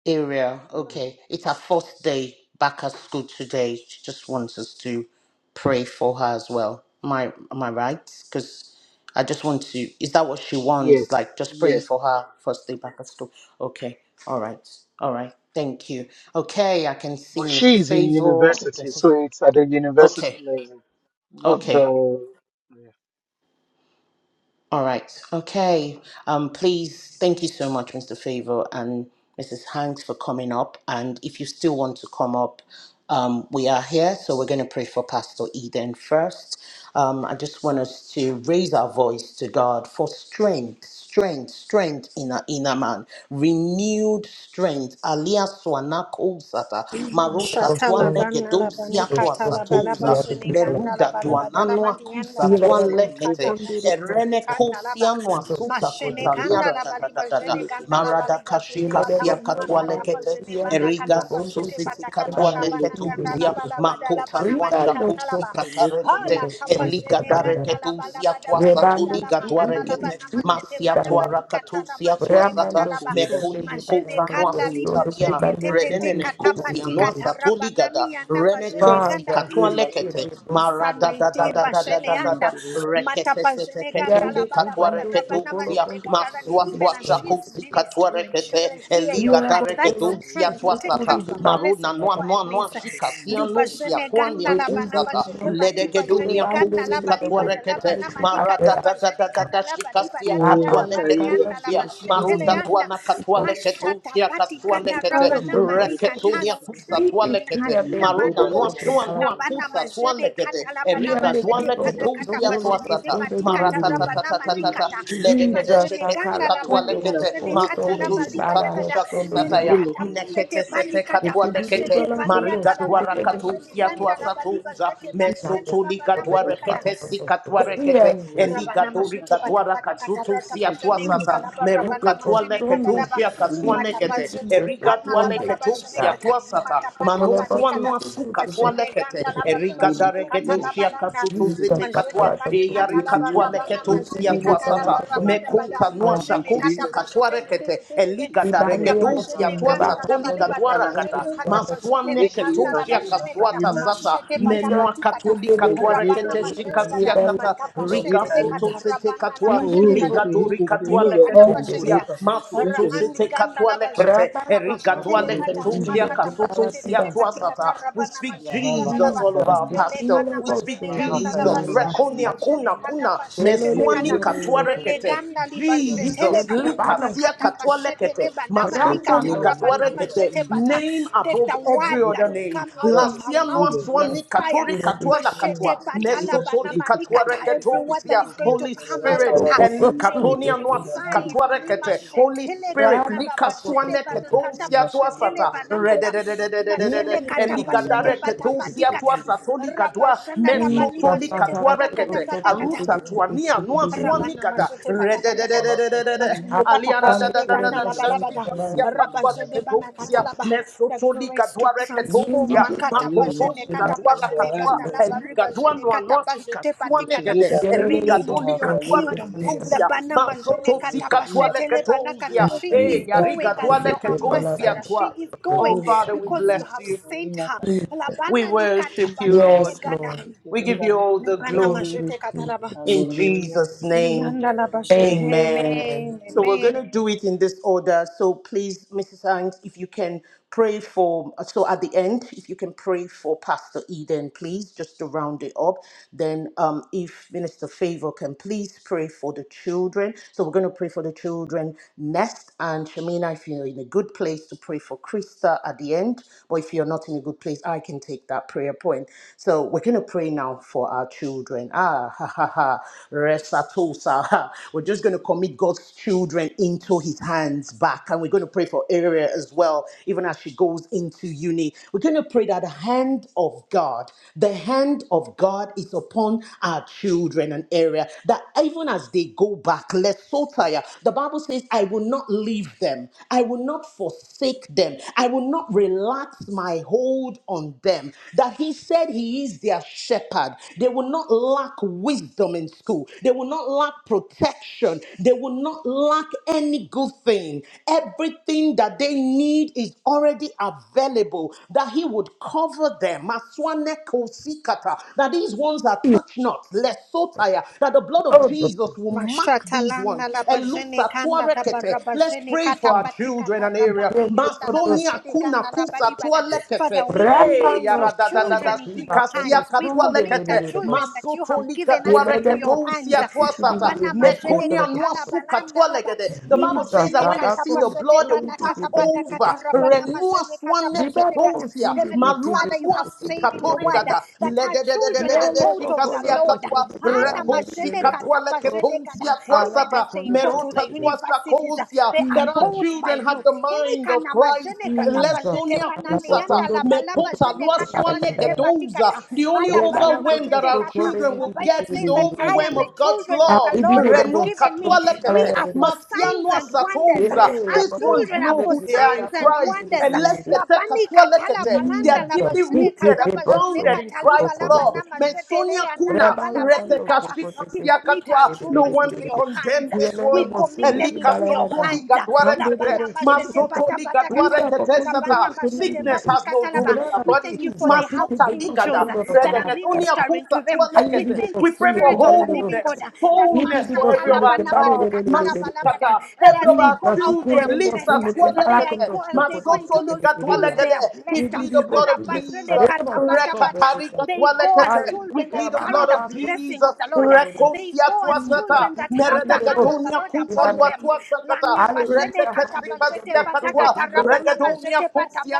Speaker 3: area.
Speaker 7: yeah,
Speaker 3: Okay, it's her fourth day back at school today. She just wants us to pray for her as well. Am I am I right? Because I just want to. Is that what she
Speaker 7: Yes,
Speaker 3: wants? Like just praying
Speaker 7: yes.
Speaker 3: for her first day back at school. Okay. All right. All right. Thank you. Okay, I can see
Speaker 7: but she
Speaker 3: Minister
Speaker 7: is in
Speaker 3: Favor.
Speaker 7: university, so it's at the university
Speaker 3: Okay.
Speaker 7: level, not
Speaker 3: Okay.
Speaker 7: the.
Speaker 3: All right. Okay. Um, please, thank you so much, Mr. Favor and Mrs. Hanks, for coming up. And if you still want to come up, um, we are here. So we're going to pray for Pastor Eden first. Um, I just want us to raise our voice to God for strength. strength, strength in a, in a man, renewed strength. Alia swanako sata, maruta
Speaker 5: Shatala
Speaker 8: Sono
Speaker 3: twale
Speaker 5: Bana
Speaker 7: Wow,
Speaker 3: gedosia
Speaker 5: Labani
Speaker 3: twa
Speaker 8: rosso
Speaker 5: Katala
Speaker 8: che
Speaker 5: Balaba
Speaker 3: satoza,
Speaker 8: sia di
Speaker 5: Zuni
Speaker 8: tripolo
Speaker 5: Gandala
Speaker 3: meruda
Speaker 8: rosso.
Speaker 5: Balaba
Speaker 3: dwananwa
Speaker 5: Dalamandianda
Speaker 8: Si
Speaker 3: kusa
Speaker 5: Laba
Speaker 3: twale
Speaker 5: Zuni
Speaker 8: vedeva
Speaker 3: kete,
Speaker 5: Kata
Speaker 8: scondi ribo
Speaker 3: erene
Speaker 5: Pashitele
Speaker 8: sono
Speaker 5: Gandalaba
Speaker 3: kosia nwa
Speaker 8: indosso
Speaker 3: suta
Speaker 5: Mashene
Speaker 8: podi
Speaker 3: kuta
Speaker 8: di rosso, quando si poteva
Speaker 3: liara
Speaker 5: Gandala
Speaker 3: da
Speaker 8: basta.
Speaker 3: da da
Speaker 5: Baliba
Speaker 3: da da,
Speaker 5: Zene Gandala
Speaker 3: marada
Speaker 5: Baliba
Speaker 8: Si
Speaker 5: Jete
Speaker 3: kashika
Speaker 5: Pata
Speaker 8: vedeva
Speaker 3: sia
Speaker 8: con la
Speaker 3: katwale
Speaker 5: Makatapa
Speaker 3: kete,
Speaker 5: Zene
Speaker 8: bandiera
Speaker 5: Bana
Speaker 8: di
Speaker 3: eriga
Speaker 5: Katapa
Speaker 3: sutu
Speaker 8: tripondo,
Speaker 5: Shete
Speaker 8: si
Speaker 3: siti
Speaker 5: Pata
Speaker 8: poteva
Speaker 5: Katala
Speaker 8: la
Speaker 3: katwale
Speaker 5: Bana
Speaker 8: scondi di
Speaker 5: Gandala
Speaker 3: Uzia
Speaker 8: tripondo.
Speaker 5: Balaba
Speaker 3: makuta
Speaker 5: Dalabana
Speaker 3: nwa
Speaker 5: Mani
Speaker 8: Ribando
Speaker 3: shakusi
Speaker 5: Katalaba
Speaker 8: sopra
Speaker 3: kataregete,
Speaker 5: Hala
Speaker 8: quando
Speaker 5: Tapa
Speaker 8: sono con la
Speaker 5: Zene
Speaker 3: eliga
Speaker 8: bandiera.
Speaker 5: Gandala
Speaker 3: reketusia
Speaker 5: Balaba
Speaker 3: tua
Speaker 5: Dabada
Speaker 8: Rebando
Speaker 5: Badala
Speaker 3: satulika
Speaker 8: su
Speaker 3: tua
Speaker 8: cui
Speaker 5: Makatala
Speaker 8: di
Speaker 3: rekete
Speaker 5: Bana
Speaker 8: cibo
Speaker 5: Majete
Speaker 8: di
Speaker 3: masia
Speaker 5: Pata
Speaker 3: tua
Speaker 8: balere.
Speaker 5: Pati Katala
Speaker 3: rakatusia tua
Speaker 5: Majene
Speaker 3: sata
Speaker 8: Rambando
Speaker 5: Gandalaba
Speaker 8: scondi
Speaker 3: mekunia
Speaker 8: di balere
Speaker 5: Majene
Speaker 3: kuta noa
Speaker 5: kanda
Speaker 8: quando sono
Speaker 5: liba
Speaker 8: di
Speaker 3: sutalia
Speaker 5: jete te
Speaker 8: balere
Speaker 5: te
Speaker 8: su
Speaker 5: te
Speaker 8: cui
Speaker 3: redenene
Speaker 8: di
Speaker 3: kusia
Speaker 5: katapati
Speaker 3: noa
Speaker 8: balere.
Speaker 3: satuligada
Speaker 5: katarabanani anda
Speaker 3: rene
Speaker 5: majene
Speaker 3: kusi
Speaker 5: ganda
Speaker 8: Father,
Speaker 3: katua
Speaker 8: secret,
Speaker 3: lekete
Speaker 8: the
Speaker 5: san
Speaker 3: marada da da
Speaker 5: menti
Speaker 3: da da da
Speaker 5: bajene
Speaker 3: da da
Speaker 8: most
Speaker 5: anda
Speaker 3: da rekete
Speaker 5: matapa
Speaker 3: sete
Speaker 5: jene ganda la
Speaker 8: Yande
Speaker 3: ketulika
Speaker 5: balaba
Speaker 3: tua
Speaker 8: tribondo
Speaker 5: darabana
Speaker 8: sokolo
Speaker 3: reketusia
Speaker 5: majene
Speaker 8: bondo
Speaker 5: ganda that
Speaker 3: masua
Speaker 8: sokolo
Speaker 5: even
Speaker 3: tua
Speaker 5: as
Speaker 8: bishondo.
Speaker 5: she is
Speaker 3: shakusi katua
Speaker 5: ministering she
Speaker 3: rekete
Speaker 5: will hear your
Speaker 3: eliga da
Speaker 8: Yelabo
Speaker 5: heart that
Speaker 8: kolo
Speaker 3: reketusia
Speaker 8: bondo
Speaker 5: strength
Speaker 3: tua
Speaker 5: take
Speaker 8: sokolo
Speaker 5: her
Speaker 3: sata
Speaker 5: to a
Speaker 8: biba.
Speaker 5: place
Speaker 3: maruna
Speaker 5: of
Speaker 3: noa noa noa
Speaker 5: quietness
Speaker 3: shika sia
Speaker 5: liba jene
Speaker 3: kwanya
Speaker 5: ganda la
Speaker 8: Ekin de
Speaker 5: banama
Speaker 3: kusata
Speaker 5: pati
Speaker 8: tribondo
Speaker 5: patipa
Speaker 8: kule
Speaker 3: ledegedunia
Speaker 5: jene
Speaker 8: bande
Speaker 5: ganda
Speaker 8: de
Speaker 3: kusi
Speaker 5: la
Speaker 8: de de
Speaker 3: katwa
Speaker 5: baliba
Speaker 8: bo.
Speaker 5: dalaba
Speaker 3: rekete
Speaker 8: Sokolo bandere
Speaker 5: nama
Speaker 8: biba de
Speaker 3: marada
Speaker 8: da.
Speaker 3: da
Speaker 5: nikatapa
Speaker 3: da
Speaker 5: jene
Speaker 3: da da
Speaker 5: ganda
Speaker 3: da
Speaker 5: la baliba
Speaker 3: shikasia
Speaker 5: daga
Speaker 3: katwa
Speaker 8: Rabala
Speaker 5: dalaba ni
Speaker 8: kanda
Speaker 5: anda la
Speaker 3: leketuzia
Speaker 8: sokolo de
Speaker 5: bashetele
Speaker 3: maruda
Speaker 8: siya.
Speaker 5: anda
Speaker 3: twana katwa
Speaker 8: Ipondo
Speaker 5: Mashata
Speaker 3: leketuzia kaswa
Speaker 5: patikata
Speaker 3: lekete
Speaker 8: kalo
Speaker 5: rabana
Speaker 8: kondo sokolo.
Speaker 5: manikata
Speaker 3: reketunia kusa
Speaker 5: strength
Speaker 3: twa
Speaker 8: Bibi
Speaker 5: in her
Speaker 3: lekete
Speaker 8: siya de
Speaker 5: inner
Speaker 8: de
Speaker 5: man,
Speaker 3: maruda
Speaker 5: oh
Speaker 3: nua
Speaker 5: God.
Speaker 8: kondo
Speaker 3: shua
Speaker 8: prebala.
Speaker 3: nua
Speaker 5: Labana
Speaker 3: kusa twa
Speaker 5: majene
Speaker 3: lekete
Speaker 5: kata labana
Speaker 3: eriga
Speaker 8: Yande
Speaker 3: dwa
Speaker 5: majete
Speaker 8: tribondo
Speaker 5: panakata
Speaker 3: leketuzia
Speaker 8: sokolo
Speaker 3: twa
Speaker 8: bondo
Speaker 5: pajete te
Speaker 3: sata
Speaker 8: sokolo de de
Speaker 5: patikata
Speaker 8: de
Speaker 3: marata
Speaker 8: de
Speaker 3: ta
Speaker 8: de.
Speaker 3: ta
Speaker 5: rabana
Speaker 3: ta ta ta ta
Speaker 5: manikata.
Speaker 8: Jesus
Speaker 3: ledegede
Speaker 5: Majene
Speaker 3: shekesi
Speaker 8: akala
Speaker 5: ganda
Speaker 3: katwa
Speaker 5: labani
Speaker 8: kondo
Speaker 3: lekete
Speaker 8: kondo
Speaker 5: majene kata
Speaker 3: masutu
Speaker 5: labali
Speaker 3: suta
Speaker 5: badagada.
Speaker 3: kusha
Speaker 8: sondo
Speaker 3: kusata
Speaker 5: Hele
Speaker 8: prebala
Speaker 3: ya
Speaker 5: kata majete
Speaker 3: sete
Speaker 8: The
Speaker 5: panikata
Speaker 3: katua
Speaker 8: T V
Speaker 3: lekete
Speaker 5: mashete
Speaker 8: development
Speaker 5: paniata
Speaker 3: mariga
Speaker 8: condos, so
Speaker 3: tua
Speaker 8: could
Speaker 5: labani
Speaker 8: any part
Speaker 3: rakatu
Speaker 5: majene
Speaker 3: sia
Speaker 8: of
Speaker 3: tua
Speaker 5: ganda
Speaker 8: the
Speaker 5: labali
Speaker 3: satuza
Speaker 5: bajete
Speaker 3: meso
Speaker 5: paniata
Speaker 8: Nato
Speaker 3: tuliga
Speaker 5: labana
Speaker 8: for the
Speaker 3: tua
Speaker 8: part
Speaker 5: manikata.
Speaker 3: rekete
Speaker 8: of the
Speaker 3: sika tua rekete
Speaker 8: Cotianos,
Speaker 3: eliga
Speaker 5: Rabanama Sutu
Speaker 3: doriga tua
Speaker 5: Patapata
Speaker 3: rakatsutu
Speaker 5: Katarata
Speaker 3: sia tua
Speaker 5: Pazone
Speaker 8: peace,
Speaker 3: sata
Speaker 5: Katalaba
Speaker 8: a
Speaker 3: meruka
Speaker 5: Rabanama
Speaker 8: paper
Speaker 3: tua
Speaker 5: Zene
Speaker 3: leketu
Speaker 8: sondo,
Speaker 5: Katalaba
Speaker 3: sia
Speaker 8: peace, the
Speaker 3: nekete
Speaker 5: Matapazete
Speaker 8: English of
Speaker 3: eriga
Speaker 5: Bekana
Speaker 3: tua
Speaker 8: Condes,
Speaker 5: Labalaba
Speaker 3: leketu
Speaker 5: Zene
Speaker 3: sia
Speaker 8: the
Speaker 5: Kata
Speaker 3: tua sata
Speaker 5: Matapata
Speaker 8: Colabato,
Speaker 3: manusua
Speaker 5: Patikata
Speaker 3: nua
Speaker 8: so good to
Speaker 5: Mazene
Speaker 3: lekete
Speaker 5: Ganda
Speaker 8: the
Speaker 5: Labaliba
Speaker 3: eriga
Speaker 5: Zene
Speaker 3: daregetu sia
Speaker 5: Katalabalanda
Speaker 3: kasutu
Speaker 8: Jesus, the
Speaker 3: sete
Speaker 5: Mazete
Speaker 3: katua
Speaker 5: Pani
Speaker 8: Palacanto,
Speaker 3: eyari
Speaker 5: Katalaba
Speaker 3: katua
Speaker 8: the
Speaker 3: leketu
Speaker 5: Rabanama
Speaker 8: T
Speaker 3: sia
Speaker 5: Zene
Speaker 8: V
Speaker 3: tua
Speaker 8: development
Speaker 3: sata
Speaker 5: Katalaba
Speaker 8: condos,
Speaker 5: Rabada
Speaker 3: mekuta
Speaker 5: Badam
Speaker 3: nua
Speaker 8: the
Speaker 5: Mazene
Speaker 3: shakusi rekete
Speaker 5: Katapazete
Speaker 3: eligada
Speaker 8: Bania
Speaker 3: regedosia
Speaker 5: Rabazene
Speaker 8: Mosum, the
Speaker 3: tua
Speaker 5: Kanda
Speaker 3: satoli
Speaker 8: Bacan, the
Speaker 5: Labaliba
Speaker 3: gadwara
Speaker 5: Debazene
Speaker 3: gata
Speaker 8: Condes, the
Speaker 3: maswane
Speaker 5: Katapazete Kanda
Speaker 3: ketosia
Speaker 5: Labazene Kata
Speaker 3: kaswata sata
Speaker 5: Masete
Speaker 8: Jesus,
Speaker 3: menua
Speaker 8: the
Speaker 5: Patapatikata
Speaker 3: katoli katwa
Speaker 8: Debo, so
Speaker 5: Rabana
Speaker 3: rekete
Speaker 8: great,
Speaker 5: majene
Speaker 8: the
Speaker 3: shikasia
Speaker 5: gadam
Speaker 8: Bella,
Speaker 3: kata
Speaker 5: matapa
Speaker 8: and
Speaker 3: riga
Speaker 5: shete de
Speaker 8: the
Speaker 3: soto
Speaker 5: kata
Speaker 3: sete
Speaker 5: rabana la
Speaker 3: katwa
Speaker 5: bajene gadam
Speaker 3: ligadori katwa
Speaker 5: ele kata
Speaker 8: Debo.
Speaker 5: pashete ya
Speaker 3: leketosia masoto
Speaker 5: ramani
Speaker 3: sete
Speaker 5: ganda
Speaker 3: katwa
Speaker 5: la bajene
Speaker 3: lekete
Speaker 5: kata
Speaker 8: Brabato
Speaker 3: eriga
Speaker 5: pashete
Speaker 3: dwa
Speaker 5: le
Speaker 8: soccorre
Speaker 5: kata
Speaker 8: di
Speaker 3: leketosia
Speaker 8: cinde
Speaker 5: makata
Speaker 8: che parla
Speaker 3: kasoto
Speaker 5: pashete
Speaker 8: in
Speaker 3: sia
Speaker 5: tete
Speaker 3: tua
Speaker 8: basta.
Speaker 5: patika
Speaker 3: sata we
Speaker 5: rabana
Speaker 3: speak
Speaker 5: majene gada la
Speaker 3: Jesus
Speaker 5: ba
Speaker 3: all over
Speaker 8: Visa
Speaker 3: our
Speaker 8: si
Speaker 5: ele
Speaker 3: pastor
Speaker 5: kana
Speaker 8: chile
Speaker 3: we speak
Speaker 5: majene
Speaker 8: gosto,
Speaker 5: ganda la
Speaker 8: vedi
Speaker 3: Jesus
Speaker 5: bali
Speaker 3: rekonia
Speaker 8: andassa.
Speaker 5: majene
Speaker 3: kuna
Speaker 5: kata
Speaker 3: kuna
Speaker 8: Tele
Speaker 5: pashete le
Speaker 8: le
Speaker 5: kata
Speaker 3: Lewani
Speaker 8: vieni
Speaker 3: katua
Speaker 8: loco.
Speaker 5: ele
Speaker 3: rekete.
Speaker 5: ganda li
Speaker 8: I
Speaker 5: bajete le
Speaker 3: Jesus,
Speaker 8: che te
Speaker 5: kata
Speaker 8: balam.
Speaker 3: likasia
Speaker 5: makata
Speaker 3: katua
Speaker 5: pashete
Speaker 3: lekete.
Speaker 5: le banama ni
Speaker 3: Masuto
Speaker 5: kata
Speaker 8: brabando
Speaker 3: ligadua
Speaker 5: rabana
Speaker 8: subito.
Speaker 3: rekete.
Speaker 5: majete pata
Speaker 3: Name
Speaker 5: let
Speaker 3: above
Speaker 5: the word
Speaker 3: every
Speaker 5: that
Speaker 3: other
Speaker 5: will
Speaker 3: name.
Speaker 5: come out of her
Speaker 3: Lasia noa
Speaker 5: mouth be
Speaker 8: Visa
Speaker 3: swani
Speaker 8: si
Speaker 5: fire
Speaker 3: katori
Speaker 8: chile di
Speaker 3: katua la
Speaker 5: Mashete
Speaker 3: katua.
Speaker 5: patala
Speaker 3: Mesoto
Speaker 5: banama
Speaker 3: likatua
Speaker 5: nikata.
Speaker 3: reketo
Speaker 5: Every word that
Speaker 3: usia.
Speaker 5: is going to
Speaker 3: Holy
Speaker 5: come out of
Speaker 3: Spirit,
Speaker 8: gosto,
Speaker 5: her,
Speaker 3: and
Speaker 8: gosto
Speaker 5: may it
Speaker 3: likatonia
Speaker 8: subito.
Speaker 3: noa si katua
Speaker 5: refine. Lima
Speaker 3: rekete. Holy
Speaker 5: shetele
Speaker 3: Spirit.
Speaker 8: Brabando
Speaker 5: ganala
Speaker 8: gosto
Speaker 5: bajede
Speaker 3: Likaswane
Speaker 8: subito.
Speaker 5: banakata
Speaker 3: ketosia
Speaker 5: pashetele
Speaker 3: duasata.
Speaker 5: banakata.
Speaker 8: Vieni
Speaker 3: Rededededededede.
Speaker 5: Majene
Speaker 8: mi
Speaker 5: kata
Speaker 8: devo
Speaker 5: pajete
Speaker 8: subito.
Speaker 3: Eligadare
Speaker 5: pata
Speaker 3: ketosia
Speaker 5: patikata.
Speaker 3: duasato ligadua.
Speaker 5: Rabajana labani
Speaker 3: Mesoto
Speaker 8: Visa sta
Speaker 5: majete
Speaker 8: parlando
Speaker 5: pata pata
Speaker 3: likatuarekete.
Speaker 8: gosto
Speaker 5: pata
Speaker 8: per
Speaker 3: Aruta
Speaker 5: kata.
Speaker 3: tuania
Speaker 8: il
Speaker 3: nuanswani
Speaker 5: Rabana
Speaker 3: gada.
Speaker 5: majete pata pata kata.
Speaker 3: Rededededededede.
Speaker 5: Majene pata
Speaker 3: Aliara da da
Speaker 5: pajete
Speaker 3: da da
Speaker 8: Andele
Speaker 5: gana
Speaker 3: da
Speaker 5: la
Speaker 3: da da.
Speaker 8: gosto
Speaker 5: balabada.
Speaker 8: non
Speaker 3: Shikasia
Speaker 5: Rabajene
Speaker 3: katuane
Speaker 5: bana kata laba. The
Speaker 3: Mesotolika
Speaker 5: grace to
Speaker 8: Yindi
Speaker 5: transform
Speaker 3: Duareketosia,
Speaker 8: de
Speaker 5: makata
Speaker 8: sonda
Speaker 5: pajene
Speaker 8: de ba
Speaker 3: Makotolika
Speaker 5: kata pajene
Speaker 8: sonda
Speaker 3: Duarakatua,
Speaker 5: gana la
Speaker 8: kote
Speaker 3: Eluga
Speaker 8: de
Speaker 5: baribajene kata
Speaker 3: Duanoanoshika,
Speaker 5: pajete pati kata.
Speaker 3: Suanegede,
Speaker 8: yele de de
Speaker 3: Eriga
Speaker 5: Many
Speaker 8: bu
Speaker 5: into your
Speaker 3: Dolika
Speaker 8: sonda de
Speaker 5: kingdom. The
Speaker 3: Duareketosia,
Speaker 5: bana majene kata
Speaker 3: Masotosika
Speaker 5: pajete le bana kata.
Speaker 3: Tualeketosia,
Speaker 5: She is
Speaker 3: Hey,
Speaker 8: ba
Speaker 5: going
Speaker 3: Ariga
Speaker 8: na na na Jesus de
Speaker 5: as
Speaker 8: de
Speaker 5: your
Speaker 8: de ba la ka
Speaker 5: ambassador.
Speaker 8: de
Speaker 5: She
Speaker 3: Tua.
Speaker 5: is
Speaker 8: de
Speaker 3: Oh,
Speaker 5: going
Speaker 3: Father, we
Speaker 5: because you
Speaker 3: bless
Speaker 5: have
Speaker 3: you.
Speaker 5: sent her.
Speaker 8: de.
Speaker 5: La
Speaker 3: We
Speaker 5: bana likata
Speaker 3: worship you, Lord.
Speaker 5: pajene
Speaker 8: Yes,
Speaker 5: gana.
Speaker 8: Lord.
Speaker 3: We give you all the
Speaker 5: Lebana
Speaker 8: Thank
Speaker 3: glory
Speaker 8: you.
Speaker 5: majete
Speaker 8: Jesus.
Speaker 5: katalaba.
Speaker 3: in Jesus' name.
Speaker 5: La la
Speaker 3: Amen.
Speaker 8: Amen.
Speaker 3: So we're going to do it in this order. So please, Mrs. Hanks, if you can pray for, so at the end, if you can pray for Pastor Eden, please, just to round it up. Then um, if Minister Favor can please pray for the children. So we're going to pray for the children next. And Shamina, if you're in a good place to pray for Krista at the end, or if you're not in a good place, I can take that prayer point. So we're going to pray now for our children. Ah, ha, ha, ha. Resatosa. We're just going to commit God's children into his hands back. And we're going to pray for area as well, even as she goes into uni. We're going to pray that the hand of God, the hand of God is upon our children and area, that even as they go back, Lesotaya, the Bible says, I will not leave them. I will not forsake them. I will not relax my hold on them. That he said he is their shepherd. They will not lack wisdom in school. They will not lack protection. They will not lack any good thing. Everything that they need is already available, that He would cover them. Maswane kosikata. That these ones are
Speaker 8: Yes,
Speaker 3: touch not, less so that the blood of
Speaker 8: Oh, the
Speaker 3: Jesus
Speaker 8: peace.
Speaker 3: will mark
Speaker 5: Mashata
Speaker 3: these ones.
Speaker 5: la bajene kanda la
Speaker 3: Elusatuarekete. Let's
Speaker 5: barabajene
Speaker 3: pray
Speaker 5: kata
Speaker 3: for our
Speaker 5: patika
Speaker 3: children and area.
Speaker 8: Yes,
Speaker 5: anda
Speaker 8: Oh,
Speaker 5: la
Speaker 8: the
Speaker 3: Masonia
Speaker 5: bajene
Speaker 3: kuna
Speaker 5: kanda la
Speaker 3: kusa
Speaker 5: badibada.
Speaker 3: tualekete.
Speaker 5: Father, we
Speaker 3: Hey,
Speaker 5: commit
Speaker 8: Rambando
Speaker 5: your
Speaker 3: yara da da da
Speaker 8: sono
Speaker 5: children
Speaker 8: qui
Speaker 5: into your
Speaker 3: da
Speaker 8: bando
Speaker 5: hands. We
Speaker 3: katua
Speaker 8: sunde
Speaker 5: commit
Speaker 8: de de
Speaker 5: the
Speaker 3: lekete
Speaker 8: de de
Speaker 5: children that
Speaker 8: posto.
Speaker 5: you have
Speaker 3: masoto liga
Speaker 5: given us
Speaker 8: Di le
Speaker 5: into
Speaker 8: de
Speaker 3: dwareketo
Speaker 5: your
Speaker 8: poco
Speaker 5: hands.
Speaker 3: usia
Speaker 8: di si di di di
Speaker 3: twasata
Speaker 5: Labana
Speaker 8: di di di
Speaker 5: majene
Speaker 3: mekonia
Speaker 5: kata
Speaker 8: di
Speaker 3: nuasu
Speaker 5: balanda
Speaker 3: katua
Speaker 5: la ba
Speaker 3: legede. The
Speaker 5: li
Speaker 3: Bible
Speaker 8: Jesus,
Speaker 3: says that when they see the
Speaker 8: arakondo
Speaker 3: blood, they
Speaker 8: kuti
Speaker 3: will
Speaker 5: pana
Speaker 3: pass
Speaker 5: kata pata
Speaker 8: tibenefite
Speaker 3: over.
Speaker 8: everything.
Speaker 3: Renua
Speaker 5: majene kata
Speaker 3: swane
Speaker 8: Ribabo
Speaker 5: kata.
Speaker 3: ketousia
Speaker 8: bosundi
Speaker 5: Heavenly
Speaker 3: malua
Speaker 8: bitindi
Speaker 5: Father, you have
Speaker 3: tuasi
Speaker 5: said in your word
Speaker 3: katorigada
Speaker 5: that our children are
Speaker 3: ledededededede
Speaker 8: yele
Speaker 5: taught of the
Speaker 8: bokolo
Speaker 3: shikasia
Speaker 5: Lord.
Speaker 3: katua
Speaker 8: bosundi
Speaker 5: Ana
Speaker 8: yale
Speaker 3: rekousi
Speaker 5: mashene
Speaker 8: bidede
Speaker 3: katua
Speaker 8: boso
Speaker 5: katapashede
Speaker 3: leketousia
Speaker 5: gada. Even
Speaker 8: alabo
Speaker 5: as
Speaker 3: twasata
Speaker 5: they
Speaker 8: kondo
Speaker 5: go to the
Speaker 3: merota
Speaker 8: sukutide.
Speaker 5: universities, uh,
Speaker 3: tuasakousia
Speaker 5: they are
Speaker 3: that our
Speaker 8: Jesus,
Speaker 5: taught by
Speaker 3: children have
Speaker 5: you.
Speaker 3: the
Speaker 5: Hili
Speaker 3: mind of
Speaker 5: kana
Speaker 3: Christ.
Speaker 5: mashene
Speaker 8: Jesus,
Speaker 5: katapashete
Speaker 3: Lesonia
Speaker 8: alabo
Speaker 3: kusata
Speaker 5: pananianda
Speaker 8: kondo
Speaker 5: la balaba
Speaker 8: soko
Speaker 3: mekota
Speaker 5: jene katapashete
Speaker 8: barakandara.
Speaker 5: patikata.
Speaker 3: the only
Speaker 5: Hala bana
Speaker 8: Rebala
Speaker 3: overwhelm
Speaker 8: kondo
Speaker 3: that
Speaker 5: majete
Speaker 3: our
Speaker 8: soko
Speaker 5: kata.
Speaker 8: de di
Speaker 3: children
Speaker 5: The
Speaker 8: di
Speaker 3: will
Speaker 8: di
Speaker 5: Bible
Speaker 3: get
Speaker 8: di
Speaker 3: is
Speaker 5: says
Speaker 8: di
Speaker 3: the
Speaker 8: di
Speaker 5: that
Speaker 8: di
Speaker 5: I
Speaker 8: di
Speaker 5: and
Speaker 3: overwhelm
Speaker 8: di.
Speaker 5: the
Speaker 3: of God's
Speaker 5: children that
Speaker 8: Ah,
Speaker 5: the
Speaker 3: love.
Speaker 5: Lord
Speaker 8: ibide
Speaker 5: has
Speaker 8: babo
Speaker 5: given
Speaker 8: sundo
Speaker 5: me. We
Speaker 8: kibalera
Speaker 5: are
Speaker 8: de de
Speaker 5: for
Speaker 8: de.
Speaker 5: signs and wonders.
Speaker 8: Yele
Speaker 5: Our
Speaker 3: These
Speaker 8: babo
Speaker 3: ones
Speaker 5: children are
Speaker 3: know
Speaker 8: sundo
Speaker 5: for
Speaker 3: who they are in
Speaker 5: signs
Speaker 8: kibalera
Speaker 5: and
Speaker 3: Christ.
Speaker 8: de de
Speaker 5: wonders.
Speaker 3: And
Speaker 8: de de de.
Speaker 5: Labani katala
Speaker 3: they
Speaker 8: Jesus,
Speaker 5: balanda
Speaker 3: are deeply
Speaker 8: sí,
Speaker 3: rooted
Speaker 8: sí,
Speaker 3: and
Speaker 8: sí, por
Speaker 5: labajene Jene
Speaker 3: grounded
Speaker 8: su-
Speaker 3: in
Speaker 5: katali
Speaker 8: por
Speaker 3: Christ's love.
Speaker 5: balabana
Speaker 8: Colombo.
Speaker 5: mashetele andala
Speaker 8: Rabala
Speaker 5: balabani
Speaker 8: canto su
Speaker 5: kata.
Speaker 8: cote
Speaker 5: We
Speaker 8: que se-
Speaker 5: commit our
Speaker 8: de- de-
Speaker 3: No
Speaker 8: de-
Speaker 5: children
Speaker 8: de-
Speaker 3: one
Speaker 5: into
Speaker 8: de-
Speaker 3: can
Speaker 8: de-
Speaker 5: your
Speaker 8: de.
Speaker 5: hands.
Speaker 3: condemn these
Speaker 8: Viene de
Speaker 5: We
Speaker 3: ones.
Speaker 5: commit
Speaker 8: Bosun de
Speaker 5: them into your
Speaker 8: Cribalanera.
Speaker 5: hands.
Speaker 8: Ande de
Speaker 5: Labana
Speaker 8: Bosun de
Speaker 5: majete
Speaker 8: Criba.
Speaker 5: pata pata kata.
Speaker 8: Riba, poco de
Speaker 5: Rabana
Speaker 8: Bosun de
Speaker 3: Sickness
Speaker 5: majete
Speaker 3: Sickness
Speaker 5: pati
Speaker 8: Criba.
Speaker 3: has
Speaker 5: kata
Speaker 3: no room
Speaker 5: laba.
Speaker 3: in their
Speaker 8: Brava,
Speaker 5: We
Speaker 3: body.
Speaker 5: thank you
Speaker 8: Jesus,
Speaker 5: for they
Speaker 8: sí,
Speaker 5: have
Speaker 8: sí,
Speaker 3: Masota
Speaker 8: de
Speaker 5: angels
Speaker 8: Bosun
Speaker 3: ligada,
Speaker 8: de
Speaker 5: that are
Speaker 8: Criba.
Speaker 3: redegetonia
Speaker 5: ministering
Speaker 3: kusa
Speaker 5: to them.
Speaker 8: Ay,
Speaker 5: We
Speaker 8: de
Speaker 3: tualekete.
Speaker 5: thank you,
Speaker 3: We
Speaker 8: Bosun
Speaker 3: pray
Speaker 8: de
Speaker 3: for
Speaker 5: Spirit of the
Speaker 8: Cribalanera.
Speaker 5: Living God,
Speaker 3: wholeness,
Speaker 5: that
Speaker 8: Yipi
Speaker 3: wholeness
Speaker 8: de
Speaker 3: for
Speaker 5: mashata
Speaker 3: every
Speaker 8: Bosun
Speaker 3: of
Speaker 8: de
Speaker 3: our
Speaker 5: labana
Speaker 3: child.
Speaker 5: manika
Speaker 8: Cribalanera.
Speaker 5: balabada,
Speaker 3: Masikata,
Speaker 5: that
Speaker 3: every
Speaker 5: as
Speaker 3: of
Speaker 5: they
Speaker 3: our
Speaker 5: go
Speaker 8: Jesus, y
Speaker 5: out,
Speaker 8: que
Speaker 5: they are
Speaker 8: le
Speaker 3: children.
Speaker 8: vos
Speaker 5: blessed.
Speaker 8: un
Speaker 3: Lisa
Speaker 8: nutre
Speaker 5: That they
Speaker 8: para
Speaker 5: are
Speaker 8: con
Speaker 3: tualekete,
Speaker 5: go
Speaker 8: dos
Speaker 5: as they
Speaker 8: tocos
Speaker 5: go
Speaker 8: de
Speaker 3: masoto
Speaker 5: into
Speaker 8: su
Speaker 5: those
Speaker 3: liga
Speaker 5: schools, they
Speaker 8: querida.
Speaker 5: are
Speaker 3: We
Speaker 8: Y
Speaker 5: blessed.
Speaker 3: plead the
Speaker 8: vivimos
Speaker 3: blood
Speaker 8: y
Speaker 3: of
Speaker 8: me
Speaker 3: Jesus.
Speaker 5: Rabazhene
Speaker 8: preparemos sobre
Speaker 5: katapatapata.
Speaker 3: Rekatari
Speaker 8: ella.
Speaker 5: They go as
Speaker 3: gadwalekete. We
Speaker 5: children
Speaker 8: Aleluya,
Speaker 3: plead
Speaker 5: that
Speaker 3: the
Speaker 5: carry
Speaker 8: mamá,
Speaker 3: blood
Speaker 5: the
Speaker 3: of
Speaker 8: más
Speaker 5: blessing
Speaker 3: Jesus.
Speaker 5: of the Lord.
Speaker 8: sobre Jesus,
Speaker 5: They
Speaker 3: Rekosia
Speaker 5: go as
Speaker 3: tuasata,
Speaker 5: children
Speaker 8: y
Speaker 5: that
Speaker 8: que
Speaker 5: have the hand
Speaker 8: viviremos
Speaker 5: of the
Speaker 3: meredegetonia
Speaker 5: Lord
Speaker 3: kuta
Speaker 5: upon
Speaker 8: sobre ella.
Speaker 5: them.
Speaker 3: luatua
Speaker 5: Lani
Speaker 3: sakata,
Speaker 5: bazhene
Speaker 8: Aleluya,
Speaker 3: retekesika
Speaker 5: katapazhete
Speaker 8: handelemos sobre
Speaker 3: siakatwa,
Speaker 5: patakata
Speaker 8: climando
Speaker 5: rabanama
Speaker 8: dos.
Speaker 3: Regedonia
Speaker 5: zhete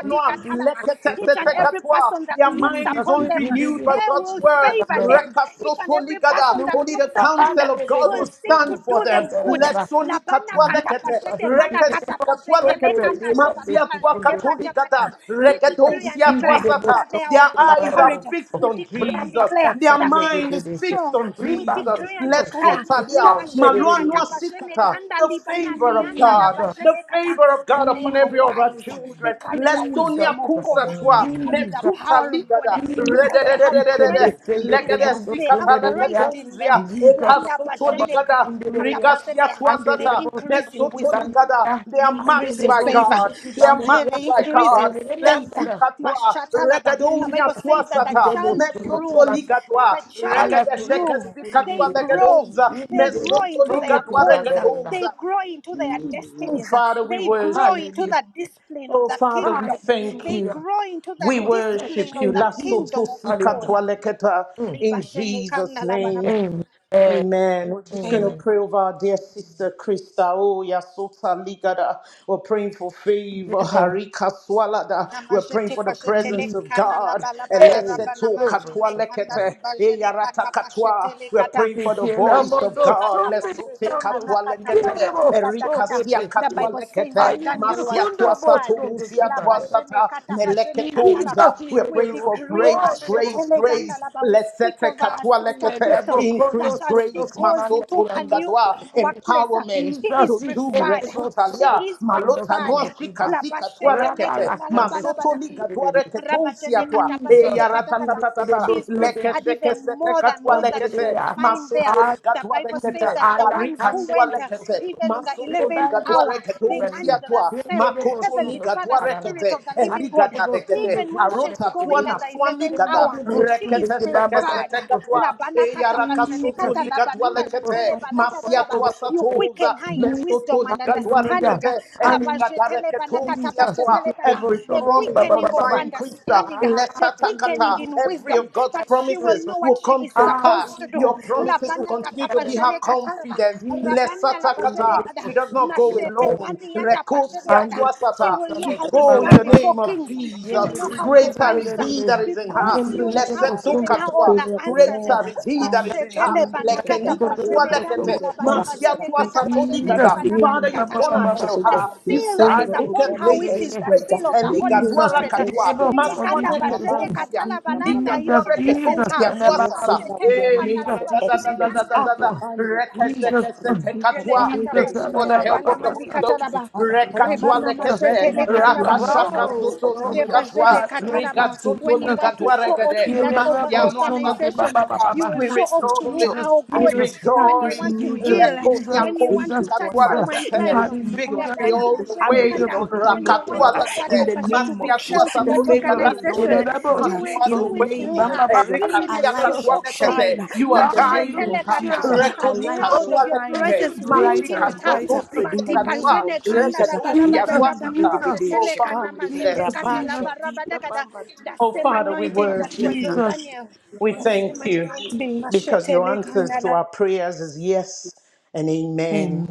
Speaker 8: Y que vivimos
Speaker 5: katalama.
Speaker 8: sobre
Speaker 5: Each and
Speaker 8: ella.
Speaker 5: every
Speaker 3: Leketesetekatoa.
Speaker 5: person that
Speaker 3: Their
Speaker 5: looks
Speaker 3: mind is
Speaker 8: Jesus,
Speaker 5: upon
Speaker 8: y
Speaker 3: only
Speaker 8: que
Speaker 5: them
Speaker 3: renewed by
Speaker 8: viviremos
Speaker 5: eh,
Speaker 3: God's
Speaker 5: will
Speaker 8: sobre
Speaker 3: word.
Speaker 5: favor
Speaker 8: climando
Speaker 5: them.
Speaker 8: dos.
Speaker 5: Each and every
Speaker 3: Rekasotoligada.
Speaker 5: person that
Speaker 8: Aleluya,
Speaker 3: Only the
Speaker 5: looks upon
Speaker 3: counsel
Speaker 5: them
Speaker 3: of God will
Speaker 5: will
Speaker 8: handelemos
Speaker 5: seek to
Speaker 3: stand
Speaker 8: sobre
Speaker 3: for
Speaker 5: do
Speaker 3: them.
Speaker 5: them
Speaker 8: climando
Speaker 5: good.
Speaker 8: dos.
Speaker 3: Lesonikatoa
Speaker 8: Jesus,
Speaker 3: lekete.
Speaker 5: Labana
Speaker 8: we give
Speaker 5: bana
Speaker 8: you the
Speaker 5: kata
Speaker 8: most
Speaker 5: pa
Speaker 3: Rekesikatoa
Speaker 5: zete le
Speaker 8: glory, we
Speaker 3: lekete.
Speaker 8: give
Speaker 5: kanda
Speaker 8: you
Speaker 5: la bana
Speaker 8: the
Speaker 5: ma
Speaker 3: Masiatoa
Speaker 8: second
Speaker 5: zete
Speaker 8: praise.
Speaker 5: pata
Speaker 3: katoligada.
Speaker 5: pata. We decree
Speaker 8: Jesus,
Speaker 5: and
Speaker 8: we give
Speaker 3: Regedosiatoa
Speaker 8: you
Speaker 5: declare
Speaker 8: the
Speaker 3: sata.
Speaker 8: most
Speaker 5: that they are
Speaker 3: Their
Speaker 5: of good
Speaker 8: glory,
Speaker 3: eyes are
Speaker 5: courage.
Speaker 3: fixed
Speaker 5: We
Speaker 3: on
Speaker 5: decree and
Speaker 8: Brahma
Speaker 3: Jesus.
Speaker 5: declare
Speaker 3: Their
Speaker 8: kasa
Speaker 5: that they
Speaker 8: yede de
Speaker 3: mind
Speaker 5: are
Speaker 8: de
Speaker 3: is
Speaker 8: de se.
Speaker 3: fixed
Speaker 5: strong.
Speaker 3: on
Speaker 5: We
Speaker 3: Jesus.
Speaker 8: Ribando
Speaker 5: decree and
Speaker 8: soko.
Speaker 5: declare
Speaker 3: Lesotalia.
Speaker 5: liba
Speaker 8: Utombe de
Speaker 5: zene
Speaker 8: de de de
Speaker 5: kata
Speaker 3: Malonua
Speaker 5: pa
Speaker 8: de.
Speaker 5: zene
Speaker 3: sikata.
Speaker 5: kanda
Speaker 3: The
Speaker 5: libana
Speaker 3: favor of
Speaker 5: lianda la
Speaker 3: God.
Speaker 5: ba
Speaker 3: the
Speaker 5: zene
Speaker 3: the
Speaker 5: kata
Speaker 3: favor of
Speaker 5: that
Speaker 3: God
Speaker 5: they
Speaker 3: upon
Speaker 8: Jesus,
Speaker 5: are
Speaker 3: every of our
Speaker 5: wise. They
Speaker 3: children.
Speaker 5: carry the
Speaker 3: Let
Speaker 8: Jesus, Jesus,
Speaker 3: Sonia
Speaker 5: wisdom of God.
Speaker 3: Kusa
Speaker 5: They
Speaker 3: Twa,
Speaker 5: carry the
Speaker 8: Jesus,
Speaker 3: Metsuta
Speaker 5: power of God
Speaker 3: Ligada,
Speaker 8: Jesus,
Speaker 5: because they have
Speaker 8: he can
Speaker 3: Redededededede,
Speaker 5: Christ
Speaker 8: descend
Speaker 5: within
Speaker 3: Legede
Speaker 5: them.
Speaker 8: mundo
Speaker 5: They have
Speaker 3: Sikata
Speaker 5: Christ
Speaker 8: sundereria,
Speaker 5: in them.
Speaker 3: Lekatunzia,
Speaker 8: libros of
Speaker 5: Landa ba
Speaker 3: Ekasuto
Speaker 5: zene
Speaker 3: Ligada,
Speaker 5: kata
Speaker 8: sundereria,
Speaker 5: pa
Speaker 3: Rigasia
Speaker 5: zete.
Speaker 8: and the
Speaker 5: They
Speaker 3: Tuasata,
Speaker 8: devil
Speaker 5: increase in
Speaker 3: Metsuto
Speaker 5: wisdom.
Speaker 3: Ligada.
Speaker 8: sundereria,
Speaker 3: They
Speaker 5: I
Speaker 3: are
Speaker 8: and the
Speaker 5: Increase
Speaker 3: marked
Speaker 5: in
Speaker 3: by
Speaker 8: devil
Speaker 5: favor.
Speaker 3: God. They are
Speaker 5: An
Speaker 8: sundereria,
Speaker 3: marked by
Speaker 5: increase in
Speaker 8: and
Speaker 3: God.
Speaker 5: faith.
Speaker 3: Let's
Speaker 8: the
Speaker 3: see
Speaker 8: devil
Speaker 3: Katwa,
Speaker 5: Mashatalaba. The
Speaker 3: Regadonia
Speaker 8: Jesus,
Speaker 5: Bible
Speaker 8: he
Speaker 5: says that
Speaker 8: can
Speaker 5: the
Speaker 8: be the
Speaker 3: Tuasata,
Speaker 8: most
Speaker 5: child
Speaker 3: Mesoto
Speaker 5: grew.
Speaker 8: sundereria,
Speaker 5: That
Speaker 3: Ligadwa,
Speaker 5: the child
Speaker 8: ala
Speaker 3: Regade
Speaker 8: kundo
Speaker 3: Shekes
Speaker 5: grew. They
Speaker 3: Sikatwa
Speaker 8: sundereria,
Speaker 5: grow.
Speaker 3: Legadoza,
Speaker 8: in the
Speaker 5: They
Speaker 8: devil
Speaker 5: grow
Speaker 3: Mesoto
Speaker 5: into their
Speaker 3: Ligadwa
Speaker 5: calls.
Speaker 8: sundereria,
Speaker 5: They
Speaker 3: Regadoza,
Speaker 5: grow into their destinies. They grow into
Speaker 8: hallelujah,
Speaker 5: the discipline of
Speaker 3: Oh,
Speaker 5: the
Speaker 3: Father, we
Speaker 5: kingdom.
Speaker 3: thank
Speaker 5: They
Speaker 3: you.
Speaker 8: hallelujah,
Speaker 5: grow into the
Speaker 3: We
Speaker 5: discipline
Speaker 3: worship
Speaker 5: of
Speaker 3: you.
Speaker 5: the
Speaker 8: protection, Jesus,
Speaker 3: Lasoto
Speaker 5: kingdom of God.
Speaker 8: hallelujah,
Speaker 3: sikatwa leketa.
Speaker 8: Mm.
Speaker 3: In Jesus' name.
Speaker 8: amen,
Speaker 3: Amen. We're just going to
Speaker 5: Amen.
Speaker 8: amen.
Speaker 3: pray over our dear sister Krista. Oh, Yasota Ligada. We're praying for favor.
Speaker 8: Yes.
Speaker 3: Harika Swalada. We're praying
Speaker 5: Namazete
Speaker 3: for the
Speaker 5: pashetele
Speaker 3: presence
Speaker 8: He-
Speaker 3: of
Speaker 5: kana la
Speaker 3: God.
Speaker 5: balabada
Speaker 8: Hey,
Speaker 5: raba
Speaker 3: Eleseto
Speaker 8: glory
Speaker 3: Katwa
Speaker 5: namazene
Speaker 8: to
Speaker 5: ganda
Speaker 8: God.
Speaker 5: li
Speaker 3: Lekete.
Speaker 5: bajene
Speaker 3: Eyarata
Speaker 5: kata
Speaker 3: Katwa.
Speaker 5: pashetele
Speaker 3: We're
Speaker 5: kata
Speaker 3: praying for
Speaker 8: Take
Speaker 3: the
Speaker 8: care of
Speaker 3: voice of
Speaker 5: mashele
Speaker 8: those
Speaker 3: God.
Speaker 5: kata
Speaker 8: somebody
Speaker 3: Lesote
Speaker 5: pajete
Speaker 8: down those.
Speaker 5: pana
Speaker 3: Katwa
Speaker 5: kata
Speaker 8: Get out
Speaker 3: Lekete.
Speaker 5: pajete
Speaker 8: of those
Speaker 5: pata
Speaker 3: Erika
Speaker 5: kata.
Speaker 3: Sia
Speaker 8: somebody.
Speaker 5: The
Speaker 3: Katwa
Speaker 5: Bible says
Speaker 8: I
Speaker 3: Lekete.
Speaker 5: that
Speaker 8: am the
Speaker 5: Daniel
Speaker 3: Masia
Speaker 5: was
Speaker 8: Honda boss
Speaker 5: preferred.
Speaker 3: Twasato
Speaker 8: of the
Speaker 3: Usia
Speaker 5: La
Speaker 8: Kibana.
Speaker 5: bajene
Speaker 3: Twasata.
Speaker 5: kata
Speaker 8: Jesus
Speaker 5: pajene kata laba.
Speaker 3: Meleketouza.
Speaker 8: in
Speaker 3: We're
Speaker 8: the
Speaker 5: We
Speaker 3: praying
Speaker 8: little
Speaker 3: for
Speaker 5: decree
Speaker 8: soul
Speaker 3: grace,
Speaker 8: in the
Speaker 3: grace,
Speaker 8: boss.
Speaker 5: mashetele ganda
Speaker 3: grace.
Speaker 5: laba. We speak
Speaker 3: Lesete
Speaker 5: over
Speaker 8: I
Speaker 5: our
Speaker 3: katwa lekete
Speaker 8: am
Speaker 5: sister
Speaker 8: the
Speaker 5: Crystal that
Speaker 3: increase
Speaker 8: Bokondo son
Speaker 5: as she
Speaker 8: of
Speaker 3: grace,
Speaker 5: goes
Speaker 8: Kimanda
Speaker 5: into
Speaker 3: masoto
Speaker 5: her
Speaker 8: Yandos.
Speaker 5: new
Speaker 3: ligadwa,
Speaker 5: workplace, uh,
Speaker 3: empowerment
Speaker 5: she is
Speaker 8: Jesus
Speaker 3: to do
Speaker 8: in the
Speaker 5: preferred.
Speaker 8: boss of
Speaker 5: She
Speaker 8: the
Speaker 3: refutalia,
Speaker 5: is
Speaker 8: Kibanda
Speaker 3: malota
Speaker 8: son
Speaker 3: noa
Speaker 8: of
Speaker 5: preferred.
Speaker 3: shika
Speaker 8: Kiba.
Speaker 3: sika tua
Speaker 5: Labashete
Speaker 8: Rabba
Speaker 3: rekete,
Speaker 8: la
Speaker 5: leganda
Speaker 8: candes.
Speaker 3: masoto
Speaker 5: labalabada.
Speaker 3: ligadwa reketo
Speaker 5: Rabajene
Speaker 3: siatwa, e
Speaker 5: katapajete
Speaker 8: Jesus.
Speaker 5: patakata.
Speaker 3: yaratatatata,
Speaker 5: She is
Speaker 3: leke
Speaker 5: preferred
Speaker 3: sheke
Speaker 5: even
Speaker 3: seke
Speaker 5: more than
Speaker 3: katwa
Speaker 5: those that you
Speaker 3: lekete,
Speaker 5: will
Speaker 8: Hallelujah.
Speaker 5: find there.
Speaker 3: masoto
Speaker 5: The
Speaker 3: ligadwa
Speaker 5: Bible says
Speaker 8: Allah,
Speaker 3: rekete,
Speaker 5: that the ones
Speaker 3: arika
Speaker 5: who
Speaker 8: Alakande
Speaker 3: sua
Speaker 5: went
Speaker 8: de
Speaker 5: uh,
Speaker 3: lekete,
Speaker 8: bosso.
Speaker 5: even on the
Speaker 3: masoto
Speaker 5: 11th
Speaker 8: Rebande su
Speaker 3: ligadwa
Speaker 5: hour, they
Speaker 3: reketo
Speaker 5: earned
Speaker 8: rebande.
Speaker 5: the
Speaker 3: siatwa,
Speaker 8: Rende
Speaker 5: same.
Speaker 8: de
Speaker 3: makoto
Speaker 8: bosso
Speaker 5: Heavenly
Speaker 8: no
Speaker 5: Father,
Speaker 3: ligadwa
Speaker 8: kalala.
Speaker 5: Spirit
Speaker 3: rekete,
Speaker 5: of the Living God,
Speaker 8: Ande
Speaker 3: eligada
Speaker 8: bosso
Speaker 3: rekete,
Speaker 8: no
Speaker 5: even when she's
Speaker 8: kibande
Speaker 3: arota
Speaker 8: de
Speaker 3: tua
Speaker 5: going
Speaker 3: na
Speaker 5: at
Speaker 8: de.
Speaker 5: the
Speaker 3: swani
Speaker 5: 11th
Speaker 8: Rende
Speaker 3: gada,
Speaker 8: de
Speaker 5: hour,
Speaker 8: bosso
Speaker 5: she
Speaker 8: no
Speaker 5: is
Speaker 3: rekete
Speaker 8: kibaba baba
Speaker 5: preferred.
Speaker 3: lekesete
Speaker 8: bosso.
Speaker 3: katwa e
Speaker 5: Labana katapa
Speaker 8: Jesus.
Speaker 3: yarakasutu
Speaker 5: jenekata
Speaker 8: Rende
Speaker 3: ligadwa
Speaker 5: labanima
Speaker 8: de bosso
Speaker 5: jetele
Speaker 3: lekete
Speaker 8: no baba
Speaker 5: balaga
Speaker 3: masia
Speaker 8: baba
Speaker 5: dalaba.
Speaker 3: tua
Speaker 8: bosso.
Speaker 5: You
Speaker 3: satuza
Speaker 5: quicken her in
Speaker 8: Jesus.
Speaker 5: wisdom
Speaker 3: mesoto
Speaker 5: and
Speaker 3: ligadwa
Speaker 5: understanding.
Speaker 8: Hallelujah.
Speaker 3: rekete e
Speaker 5: Laba
Speaker 8: Hallelujah.
Speaker 3: ligada
Speaker 5: jetele
Speaker 3: reketu
Speaker 5: banakata
Speaker 8: Jesus.
Speaker 5: pa
Speaker 3: sia tua
Speaker 5: jetele
Speaker 8: Rende de
Speaker 5: kada.
Speaker 3: every
Speaker 8: bosso
Speaker 5: A
Speaker 8: no
Speaker 3: promise
Speaker 8: baba
Speaker 5: quickening
Speaker 8: baba.
Speaker 5: of
Speaker 8: baba,
Speaker 3: concerning
Speaker 8: Jesus, Jesus, Jesus,
Speaker 3: Krista
Speaker 5: understanding, a quickening
Speaker 3: lesatakata
Speaker 5: in
Speaker 3: every
Speaker 5: wisdom
Speaker 3: of God's
Speaker 5: that she will
Speaker 3: promises
Speaker 5: know what
Speaker 3: will
Speaker 5: she
Speaker 3: come
Speaker 5: is
Speaker 3: to pass
Speaker 5: supposed to do.
Speaker 3: your promises will
Speaker 5: Labana
Speaker 3: continue to
Speaker 5: katapa
Speaker 3: be her
Speaker 5: jenekata laba.
Speaker 3: confidence
Speaker 5: Rabana laba
Speaker 3: lesatakata she
Speaker 5: jenekada.
Speaker 3: does not go
Speaker 5: Nashete
Speaker 3: alone
Speaker 5: paniata pa
Speaker 3: rekosia
Speaker 5: jenekada.
Speaker 3: tua
Speaker 5: She
Speaker 3: sata
Speaker 5: will know
Speaker 3: she
Speaker 5: how to
Speaker 3: go in
Speaker 5: stand
Speaker 3: the
Speaker 5: before
Speaker 3: name of
Speaker 5: kings. She
Speaker 3: Jesus
Speaker 5: will
Speaker 8: Jesus,
Speaker 9: The
Speaker 5: know how to
Speaker 3: greater is
Speaker 5: answer
Speaker 3: he that is in her
Speaker 5: because you'll have
Speaker 3: Lesetu
Speaker 8: Jesus,
Speaker 9: power,
Speaker 5: given her
Speaker 9: the
Speaker 5: all the
Speaker 3: katua.
Speaker 9: favor of the
Speaker 5: answers.
Speaker 9: Lord
Speaker 3: Greater is he that
Speaker 9: and
Speaker 3: is
Speaker 9: the
Speaker 3: in her.
Speaker 5: Mashetele
Speaker 9: challenge the
Speaker 5: banakata
Speaker 3: Lekeni
Speaker 9: Rabba
Speaker 8: Jesus,
Speaker 3: katua
Speaker 9: Beta
Speaker 5: pajene ganda
Speaker 3: lekete.
Speaker 9: is
Speaker 5: la
Speaker 9: upon
Speaker 5: baliba
Speaker 3: Masia
Speaker 9: Sister
Speaker 5: jene
Speaker 3: tua
Speaker 5: kata
Speaker 9: Krista.
Speaker 3: satoni
Speaker 9: In
Speaker 5: pajetele
Speaker 3: gada.
Speaker 9: the
Speaker 5: banama
Speaker 3: Father,
Speaker 9: name of
Speaker 3: you've gone
Speaker 5: nikatalaba.
Speaker 3: ahead
Speaker 9: Jesus,
Speaker 3: of
Speaker 9: oh
Speaker 5: The
Speaker 9: God,
Speaker 3: her. You
Speaker 9: your
Speaker 5: seal
Speaker 3: set
Speaker 5: that
Speaker 3: the
Speaker 5: is
Speaker 9: favor, oh
Speaker 5: upon
Speaker 3: crooked
Speaker 9: God,
Speaker 5: her,
Speaker 9: for
Speaker 5: which
Speaker 3: places
Speaker 5: is the
Speaker 3: straight.
Speaker 9: exploiter,
Speaker 5: seal of the
Speaker 9: your
Speaker 5: Holy
Speaker 9: grace
Speaker 3: Eligadua
Speaker 9: for
Speaker 5: Spirit.
Speaker 3: katua.
Speaker 9: exploiter.
Speaker 5: Hele kanda
Speaker 3: Maswane
Speaker 5: bajene
Speaker 9: Akabamba,
Speaker 3: ketosia.
Speaker 5: katala
Speaker 9: Rika,
Speaker 5: balanda
Speaker 3: Ligadua
Speaker 5: introduces
Speaker 8: Jesus,
Speaker 5: her.
Speaker 3: reketosia
Speaker 9: the
Speaker 3: tua
Speaker 9: word
Speaker 8: Jesus,
Speaker 3: sata.
Speaker 9: says that we
Speaker 5: Mashetele
Speaker 9: are
Speaker 3: Eh,
Speaker 5: kana
Speaker 9: made
Speaker 8: Jesus,
Speaker 3: ara
Speaker 9: for
Speaker 5: liba
Speaker 3: da da da
Speaker 5: jene
Speaker 3: da da
Speaker 9: exploits.
Speaker 5: kana
Speaker 3: da da
Speaker 5: liba.
Speaker 3: da.
Speaker 8: ikididididoso.
Speaker 9: Akabande,
Speaker 5: laba.
Speaker 3: Rekese
Speaker 9: Grisha,
Speaker 8: Jesus, uh,
Speaker 3: kese te
Speaker 9: Rikita,
Speaker 5: Yele
Speaker 3: katua.
Speaker 9: Brade,
Speaker 5: kata
Speaker 9: de- de-
Speaker 8: Jesus,
Speaker 3: Thank you
Speaker 9: de- de-
Speaker 3: for
Speaker 9: de-
Speaker 5: pashete
Speaker 3: the
Speaker 9: de- de-
Speaker 5: le
Speaker 9: de-
Speaker 3: help
Speaker 9: de-
Speaker 5: bana
Speaker 3: of the
Speaker 5: mani
Speaker 9: de- de-
Speaker 3: Holy
Speaker 8: alalabababasa.
Speaker 9: de-
Speaker 5: kata
Speaker 3: Ghost.
Speaker 9: The
Speaker 5: laba.
Speaker 9: Father, the hand of
Speaker 3: Rekatwa
Speaker 9: the
Speaker 5: Rebana
Speaker 9: Lord
Speaker 8: Jesus,
Speaker 9: is
Speaker 3: lekete.
Speaker 5: mazete
Speaker 9: upon
Speaker 5: le
Speaker 9: her.
Speaker 5: kana
Speaker 9: The hand
Speaker 8: ikidididibaba.
Speaker 9: of
Speaker 5: bazede
Speaker 9: the
Speaker 3: Rakasaka
Speaker 5: gada.
Speaker 9: Lord is
Speaker 8: oh,
Speaker 3: soto
Speaker 9: upon
Speaker 8: glory
Speaker 9: her
Speaker 8: to
Speaker 9: to
Speaker 3: sikatwa
Speaker 5: Rebazene
Speaker 8: God,
Speaker 5: kata
Speaker 8: thank
Speaker 9: help her,
Speaker 8: you,
Speaker 5: laba.
Speaker 9: to
Speaker 3: soto
Speaker 5: When you
Speaker 9: help
Speaker 8: Jesus.
Speaker 9: her,
Speaker 5: want to
Speaker 9: oh
Speaker 5: show
Speaker 9: God.
Speaker 5: off
Speaker 3: ligadwaregede.
Speaker 5: in
Speaker 9: Lord,
Speaker 5: that
Speaker 9: you
Speaker 5: over
Speaker 3: Masia
Speaker 9: hear
Speaker 3: noasa
Speaker 9: job,
Speaker 5: organization,
Speaker 9: as
Speaker 3: tuusia.
Speaker 9: we
Speaker 5: you will
Speaker 8: Yedelebabosunukibababababa.
Speaker 3: We
Speaker 5: show
Speaker 9: start
Speaker 5: off
Speaker 9: this
Speaker 5: through
Speaker 9: job,
Speaker 8: Jesus,
Speaker 3: rejoice.
Speaker 5: how
Speaker 3: We
Speaker 9: as
Speaker 5: good.
Speaker 9: we
Speaker 8: Jesus,
Speaker 9: start
Speaker 5: When you
Speaker 9: this
Speaker 3: rejoice.
Speaker 5: want to
Speaker 9: new
Speaker 8: Jesus,
Speaker 9: journey,
Speaker 5: heal,
Speaker 9: this
Speaker 3: Lekonia
Speaker 8: Jesus,
Speaker 9: new
Speaker 5: when you
Speaker 9: phase,
Speaker 5: want to
Speaker 8: Jesus,
Speaker 9: oh
Speaker 3: kosika
Speaker 9: God,
Speaker 5: touch
Speaker 9: Father,
Speaker 8: Jesus.
Speaker 5: someone's
Speaker 9: you
Speaker 5: life,
Speaker 9: will be your
Speaker 8: Hallelujah.
Speaker 3: Victory
Speaker 5: Rabana
Speaker 9: hand,
Speaker 3: all
Speaker 9: the
Speaker 3: the
Speaker 9: hand
Speaker 5: mazete
Speaker 9: of
Speaker 3: way.
Speaker 9: the
Speaker 8: Hallelujah.
Speaker 5: kata.
Speaker 9: Lord will be
Speaker 5: When you
Speaker 9: upon
Speaker 5: want
Speaker 3: Rakatua
Speaker 9: her. In
Speaker 5: makata
Speaker 3: legede.
Speaker 9: the
Speaker 5: pashete to
Speaker 9: name
Speaker 5: be
Speaker 9: of
Speaker 3: Masia
Speaker 9: Jesus,
Speaker 5: felt in
Speaker 3: tuasato
Speaker 9: the
Speaker 5: that
Speaker 9: favor of
Speaker 8: Jesus.
Speaker 9: the Lord is
Speaker 3: tuligadwaregede.
Speaker 5: organization,
Speaker 9: upon
Speaker 5: you
Speaker 3: Because
Speaker 9: her.
Speaker 3: you
Speaker 5: will
Speaker 3: are
Speaker 9: In
Speaker 3: the
Speaker 9: the
Speaker 5: do it through
Speaker 9: name
Speaker 3: way.
Speaker 9: of
Speaker 5: her,
Speaker 8: yedelebosundukebababa.
Speaker 9: Jesus,
Speaker 3: Erika
Speaker 5: even
Speaker 9: our
Speaker 5: as she
Speaker 9: light
Speaker 3: siaka
Speaker 9: shall
Speaker 5: walks in.
Speaker 3: twarekete.
Speaker 9: shine.
Speaker 3: You
Speaker 9: In
Speaker 3: are
Speaker 9: the name
Speaker 3: guiding
Speaker 5: Mashetele
Speaker 9: of
Speaker 3: her.
Speaker 9: Jesus,
Speaker 5: kata.
Speaker 8: Hallelujah.
Speaker 5: A
Speaker 9: our light
Speaker 3: Rekonika
Speaker 5: cloud
Speaker 9: shall
Speaker 5: of your
Speaker 9: shine
Speaker 8: Thank
Speaker 3: suarekete.
Speaker 8: you,
Speaker 5: presence will walk in
Speaker 9: brighter
Speaker 3: Machika
Speaker 5: with
Speaker 9: and
Speaker 8: Jesus,
Speaker 5: her.
Speaker 3: soto
Speaker 9: brighter.
Speaker 8: Jesus,
Speaker 9: In the
Speaker 3: sekeka
Speaker 9: name
Speaker 3: twa.
Speaker 9: of
Speaker 5: Matipazene kanda
Speaker 9: Jesus,
Speaker 5: la balaba
Speaker 3: Rekedusia
Speaker 5: da
Speaker 8: Jesus,
Speaker 5: raba
Speaker 9: Rikindi
Speaker 5: nama
Speaker 9: Bidi
Speaker 3: duasata.
Speaker 8: Jesus,
Speaker 9: Bidi
Speaker 3: Oh, Father,
Speaker 5: kana
Speaker 3: we
Speaker 9: Shikandi
Speaker 3: bless
Speaker 5: mazete
Speaker 8: Jesus,
Speaker 5: kata
Speaker 3: you.
Speaker 5: la
Speaker 8: Jesus,
Speaker 9: Rabasha
Speaker 5: baraba da
Speaker 9: Dita
Speaker 8: Jesus,
Speaker 5: gada.
Speaker 9: Bamba Dita
Speaker 5: The
Speaker 3: Oh,
Speaker 5: same
Speaker 9: da
Speaker 3: Father,
Speaker 9: da da
Speaker 3: we
Speaker 9: da da
Speaker 5: anointing
Speaker 9: da
Speaker 5: that
Speaker 3: worship
Speaker 5: was on
Speaker 9: da.
Speaker 3: you.
Speaker 8: Jesus.
Speaker 5: Daniel.
Speaker 3: We
Speaker 5: The
Speaker 3: thank
Speaker 5: same
Speaker 9: Rabadurishaki
Speaker 3: you
Speaker 5: anointing.
Speaker 3: because
Speaker 5: Mashete
Speaker 3: your answers
Speaker 5: le
Speaker 3: to our prayers is yes and
Speaker 8: Amen.
Speaker 3: amen.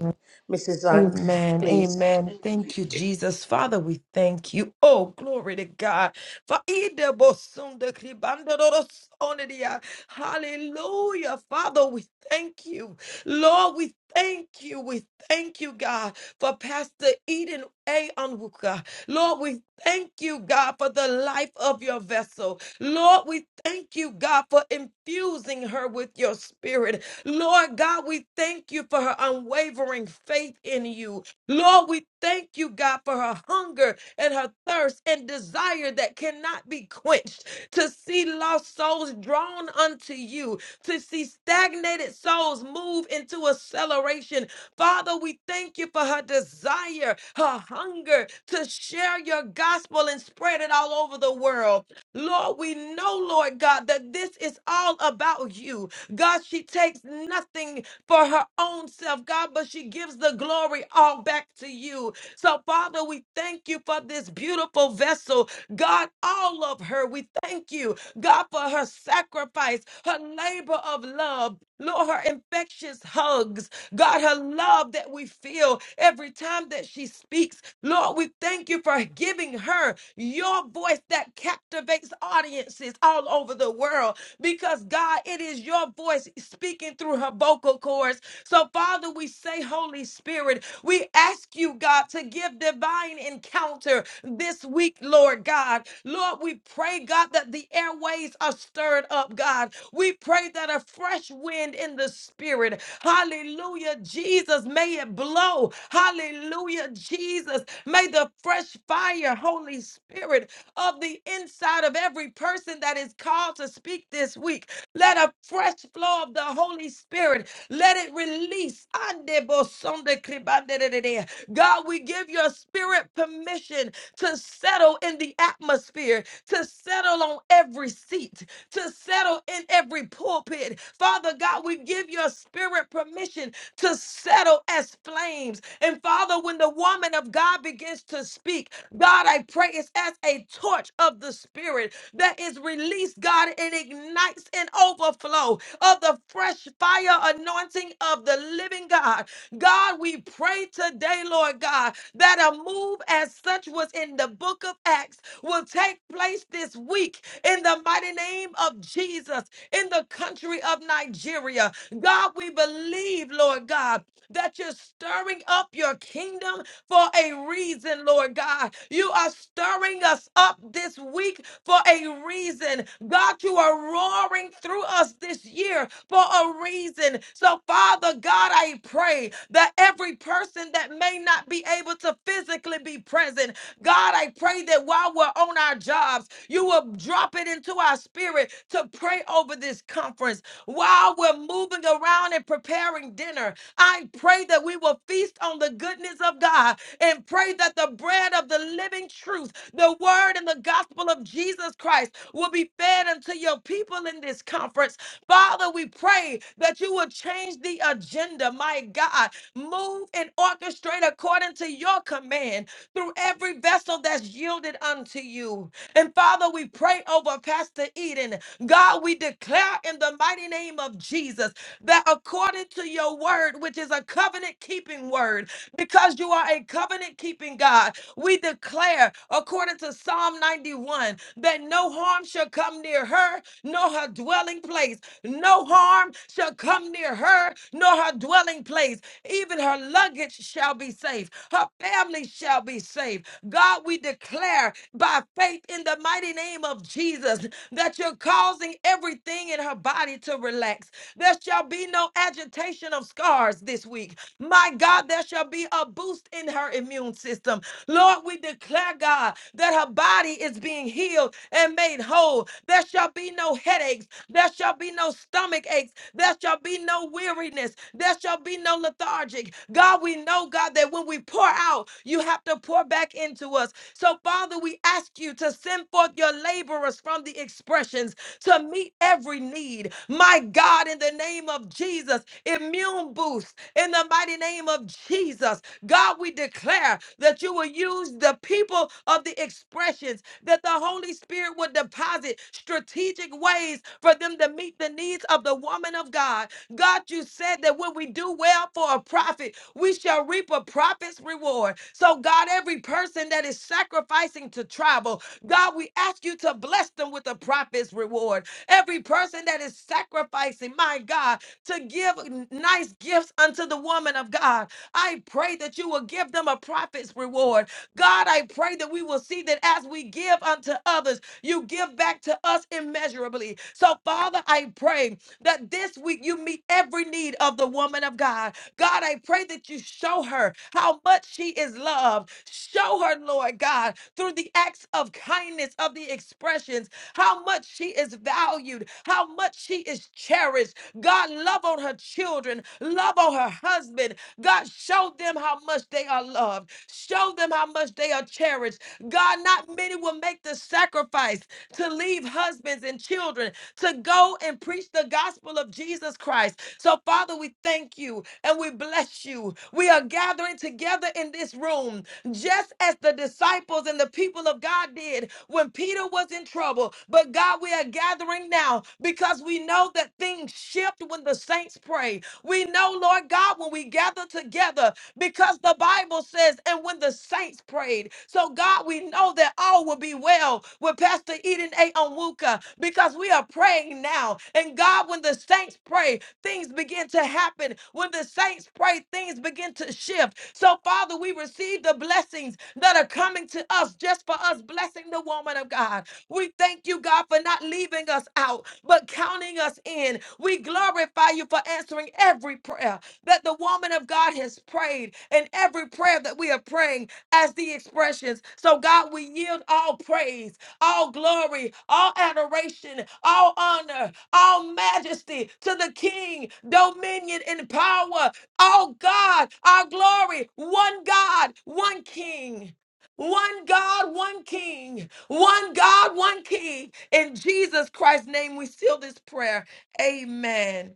Speaker 3: Mrs. Aunt,
Speaker 8: Amen.
Speaker 3: please.
Speaker 8: Amen. Thank you, Jesus. Father, we thank you. Oh, glory to God. For Ida Bosunda Kribandoros Onedia. Hallelujah. Father, we thank you. Lord, we thank you. We thank you, God, for Pastor Eden A. Onwuka. Lord, we thank you, God, for the life of your vessel. Lord, we thank you, God, for infusing her with your spirit. Lord God, we thank you for her unwavering faith in you. Lord, we thank you, God, for her hunger and her thirst and desire that cannot be quenched to see lost souls drawn unto you, to see stagnated souls move into acceleration. Father, we thank you for her desire, her hunger to share your gospel and spread it all over the world. Lord, we know, Lord God, that this is all about you. God, she takes nothing for her own self, God, but she gives the glory all back to you. So, Father, we thank you for this beautiful vessel, God, all of her. We thank you, God, for her sacrifice, her labor of love, Lord, her infectious hugs, God, her love that we feel every time that she speaks. Lord, we thank you for giving her your voice that captivates audiences all over the world because God, it is your voice speaking through her vocal cords. So, Father, we say, Holy Spirit, we ask you, God, to give divine encounter this week, Lord God. Lord, we pray, God, that the airways are stirred up, God. We pray that a fresh wind in the spirit, hallelujah, Jesus, may it blow, hallelujah, Jesus, may the fresh fire, Holy Spirit, of the inside of every person that is called to speak this week. Let a fresh flow of the Holy Spirit let it release. Ande bo sonde kribande de de de. God, we give your spirit permission to settle in the atmosphere, to settle on every seat, to settle in every pulpit. Father God, we give your spirit permission to settle as flames. And Father, when the woman of God begins to speak, God, I pray it's as a torch of the spirit that is released, God, and ignites an overflow of the fresh fire anointing anointing of the living God. God, we pray today, Lord God, that a move as such was in the book of Acts will take place this week in the mighty name of Jesus in the country of Nigeria. God, we believe, Lord God, that you're stirring up your kingdom for a reason, Lord God. You are stirring us up this week for a reason. God, you are roaring through us this year for a reason. So, Father God, I pray that every person that may not be able to physically be present, God, I pray that while we're on our jobs, you will drop it into our spirit to pray over this conference. While we're moving around and preparing dinner, I pray that we will feast on the goodness of God and pray that the bread of the living truth, the word and the gospel of Jesus Christ will be fed unto your people in this conference. Father, we pray that you will change the agenda, my God. Move and orchestrate according to your command through every vessel that's yielded unto you. And Father, we pray over Pastor Eden. God, we declare in the mighty name of Jesus that according to your word, which is a covenant keeping word, because you are a covenant keeping God, we declare, according to Psalm 91, that no harm shall come near her, nor her dwelling place. No harm shall come near her, nor her dwelling place. Even her luggage shall be safe. Her family shall be safe. God, we declare by faith in the mighty name of Jesus that you're causing everything in her body to relax. There shall be no agitation of scars this week. My God, there shall be a boost in her immune system. Lord, we declare, God, that her body is being healed and made whole. There shall be no headaches. There shall be no stomach aches. There shall be no weariness. There shall be no lethargic. God, we know, God, that when we pour out, you have to pour back into us. So, Father, we ask you to send forth your laborers from the expressions to meet every need. My God, in the name of Jesus, immune boost in the mighty name of Jesus. God, we declare that you will use the people of the expressions, that the Holy Spirit would deposit strategic ways for them to meet the needs of the woman of God. God, you said that when we do well for a prophet, we shall reap a prophet's reward. So, God, every person that is sacrificing to travel, God, we ask you to bless them with the prophet's reward. Every person that is sacrificing, my God, to give nice gifts unto the woman of God, I pray that you will give them a prophet's reward. God, I pray that we will see that as we give unto others, you give back to us immeasurably. So, Father, I pray that this week you meet every need of the woman of God. God, I pray that you show her how much she is loved. Show her, Lord God, through the acts of kindness, of the expressions, how much she is valued, how much she is cherished. God, love on her children, love on her husband. God, show them how much they are loved, show them how much they are cherished. God, not many will make the sacrifice to leave husbands and children to go and preach the gospel of Jesus Christ. So, Father, we thank you and we bless you. We are gathering together in this room, just as the disciples and the people of God did when Peter was in trouble. But, God, we are gathering now because we know that things shift when the saints pray. We know, Lord God, when we gather together, because the Bible says, and when the saints prayed. So, God, we know that all will be well with Pastor Eden A. Onwuka because we are praying now. And God, when the saints pray, Things begin to happen. When the saints pray, things begin to shift. So, Father, we receive the blessings that are coming to us just for us blessing the woman of God. We thank you, God, for not leaving us out, but counting us in. We glorify you for answering every prayer that the woman of God has prayed and every prayer that we are praying as the expressions. So, God, we yield all praise all glory, all adoration, all honor all majesty to the King, dominion and power, all God, our glory, one God, one King. One God, one King. One God, one King. In Jesus Christ's name, we seal this prayer. Amen.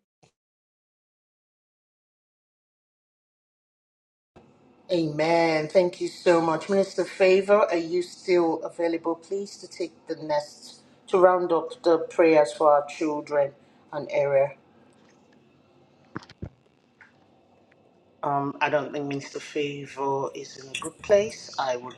Speaker 3: Amen. Thank you so much. Minister Favor, are you still available, please, to take the next, to round up the prayers for our children and area? Um, I don't think Minister Favor is in a good place. I would.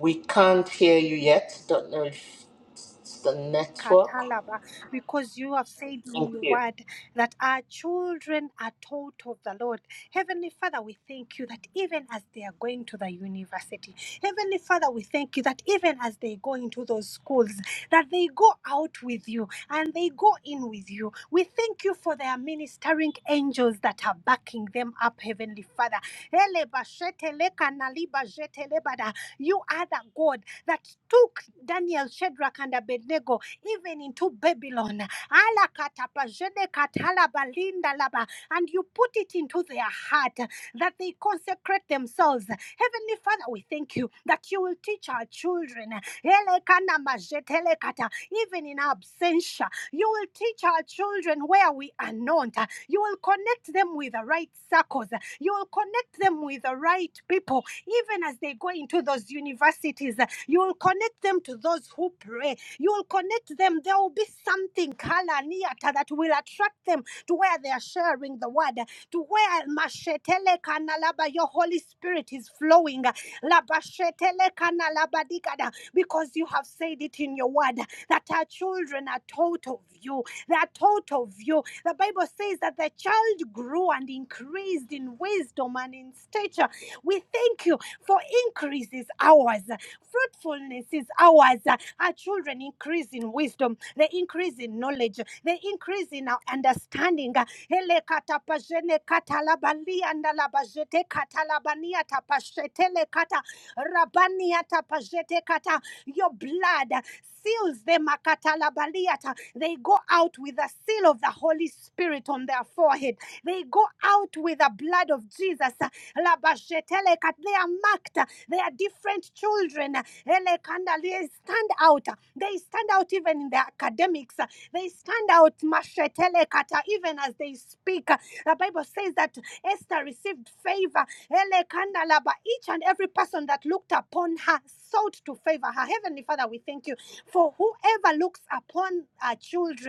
Speaker 3: We can't hear you yet. Don't know if it's the network.
Speaker 5: Katalaba, because you have said in
Speaker 3: Thank
Speaker 5: your
Speaker 3: you.
Speaker 5: word that our children are taught of the Lord. Heavenly Father, we thank you that even as they are going to the university, Heavenly Father, we thank you that even as they go into those schools, that they go out with you and they go in with you. We thank you for their ministering angels that are backing them up, Heavenly Father. Ele bashete leka na liba lebada. You are the God that took Daniel, Shadrach, and Abednego even into Babylon. Alakatapa, jenekatalaba, lindalaba. And you put it into their heart that they consecrate themselves. Heavenly Father, we thank you that you will teach our children. Elekana majetelekata, Even in absentia, you will teach our children where we are not. You will connect them with the right circles. You will connect them with the right people even as they go into those universities, uh, you will connect them to those who pray. You will connect them. There will be something, Kalaniata, that will attract them to where they are sharing the word to where mashetele kanalaba your Holy Spirit is flowing. Labashetele kanalabadigada, Because you have said it in your word that our children are taught of you. They are taught of you. The Bible says that the child grew and increased in wisdom and in stature. We thank you for increase is ours, fruitfulness is ours. Our children increase in wisdom, they increase in knowledge, they increase in our understanding. Ele katapajene katalabali andalabajete katalabania tapashete le kata rabania tapajete kata. Your blood seals them akatalabaliata. They go out with the seal of the Holy Spirit on their forehead. They go out with the blood of Jesus. Labajete le kat- They are marked. They are different children. Ele kanda- They stand out. They stand out even in their academics. They stand out, mashetelekata, even as they speak. The Bible says that Esther received favor. Elekandalaba. Each and every person that looked upon her sought to favor her. Heavenly Father, we thank you for whoever looks upon our children.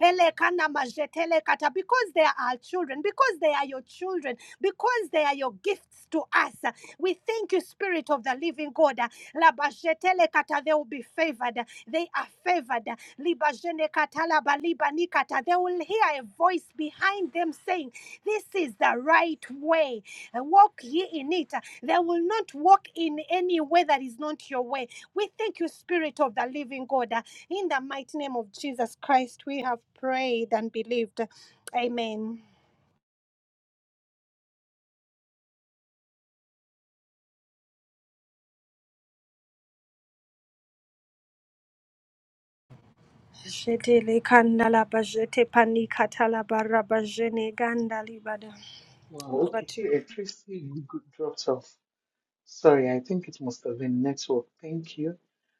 Speaker 5: Ele kana majetele kata, Because they are our children, because they are your children, because they are your gifts to us. uh, We thank you, Spirit of the Living God. uh, Labajetele kata, They will be favored. uh, They are favored. uh, Libajene kata, labaliba kata They will hear a voice behind them saying, This is the right way. uh, Walk ye in it. uh, They will not walk in any way that is not your way we thank you, Spirit of the Living God. Uh, In the mighty name of Jesus Christ, we have prayed and believed. Amen. Jetele kandala bajete panika talabara gandali bada. Over
Speaker 7: okay,
Speaker 5: to you.
Speaker 7: three, eh, Tracy g- g- dropped off. Sorry, I think it must have been network. Thank you.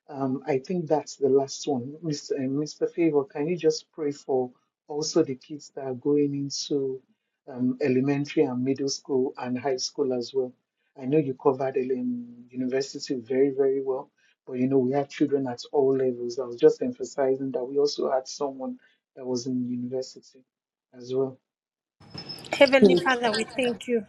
Speaker 7: Um, I think that's the last one. Mr. uh, Mr. Favor, can you just pray for also the kids that are going into um, elementary and middle school and high school as well? I know you covered um, university very, very well, but you know, we have children at all levels. I was just emphasizing that we also had someone that was in university as well.
Speaker 5: Heavenly Father, we thank you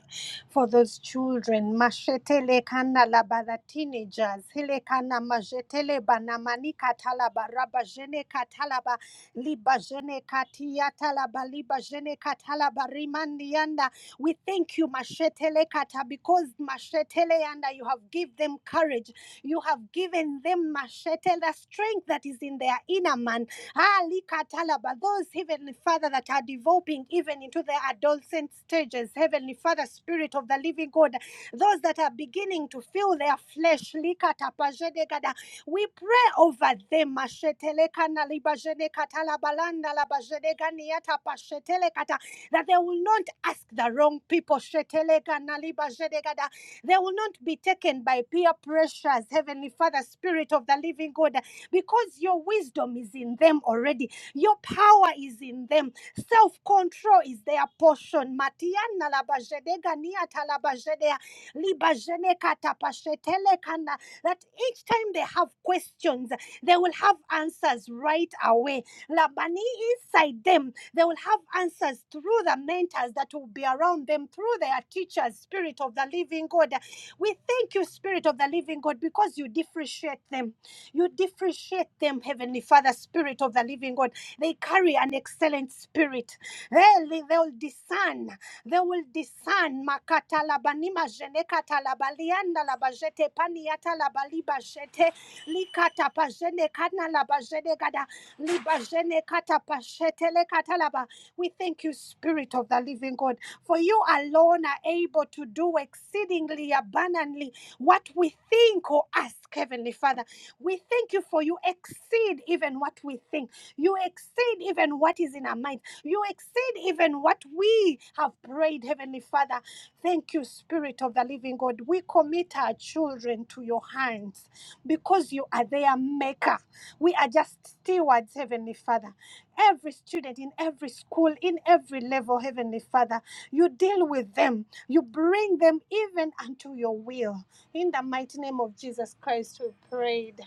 Speaker 5: for those children. Mashetele kana labada teenagers. Hele kana majetele banamani katalaba raba jene katalaba liba jene katia talaba liba jene katalaba rimandi yanda. We thank you, mashetele kata, because mashetele yanda, you have given them courage. You have given them mashetele the strength that is in their inner man Ah, likatalaba, Those, Heavenly Father, that are developing even into their adolescent stages, Heavenly Father, Spirit of the Living God, those that are beginning to feel their flesh, likatapajedegada, we pray over them. mashetelekanalibajenekatalabalandalabajedeganiatapashetelekata, That they will not ask the wrong people. shetelekanalibajedegada. They will not be taken by peer pressures, Heavenly Father, Spirit of the Living God because your wisdom is in them already. Your power is in them. Self control is their portion. Matiana labajedegania talabajedea libajene katapashetelekana. That each time they have questions, they will have answers right away. Labani inside them, they will have answers through the mentors that will be around them, through their teachers, Spirit of the Living God. We thank you, Spirit of the Living God, because you differentiate them you differentiate them, Heavenly Father, Spirit of the Living God. They carry an excellent spirit. Really, They will discern. They will discern. Makata labanima jenekata labalianda labajete paniata labaliba jete likata pajene kana labajene gada libajene kata pashete lekata laba. We thank you, Spirit of the Living God, for you alone are able to do exceedingly abundantly what we think or ask ask, Heavenly Father. We thank you for you exceed even what we think. You exceed even what is in our mind. You exceed even what we have prayed, Heavenly Father. Thank you, Spirit of the Living God. We commit our children to your hands because you are their maker. We are just stewards, Heavenly Father. Every student in every school, in every level, Heavenly Father, you deal with them. You bring them even unto your will. In the mighty name of Jesus Christ, we prayed.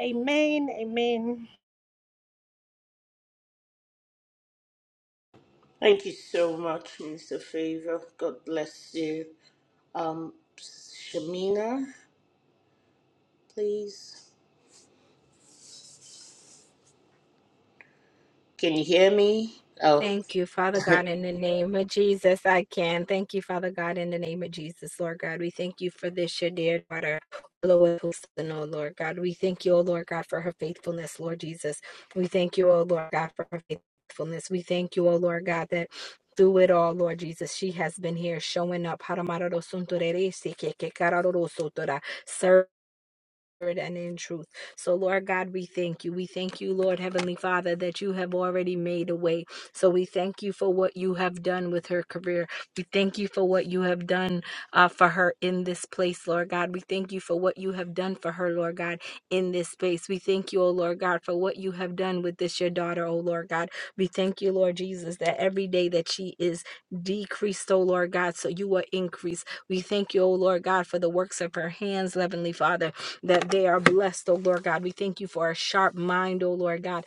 Speaker 5: Amen. Amen.
Speaker 3: to Shamina, please. Oh,
Speaker 1: Thank you, Father God, in the name of Jesus. I can. Thank you, Father God, in the name of Jesus, Lord God. We thank you for this, your dear daughter, Lois Houston, oh Lord God. We thank you, oh Lord God, for her faithfulness, Lord Jesus. We thank you, oh Lord God, for her faithfulness. We thank you, oh Lord God, that through it all, Lord Jesus, she has been here showing up. Haramaroro sunturere, seke ke kararoro sotora and in truth. So, Lord God, we thank you. We thank you, Lord Heavenly Father, that you have already made a way. So, we thank you for what you have done with her career. We thank you for what you have done uh, for her in this place, Lord God. We thank you for what you have done for her, Lord God, in this space. We thank you, O Lord God, for what you have done with this, your daughter, O Lord God. We thank you, Lord Jesus, that every day that she is decreased, O Lord God, so you will increase. We thank you, O Lord God, for the works of her hands, Heavenly Father that they are blessed, oh Lord God. We thank you for a sharp mind, oh Lord God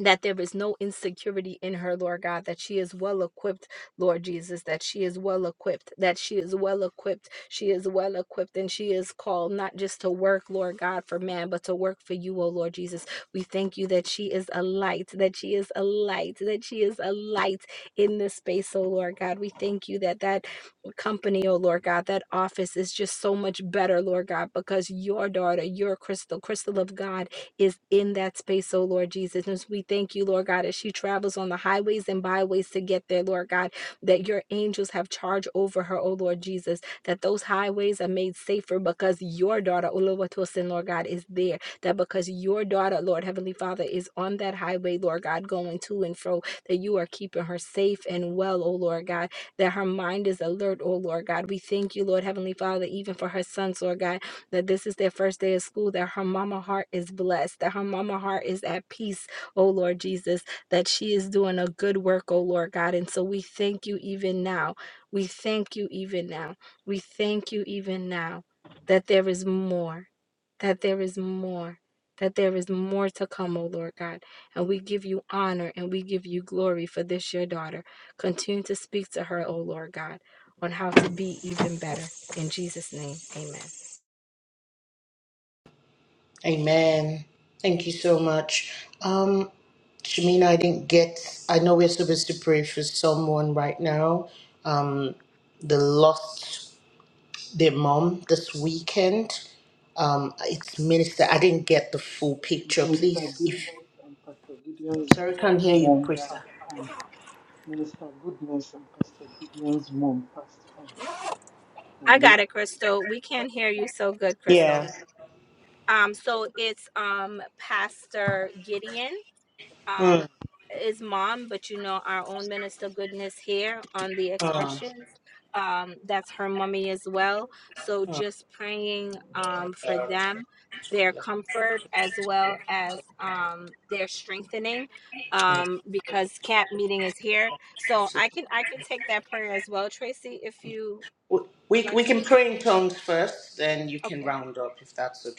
Speaker 1: that there is no insecurity in her, Lord God, that she is well equipped, Lord Jesus, that she is well equipped, that she is well equipped, she is well equipped, and she is called not just to work, Lord God, for man, but to work for you, O Lord Jesus. We thank you that she is a light, that she is a light, that she is a light in this space, O Lord God. We thank you that that company, oh Lord God, that office is just so much better, Lord God, because your daughter, your crystal, crystal of God is in that space, oh Lord Jesus. And so we thank you, Lord God, as she travels on the highways and byways to get there, Lord God, that your angels have charge over her, oh Lord Jesus, that those highways are made safer because your daughter, Oluwatosin, Lord God, is there. That because your daughter, Lord Heavenly Father, is on that highway, Lord God, going to and fro, that you are keeping her safe and well, oh Lord God, that her mind is alert, oh Lord God. We thank you, Lord Heavenly Father, even for her sons, Lord God that this is their first day of school, that her mama heart is blessed, that her mama heart is at peace, oh Lord Jesus, that she is doing a good work, oh Lord God. And so we thank you even now. We thank you even now. We thank you even now that there is more, that there is more. That there is more to come, oh Lord God. And we give you honor and we give you glory for this, your daughter. Continue to speak to her, oh Lord God, on how to be even better. In Jesus' name, amen.
Speaker 3: amen. Thank you so much. Um, Shamina, I didn't get, I know we're supposed to pray for someone right now. Um, they lost their mom this weekend. Um, it's Minister, I didn't get the full picture. Please, if, sorry, can't hear you, Krista.
Speaker 1: I got it, Crystal. We can't hear you so good, Crystal. Um, so it's um Pastor Gideon, um, his mom, but you know our own minister goodness here on the expressions. Um, that's her mummy as well. So just praying um for them, their comfort as well as um their strengthening. Um, because camp meeting is here. So I can I can take that prayer as well, Tracy, if you would like me to. Okay.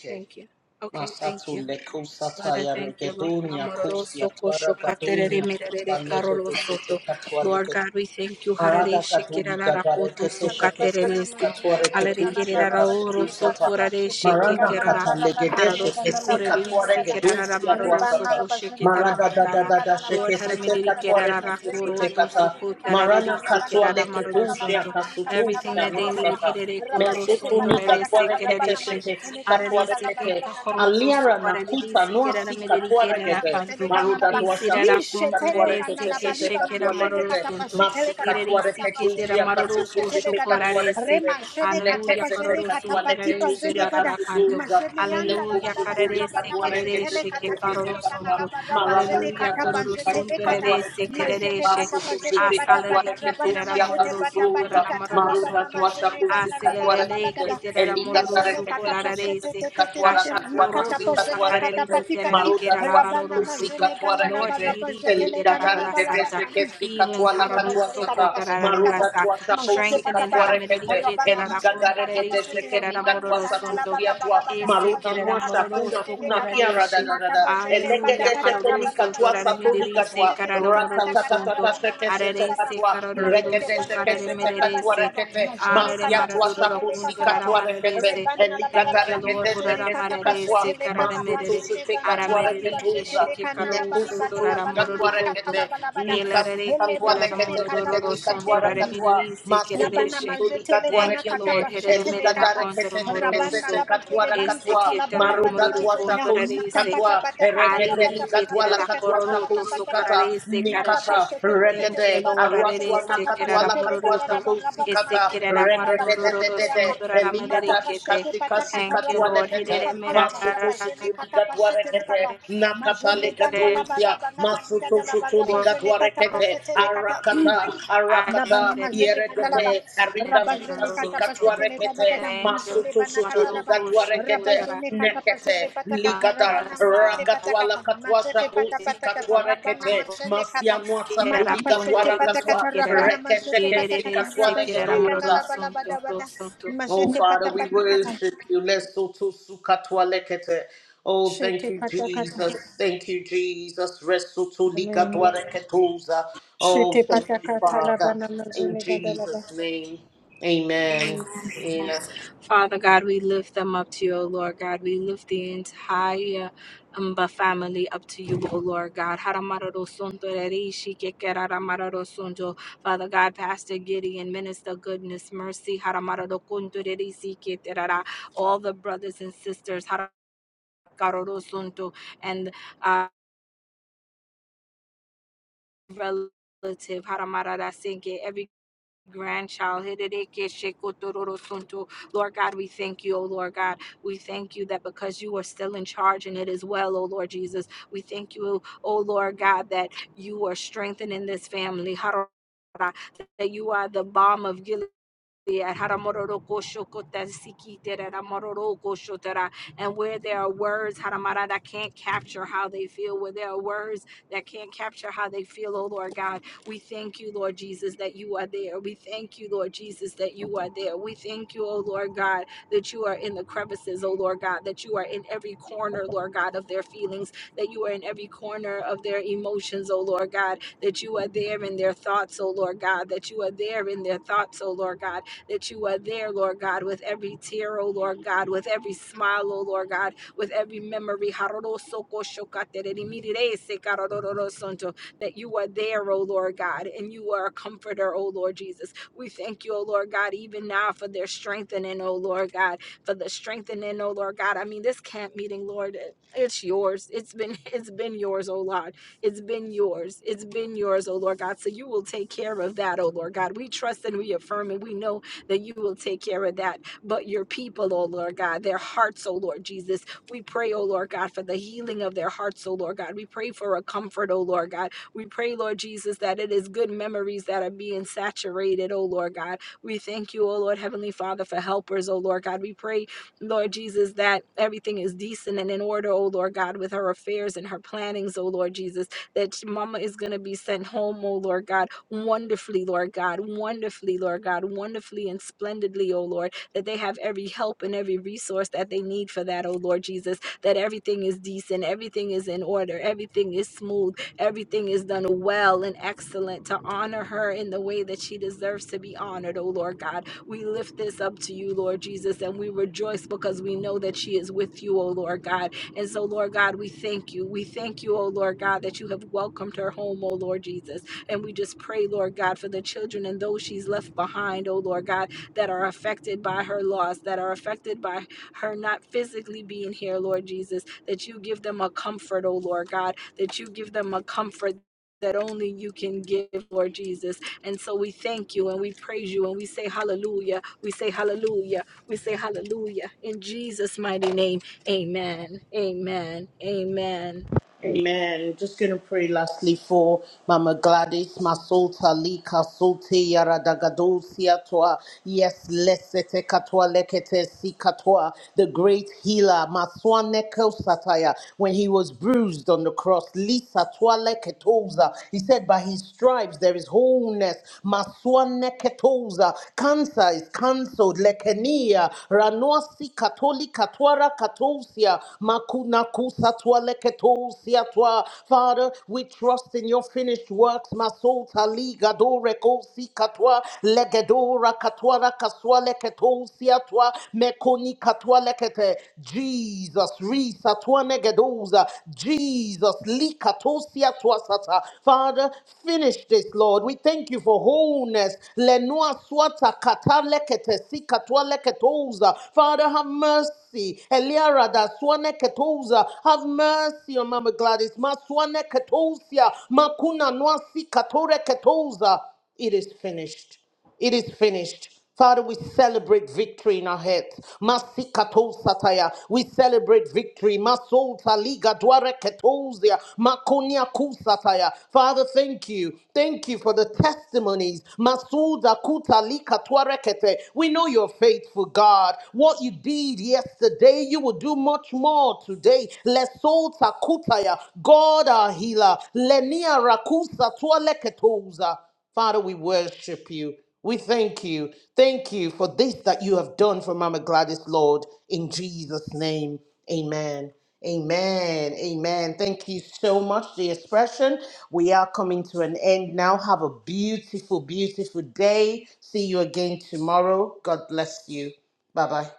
Speaker 1: Thank you. Okay, thank
Speaker 3: Masato
Speaker 1: you.
Speaker 3: leko
Speaker 1: Lord, I
Speaker 3: sataya
Speaker 1: thank you, Lord.
Speaker 3: regedonia kosia
Speaker 1: Amororoso kosho
Speaker 3: twara
Speaker 1: katerere
Speaker 3: gadonia
Speaker 1: merere
Speaker 3: kota
Speaker 1: karolo soto. Lord
Speaker 3: legete
Speaker 1: God, we thank you. Harare
Speaker 3: Marada
Speaker 1: shekera la
Speaker 3: Katolika
Speaker 1: rakoto so
Speaker 3: Gareketesha
Speaker 1: katerere
Speaker 3: Kesete
Speaker 1: si.
Speaker 5: Rabanamazini
Speaker 3: Katore
Speaker 1: Alere
Speaker 5: Ganda La
Speaker 3: Ketusia
Speaker 1: kerera la oro
Speaker 5: Barabazini
Speaker 1: so
Speaker 3: Kasutusata
Speaker 1: korare
Speaker 5: Catapashiti
Speaker 1: sheke
Speaker 3: Marana
Speaker 5: Bigana La
Speaker 1: kerara.
Speaker 3: Katalegedeshe
Speaker 1: Hararo
Speaker 5: Barabanamane
Speaker 1: so
Speaker 5: Ganda La
Speaker 3: Kesika
Speaker 1: korere
Speaker 3: Tore
Speaker 1: risi
Speaker 5: Bazilicada
Speaker 1: kerara ra,
Speaker 3: Gedusia
Speaker 1: maroro so
Speaker 5: Ribana
Speaker 3: Dwasata
Speaker 5: La
Speaker 1: koshe
Speaker 5: Bazini
Speaker 1: ketera
Speaker 3: Marada da da
Speaker 5: Catapashiti
Speaker 1: mararara.
Speaker 3: da da
Speaker 5: Canala
Speaker 1: Lord,
Speaker 3: Shekesete
Speaker 1: haramediri
Speaker 5: Barabanamanagadam
Speaker 3: Katore
Speaker 1: kerara ra
Speaker 5: Mazini
Speaker 3: Ketesete
Speaker 1: koroto so
Speaker 3: Kata
Speaker 5: Catapashiti
Speaker 1: kotarare
Speaker 5: Patapata
Speaker 3: Marana
Speaker 1: risi
Speaker 5: Rabana
Speaker 3: Katua
Speaker 1: kerara maroro
Speaker 5: Mazidicada La
Speaker 3: Leketusia
Speaker 1: sonto.
Speaker 5: Banamani Catala
Speaker 1: Everything
Speaker 3: Kasutusia
Speaker 1: that they need,
Speaker 5: Barabadabada
Speaker 3: Nosata
Speaker 1: herere kororo
Speaker 5: Rabaziti
Speaker 1: sonto
Speaker 3: Mesetuni
Speaker 1: rere
Speaker 5: Patapata
Speaker 3: katware
Speaker 1: sekerere
Speaker 3: kete
Speaker 5: Catarabana
Speaker 1: she.
Speaker 3: shete
Speaker 5: Mazitini
Speaker 3: sika
Speaker 5: Canala
Speaker 3: tware
Speaker 1: Ararese que
Speaker 5: Barabada
Speaker 3: kete.
Speaker 1: cajoroto
Speaker 5: Rabazini
Speaker 1: su
Speaker 3: Aliara na
Speaker 5: Catapashiti
Speaker 3: kuta
Speaker 1: caradisi que
Speaker 3: noa
Speaker 1: era
Speaker 3: sika
Speaker 5: Patapata
Speaker 1: mereri que
Speaker 3: tware
Speaker 5: rabana
Speaker 1: era
Speaker 3: gede.
Speaker 5: Mazitini
Speaker 1: canto.
Speaker 3: Maruda
Speaker 5: Canalaba
Speaker 1: Y
Speaker 3: dua
Speaker 1: si era
Speaker 3: shaku
Speaker 5: Li
Speaker 3: sika
Speaker 1: conto
Speaker 5: shetele
Speaker 3: tware
Speaker 5: kana
Speaker 1: rerese
Speaker 3: kete
Speaker 5: la
Speaker 1: que
Speaker 3: sete
Speaker 5: baliba na
Speaker 1: shekera
Speaker 3: katware
Speaker 5: majele
Speaker 1: maroro
Speaker 3: gede.
Speaker 5: kata pa
Speaker 1: sunto.
Speaker 5: shetele
Speaker 3: Masika
Speaker 5: kata
Speaker 3: tware
Speaker 1: Ererisi
Speaker 5: manda pa
Speaker 1: que
Speaker 3: usia
Speaker 5: jele
Speaker 1: tera
Speaker 3: shia
Speaker 5: kata pa
Speaker 1: maroro
Speaker 3: kasutu
Speaker 5: shetele
Speaker 1: cocho
Speaker 3: sete
Speaker 5: kata
Speaker 3: katware
Speaker 1: corarese.
Speaker 5: rema
Speaker 3: kete.
Speaker 5: jele kata
Speaker 1: Aleluya
Speaker 3: Neke
Speaker 5: pa
Speaker 3: sete
Speaker 5: jele
Speaker 1: caroro
Speaker 5: kata pa
Speaker 1: sunto
Speaker 3: katware
Speaker 5: tipa
Speaker 3: usia
Speaker 1: rerese
Speaker 5: jele
Speaker 3: shia
Speaker 1: la
Speaker 5: kata
Speaker 1: rara
Speaker 3: kasutu
Speaker 1: canto.
Speaker 3: uza.
Speaker 5: majene yanda la
Speaker 3: Neku
Speaker 1: Aleluya
Speaker 5: balaba da
Speaker 3: suturi
Speaker 5: raba
Speaker 1: cararese
Speaker 5: na
Speaker 1: que
Speaker 3: katware kete
Speaker 5: majetele
Speaker 1: rereshe
Speaker 5: kata
Speaker 1: que
Speaker 3: sete
Speaker 5: pa
Speaker 3: sete
Speaker 5: jele
Speaker 1: caroro
Speaker 5: kana
Speaker 3: katwa.
Speaker 5: la
Speaker 1: sunto.
Speaker 5: baraba
Speaker 3: Marada
Speaker 5: jele
Speaker 1: Aleluya
Speaker 5: kata
Speaker 3: dada
Speaker 5: pa
Speaker 1: cororo
Speaker 3: sika
Speaker 5: jetele
Speaker 1: sunto
Speaker 3: sika
Speaker 5: kata
Speaker 3: tware
Speaker 1: rerese que
Speaker 3: kete.
Speaker 5: majene
Speaker 1: rereshe.
Speaker 5: kata pa jete
Speaker 3: Katsiika
Speaker 5: pata
Speaker 1: Asalele
Speaker 5: pata
Speaker 3: kwaere
Speaker 1: que
Speaker 3: kete
Speaker 5: raba na
Speaker 1: tera
Speaker 5: majete
Speaker 1: maroro
Speaker 5: pata
Speaker 1: sunto
Speaker 5: pati
Speaker 3: kusiakasutusa
Speaker 1: rara
Speaker 5: kata
Speaker 1: maroro
Speaker 5: raba
Speaker 3: maruda
Speaker 5: na
Speaker 1: sunto
Speaker 5: majene gana
Speaker 3: kuasakatsiika
Speaker 5: la
Speaker 3: kwaere
Speaker 5: baraba la
Speaker 1: asilelele
Speaker 3: kete
Speaker 5: kata
Speaker 1: kitera
Speaker 3: eli
Speaker 1: moruru
Speaker 3: kare
Speaker 5: majene
Speaker 3: kete
Speaker 5: kata
Speaker 3: se
Speaker 5: pa
Speaker 3: kese
Speaker 5: shete
Speaker 1: sukorarese
Speaker 5: te te te te
Speaker 3: katsuara
Speaker 5: te
Speaker 3: katsuara
Speaker 5: makata pa
Speaker 1: kashakoroto
Speaker 5: jene
Speaker 3: nasikatwaere
Speaker 5: kata
Speaker 1: sakareri
Speaker 3: kete
Speaker 5: pati kata
Speaker 1: miterere
Speaker 3: maruda
Speaker 5: Rabana
Speaker 1: kerararo
Speaker 3: kuasakatsiika
Speaker 1: soto
Speaker 5: majene gana
Speaker 3: kwaere
Speaker 5: la
Speaker 1: lord
Speaker 3: kete
Speaker 5: baraba
Speaker 1: hiriri
Speaker 3: eli
Speaker 5: jetele
Speaker 1: kitera
Speaker 5: gana la
Speaker 3: kare kete
Speaker 5: balaba
Speaker 1: santa
Speaker 3: se kese
Speaker 1: healing
Speaker 3: katsiikatuala
Speaker 1: hararo
Speaker 5: Rabazene
Speaker 3: katsiikata
Speaker 5: kata pasete le
Speaker 1: sokotararara
Speaker 3: maruda
Speaker 5: kata
Speaker 1: sa
Speaker 5: mazete
Speaker 3: kuasakatsiika
Speaker 5: pata
Speaker 1: strengthening
Speaker 3: kwaere
Speaker 5: pata
Speaker 3: kete
Speaker 1: haramereri
Speaker 5: rabana
Speaker 3: eli
Speaker 1: kitera
Speaker 5: mazene
Speaker 3: kare
Speaker 5: kata
Speaker 1: kondorere
Speaker 3: kete se kese
Speaker 5: pasete
Speaker 1: sikera
Speaker 3: keni
Speaker 5: mandi
Speaker 1: mororo
Speaker 5: gana la
Speaker 1: sonto
Speaker 5: baraba la
Speaker 3: kwaasakusiakwa
Speaker 5: bada
Speaker 1: ese
Speaker 3: maruda
Speaker 5: rabazene
Speaker 1: kerera
Speaker 5: kata
Speaker 1: mororo
Speaker 3: nuasakuna
Speaker 5: pasete le kata
Speaker 3: kunakiara da
Speaker 1: sokorareshe
Speaker 3: da da
Speaker 5: mata
Speaker 3: sarada
Speaker 5: pasete pata
Speaker 1: Alleluia,
Speaker 3: Elekete
Speaker 5: kata
Speaker 3: shekeni
Speaker 5: rabana
Speaker 1: caroroso,
Speaker 3: katwa
Speaker 1: torare
Speaker 5: mazene kata
Speaker 3: satuli
Speaker 1: medirese,
Speaker 5: pasete
Speaker 3: katwa.
Speaker 5: te te
Speaker 1: carara
Speaker 5: te kata
Speaker 1: mororo
Speaker 5: kata
Speaker 1: sonto,
Speaker 3: Ratatatatata
Speaker 5: rabana
Speaker 3: sheke
Speaker 5: mazene
Speaker 3: sete
Speaker 5: kata
Speaker 1: arerese,
Speaker 3: katwa.
Speaker 5: mazete
Speaker 3: Rekete
Speaker 1: carororosu,
Speaker 3: sheke
Speaker 5: pasete
Speaker 1: carare
Speaker 5: le
Speaker 3: sete
Speaker 5: barabana
Speaker 3: katwa
Speaker 1: mererese,
Speaker 5: kata
Speaker 3: rekete.
Speaker 5: mazene
Speaker 1: Arare
Speaker 3: Masia
Speaker 5: kata
Speaker 3: twa
Speaker 1: mararoro
Speaker 5: pasete le
Speaker 3: sakusi
Speaker 5: kata la
Speaker 1: kunturara
Speaker 5: ba.
Speaker 3: katwa rekete.
Speaker 1: mararese.
Speaker 5: rebana la bala
Speaker 3: Elikata
Speaker 1: Thank you,
Speaker 5: bada
Speaker 1: Lord.
Speaker 3: rekete
Speaker 5: mazene
Speaker 1: Hurara
Speaker 3: sheke si
Speaker 5: kata
Speaker 3: katwa.
Speaker 1: mararese
Speaker 5: pasete le
Speaker 1: karara
Speaker 5: kata
Speaker 3: Masutu
Speaker 1: merere.
Speaker 5: pasene
Speaker 3: sute
Speaker 5: gana
Speaker 1: Ara
Speaker 5: la
Speaker 3: katwa
Speaker 5: bali
Speaker 1: merere ke
Speaker 5: bazete
Speaker 3: reketuza.
Speaker 5: le
Speaker 1: shike
Speaker 5: kana la
Speaker 1: karoro
Speaker 5: bali
Speaker 1: soto
Speaker 5: bada
Speaker 3: Nekusutu
Speaker 5: la
Speaker 1: rara
Speaker 5: bala
Speaker 3: likatwa
Speaker 1: mororo
Speaker 5: mani kata
Speaker 1: koto.
Speaker 5: la
Speaker 3: rekete.
Speaker 5: bala bada
Speaker 3: Nikas
Speaker 1: Elarare ke
Speaker 5: Ele
Speaker 3: Katwa
Speaker 1: terara
Speaker 5: bajete
Speaker 3: lekete sheke
Speaker 5: katapa
Speaker 1: mororo
Speaker 3: ni
Speaker 5: shete
Speaker 1: sonto
Speaker 3: katwa
Speaker 5: de.
Speaker 1: rara
Speaker 3: rakatwa
Speaker 1: merere se
Speaker 3: masutu
Speaker 5: Labana
Speaker 1: kerereshe.
Speaker 3: sutu li
Speaker 5: majetele
Speaker 3: katwa
Speaker 5: bana
Speaker 1: Thank you, Lord.
Speaker 5: katapa
Speaker 3: rekete
Speaker 1: Herere
Speaker 3: eli
Speaker 5: shetele
Speaker 1: merera
Speaker 5: kata
Speaker 1: kontoro mororo
Speaker 5: rabana
Speaker 3: Rekesete
Speaker 1: so.
Speaker 5: laba
Speaker 3: katwa
Speaker 5: jede
Speaker 3: rakatwa
Speaker 5: bani
Speaker 1: Ese
Speaker 5: kata
Speaker 1: ke
Speaker 5: laba
Speaker 1: terara
Speaker 5: labana
Speaker 3: maruta
Speaker 1: mororo
Speaker 3: tua
Speaker 5: majete
Speaker 3: shakusi
Speaker 1: kontorare
Speaker 5: mata
Speaker 1: ese.
Speaker 5: pata
Speaker 3: katwa
Speaker 5: pata kata
Speaker 1: Ari
Speaker 3: erekete
Speaker 5: rabata
Speaker 1: liki
Speaker 5: pata
Speaker 3: nikatwa la
Speaker 5: pata
Speaker 1: terara
Speaker 5: kata
Speaker 3: katua
Speaker 1: kororo
Speaker 5: rabata
Speaker 1: to
Speaker 3: shakusi
Speaker 5: pata kata
Speaker 3: kata,
Speaker 1: sokarare ese
Speaker 5: mata
Speaker 1: karashe.
Speaker 3: nikata,
Speaker 5: pashete tete
Speaker 1: Thank
Speaker 5: tete
Speaker 1: you,
Speaker 3: regede,
Speaker 5: bana
Speaker 1: Lord. Arere
Speaker 3: aruatua
Speaker 5: majene
Speaker 1: se
Speaker 5: kata
Speaker 3: nakatwa
Speaker 1: kerara
Speaker 3: la
Speaker 5: pashetele
Speaker 1: mororo
Speaker 3: katua
Speaker 5: kata
Speaker 1: to.
Speaker 5: laba
Speaker 3: shakusi
Speaker 5: rabana
Speaker 3: kata,
Speaker 5: majede
Speaker 1: Esekerera
Speaker 5: kana laba
Speaker 3: regede de
Speaker 5: liba
Speaker 3: de
Speaker 1: marorororo
Speaker 5: jete
Speaker 3: de
Speaker 5: yanta
Speaker 3: de,
Speaker 1: sunturara
Speaker 5: mata
Speaker 3: elikada
Speaker 1: mererikete.
Speaker 5: pashete
Speaker 3: kasi
Speaker 5: pata
Speaker 3: kasi
Speaker 5: kata
Speaker 1: Thank you,
Speaker 3: katwa
Speaker 5: rabana
Speaker 1: Lord.
Speaker 5: mana
Speaker 3: lekete,
Speaker 1: Hirere
Speaker 5: kata laba
Speaker 3: masutu
Speaker 1: merara
Speaker 3: sutu
Speaker 5: rabajene kata
Speaker 3: nikatua
Speaker 5: pashetele
Speaker 3: regede,
Speaker 5: kata
Speaker 3: nakata
Speaker 5: majene ganda
Speaker 1: sekere
Speaker 5: laba
Speaker 3: lekatuusia,
Speaker 5: rabana bani
Speaker 3: Masuto
Speaker 5: kata laba
Speaker 3: Shutulika
Speaker 5: rabajene kata
Speaker 1: oro
Speaker 3: Dwarekete,
Speaker 5: pashetele kata
Speaker 3: Arakata,
Speaker 5: Labana
Speaker 3: Arakata,
Speaker 1: akerere
Speaker 5: mazete kandalaba,
Speaker 3: Yeregede, Ariga Frika
Speaker 5: rabazene
Speaker 1: merororo
Speaker 3: Sika
Speaker 5: katapazete
Speaker 1: suntu.
Speaker 3: Dwarekete,
Speaker 5: lebadagada,
Speaker 1: Thank you.
Speaker 5: mazele
Speaker 3: Masuto
Speaker 5: banakatalaba,
Speaker 3: Shutulika
Speaker 1: Maroroko
Speaker 3: Dwarekete,
Speaker 1: shokotara
Speaker 5: rabazene
Speaker 3: Nekete,
Speaker 5: katapazete patakata,
Speaker 3: Ligada,
Speaker 1: marara
Speaker 5: rabana mazete
Speaker 1: santa.
Speaker 3: Rakatwala
Speaker 5: patakata,
Speaker 3: Katwa
Speaker 5: mazete
Speaker 3: Shaku Sika
Speaker 5: patapatakata, rabana
Speaker 3: Dwarekete,
Speaker 5: mazene
Speaker 3: Masia
Speaker 5: kata,
Speaker 3: Mwasa
Speaker 1: Kirera
Speaker 3: Tulika
Speaker 5: matapazete
Speaker 1: kontoreri
Speaker 3: Dwarakatwa,
Speaker 5: patakata,
Speaker 1: sikerera.
Speaker 5: rabana mazete
Speaker 3: Rekesheke
Speaker 1: Irerere
Speaker 3: Sika
Speaker 5: patakata,
Speaker 1: sekerera
Speaker 5: rabazene
Speaker 1: maroro
Speaker 3: Dwalegeduza,
Speaker 5: gandalaba labadabada,
Speaker 1: suntu.
Speaker 3: Oh,
Speaker 5: mazete
Speaker 3: Father, we
Speaker 5: patapatikata,
Speaker 3: worship you. Lesoto sukatwa lekete. Oh, thank
Speaker 5: shete
Speaker 3: you,
Speaker 5: patakata,
Speaker 3: Jesus. Thank you, Jesus. Resoto
Speaker 5: amen.
Speaker 3: likatwa reketos.
Speaker 5: Shete patakata labana mazene
Speaker 1: Amen. Father God, we lift them up to you, O Lord God. We lift the entire Umba family up to you, O Lord God. Haramarorosonto rereishi kekeraramarorosondo. Father God, Pastor Gideon, Minister Goodness, Mercy, haramarorokonto rereisi keterara. all the brothers and sisters, haramarorosonto, and uh, relative, haramararasenke, grandchild. Lord God, we thank you, Oh Lord God. We thank you that because you are still in charge and it is well, Oh Lord Jesus. We thank you, Oh Lord God, that you are strengthening this family. That you are the balm of Gilead yeah, haramororo kosho kota siki ramororo kosho tera. And where there are words, haramara, that can't capture how they feel, where there are words that can't capture how they feel, oh Lord God, we thank you, Lord Jesus, that you are there. We thank you, Lord Jesus, that you are there. We thank you, oh Lord God, that you are in the crevices, oh Lord God, that you are in every corner, Lord God, of their feelings, that you are in every corner of their emotions, oh Lord God, that you are there in their thoughts, oh Lord God, that you are there in their thoughts, oh Lord God that you are there, Lord God, with every tear, oh Lord God, with every smile, oh Lord God, with every memory. That you are there, oh Lord God, and you are a comforter, oh Lord Jesus. We thank you, oh Lord God, even now for their strengthening, oh Lord God, for the strengthening, oh Lord God. I mean, this camp meeting, Lord, it's yours. It's been it's been yours, oh Lord. It's been yours. It's been yours, oh Lord God. So you will take care of that, oh Lord God. We trust and we affirm and we know that you will take care of that. But your people, oh Lord God, their hearts, oh Lord Jesus, we pray, oh Lord God, for the healing of their hearts, oh Lord God. We pray for a comfort, oh Lord God. We pray, Lord Jesus, that it is good memories that are being saturated, oh Lord God. We thank you, oh Lord Heavenly Father, for helpers, oh Lord God. We pray, Lord Jesus, that everything is decent and in order, oh Lord God, with her affairs and her plannings, oh Lord Jesus that Mama is going to be sent home, oh Lord God, wonderfully, Lord God, wonderfully, Lord God, wonderfully and splendidly, oh Lord, that they have every help and every resource that they need for that, oh Lord Jesus, that everything is decent, everything is in order, everything is smooth, everything is done well and excellent to honor her in the way that she deserves to be honored, oh Lord God. We lift this up to you, Lord Jesus, and we rejoice because we know that she is with you, oh Lord God and so, Lord God, we thank you. We thank you, oh Lord God, that you have welcomed her home, oh Lord Jesus. And we just pray, Lord God, for the children and those she's left behind, oh Lord God, that are affected by her loss, that are affected by her not physically being here, Lord Jesus, that you give them a comfort, oh Lord God, that you give them a comfort. That only you can give, Lord Jesus. And so we thank you and we praise you and we say hallelujah. We say hallelujah. We say hallelujah. In Jesus' mighty name. Amen. Amen. Amen.
Speaker 3: Amen. Just going to pray lastly for Mama Gladys, Masolta, Lika, Sote, Yara, Dagadosia, Toa. Yes, Lesete, Katoa, Lekete, Sikatoa, the great healer, Maswane Sataya, when he was bruised on the cross, Lisa, Toa, Leketoza. He said, by his stripes there is wholeness, Maswane Ketoza. Cancer is cancelled, Lekenia, Ranoa, Sikatoli, Katwara, Katosia, Makuna, Satwa Leketo Siatwa. Father, we trust in your finished works. Masol Tali Gado Reko Sikatwa Legedo Rakatwa Rakaswa Leketo Siatwa Mekoni Katwa Lekete. Jesus, Risatwa Negedoza. Jesus, Likato Siatwa Sata. Father, finish this, Lord. We thank you for wholeness. Lenua Swata Kata Lekete Sikatwa Leketoza. Father, have mercy mercy. Eliara da suane ketouza. Have mercy on Mama Gladys. Ma suane Makuna nuasi katore ketouza. It is finished. It is finished. Father, we celebrate victory in our heads. Masikato sataya. We celebrate victory. Masolta liga dware ketozia. Makonia kusataya. Father, thank you. Thank you for the testimonies. Masuda kuta lika tware kete. We know you're faithful, God. What you did yesterday, you will do much more today. Leso Kutaya, God our healer. Lenia Rakusa Tualeketoza. Father, we worship you. We thank you. Thank you for this that you have done for Mama Gladys, Lord. In Jesus' name, amen. Amen. Amen. Thank you so much, the expression. We are coming to an end now. Have a beautiful, beautiful day. See you again tomorrow. God bless you. Bye bye.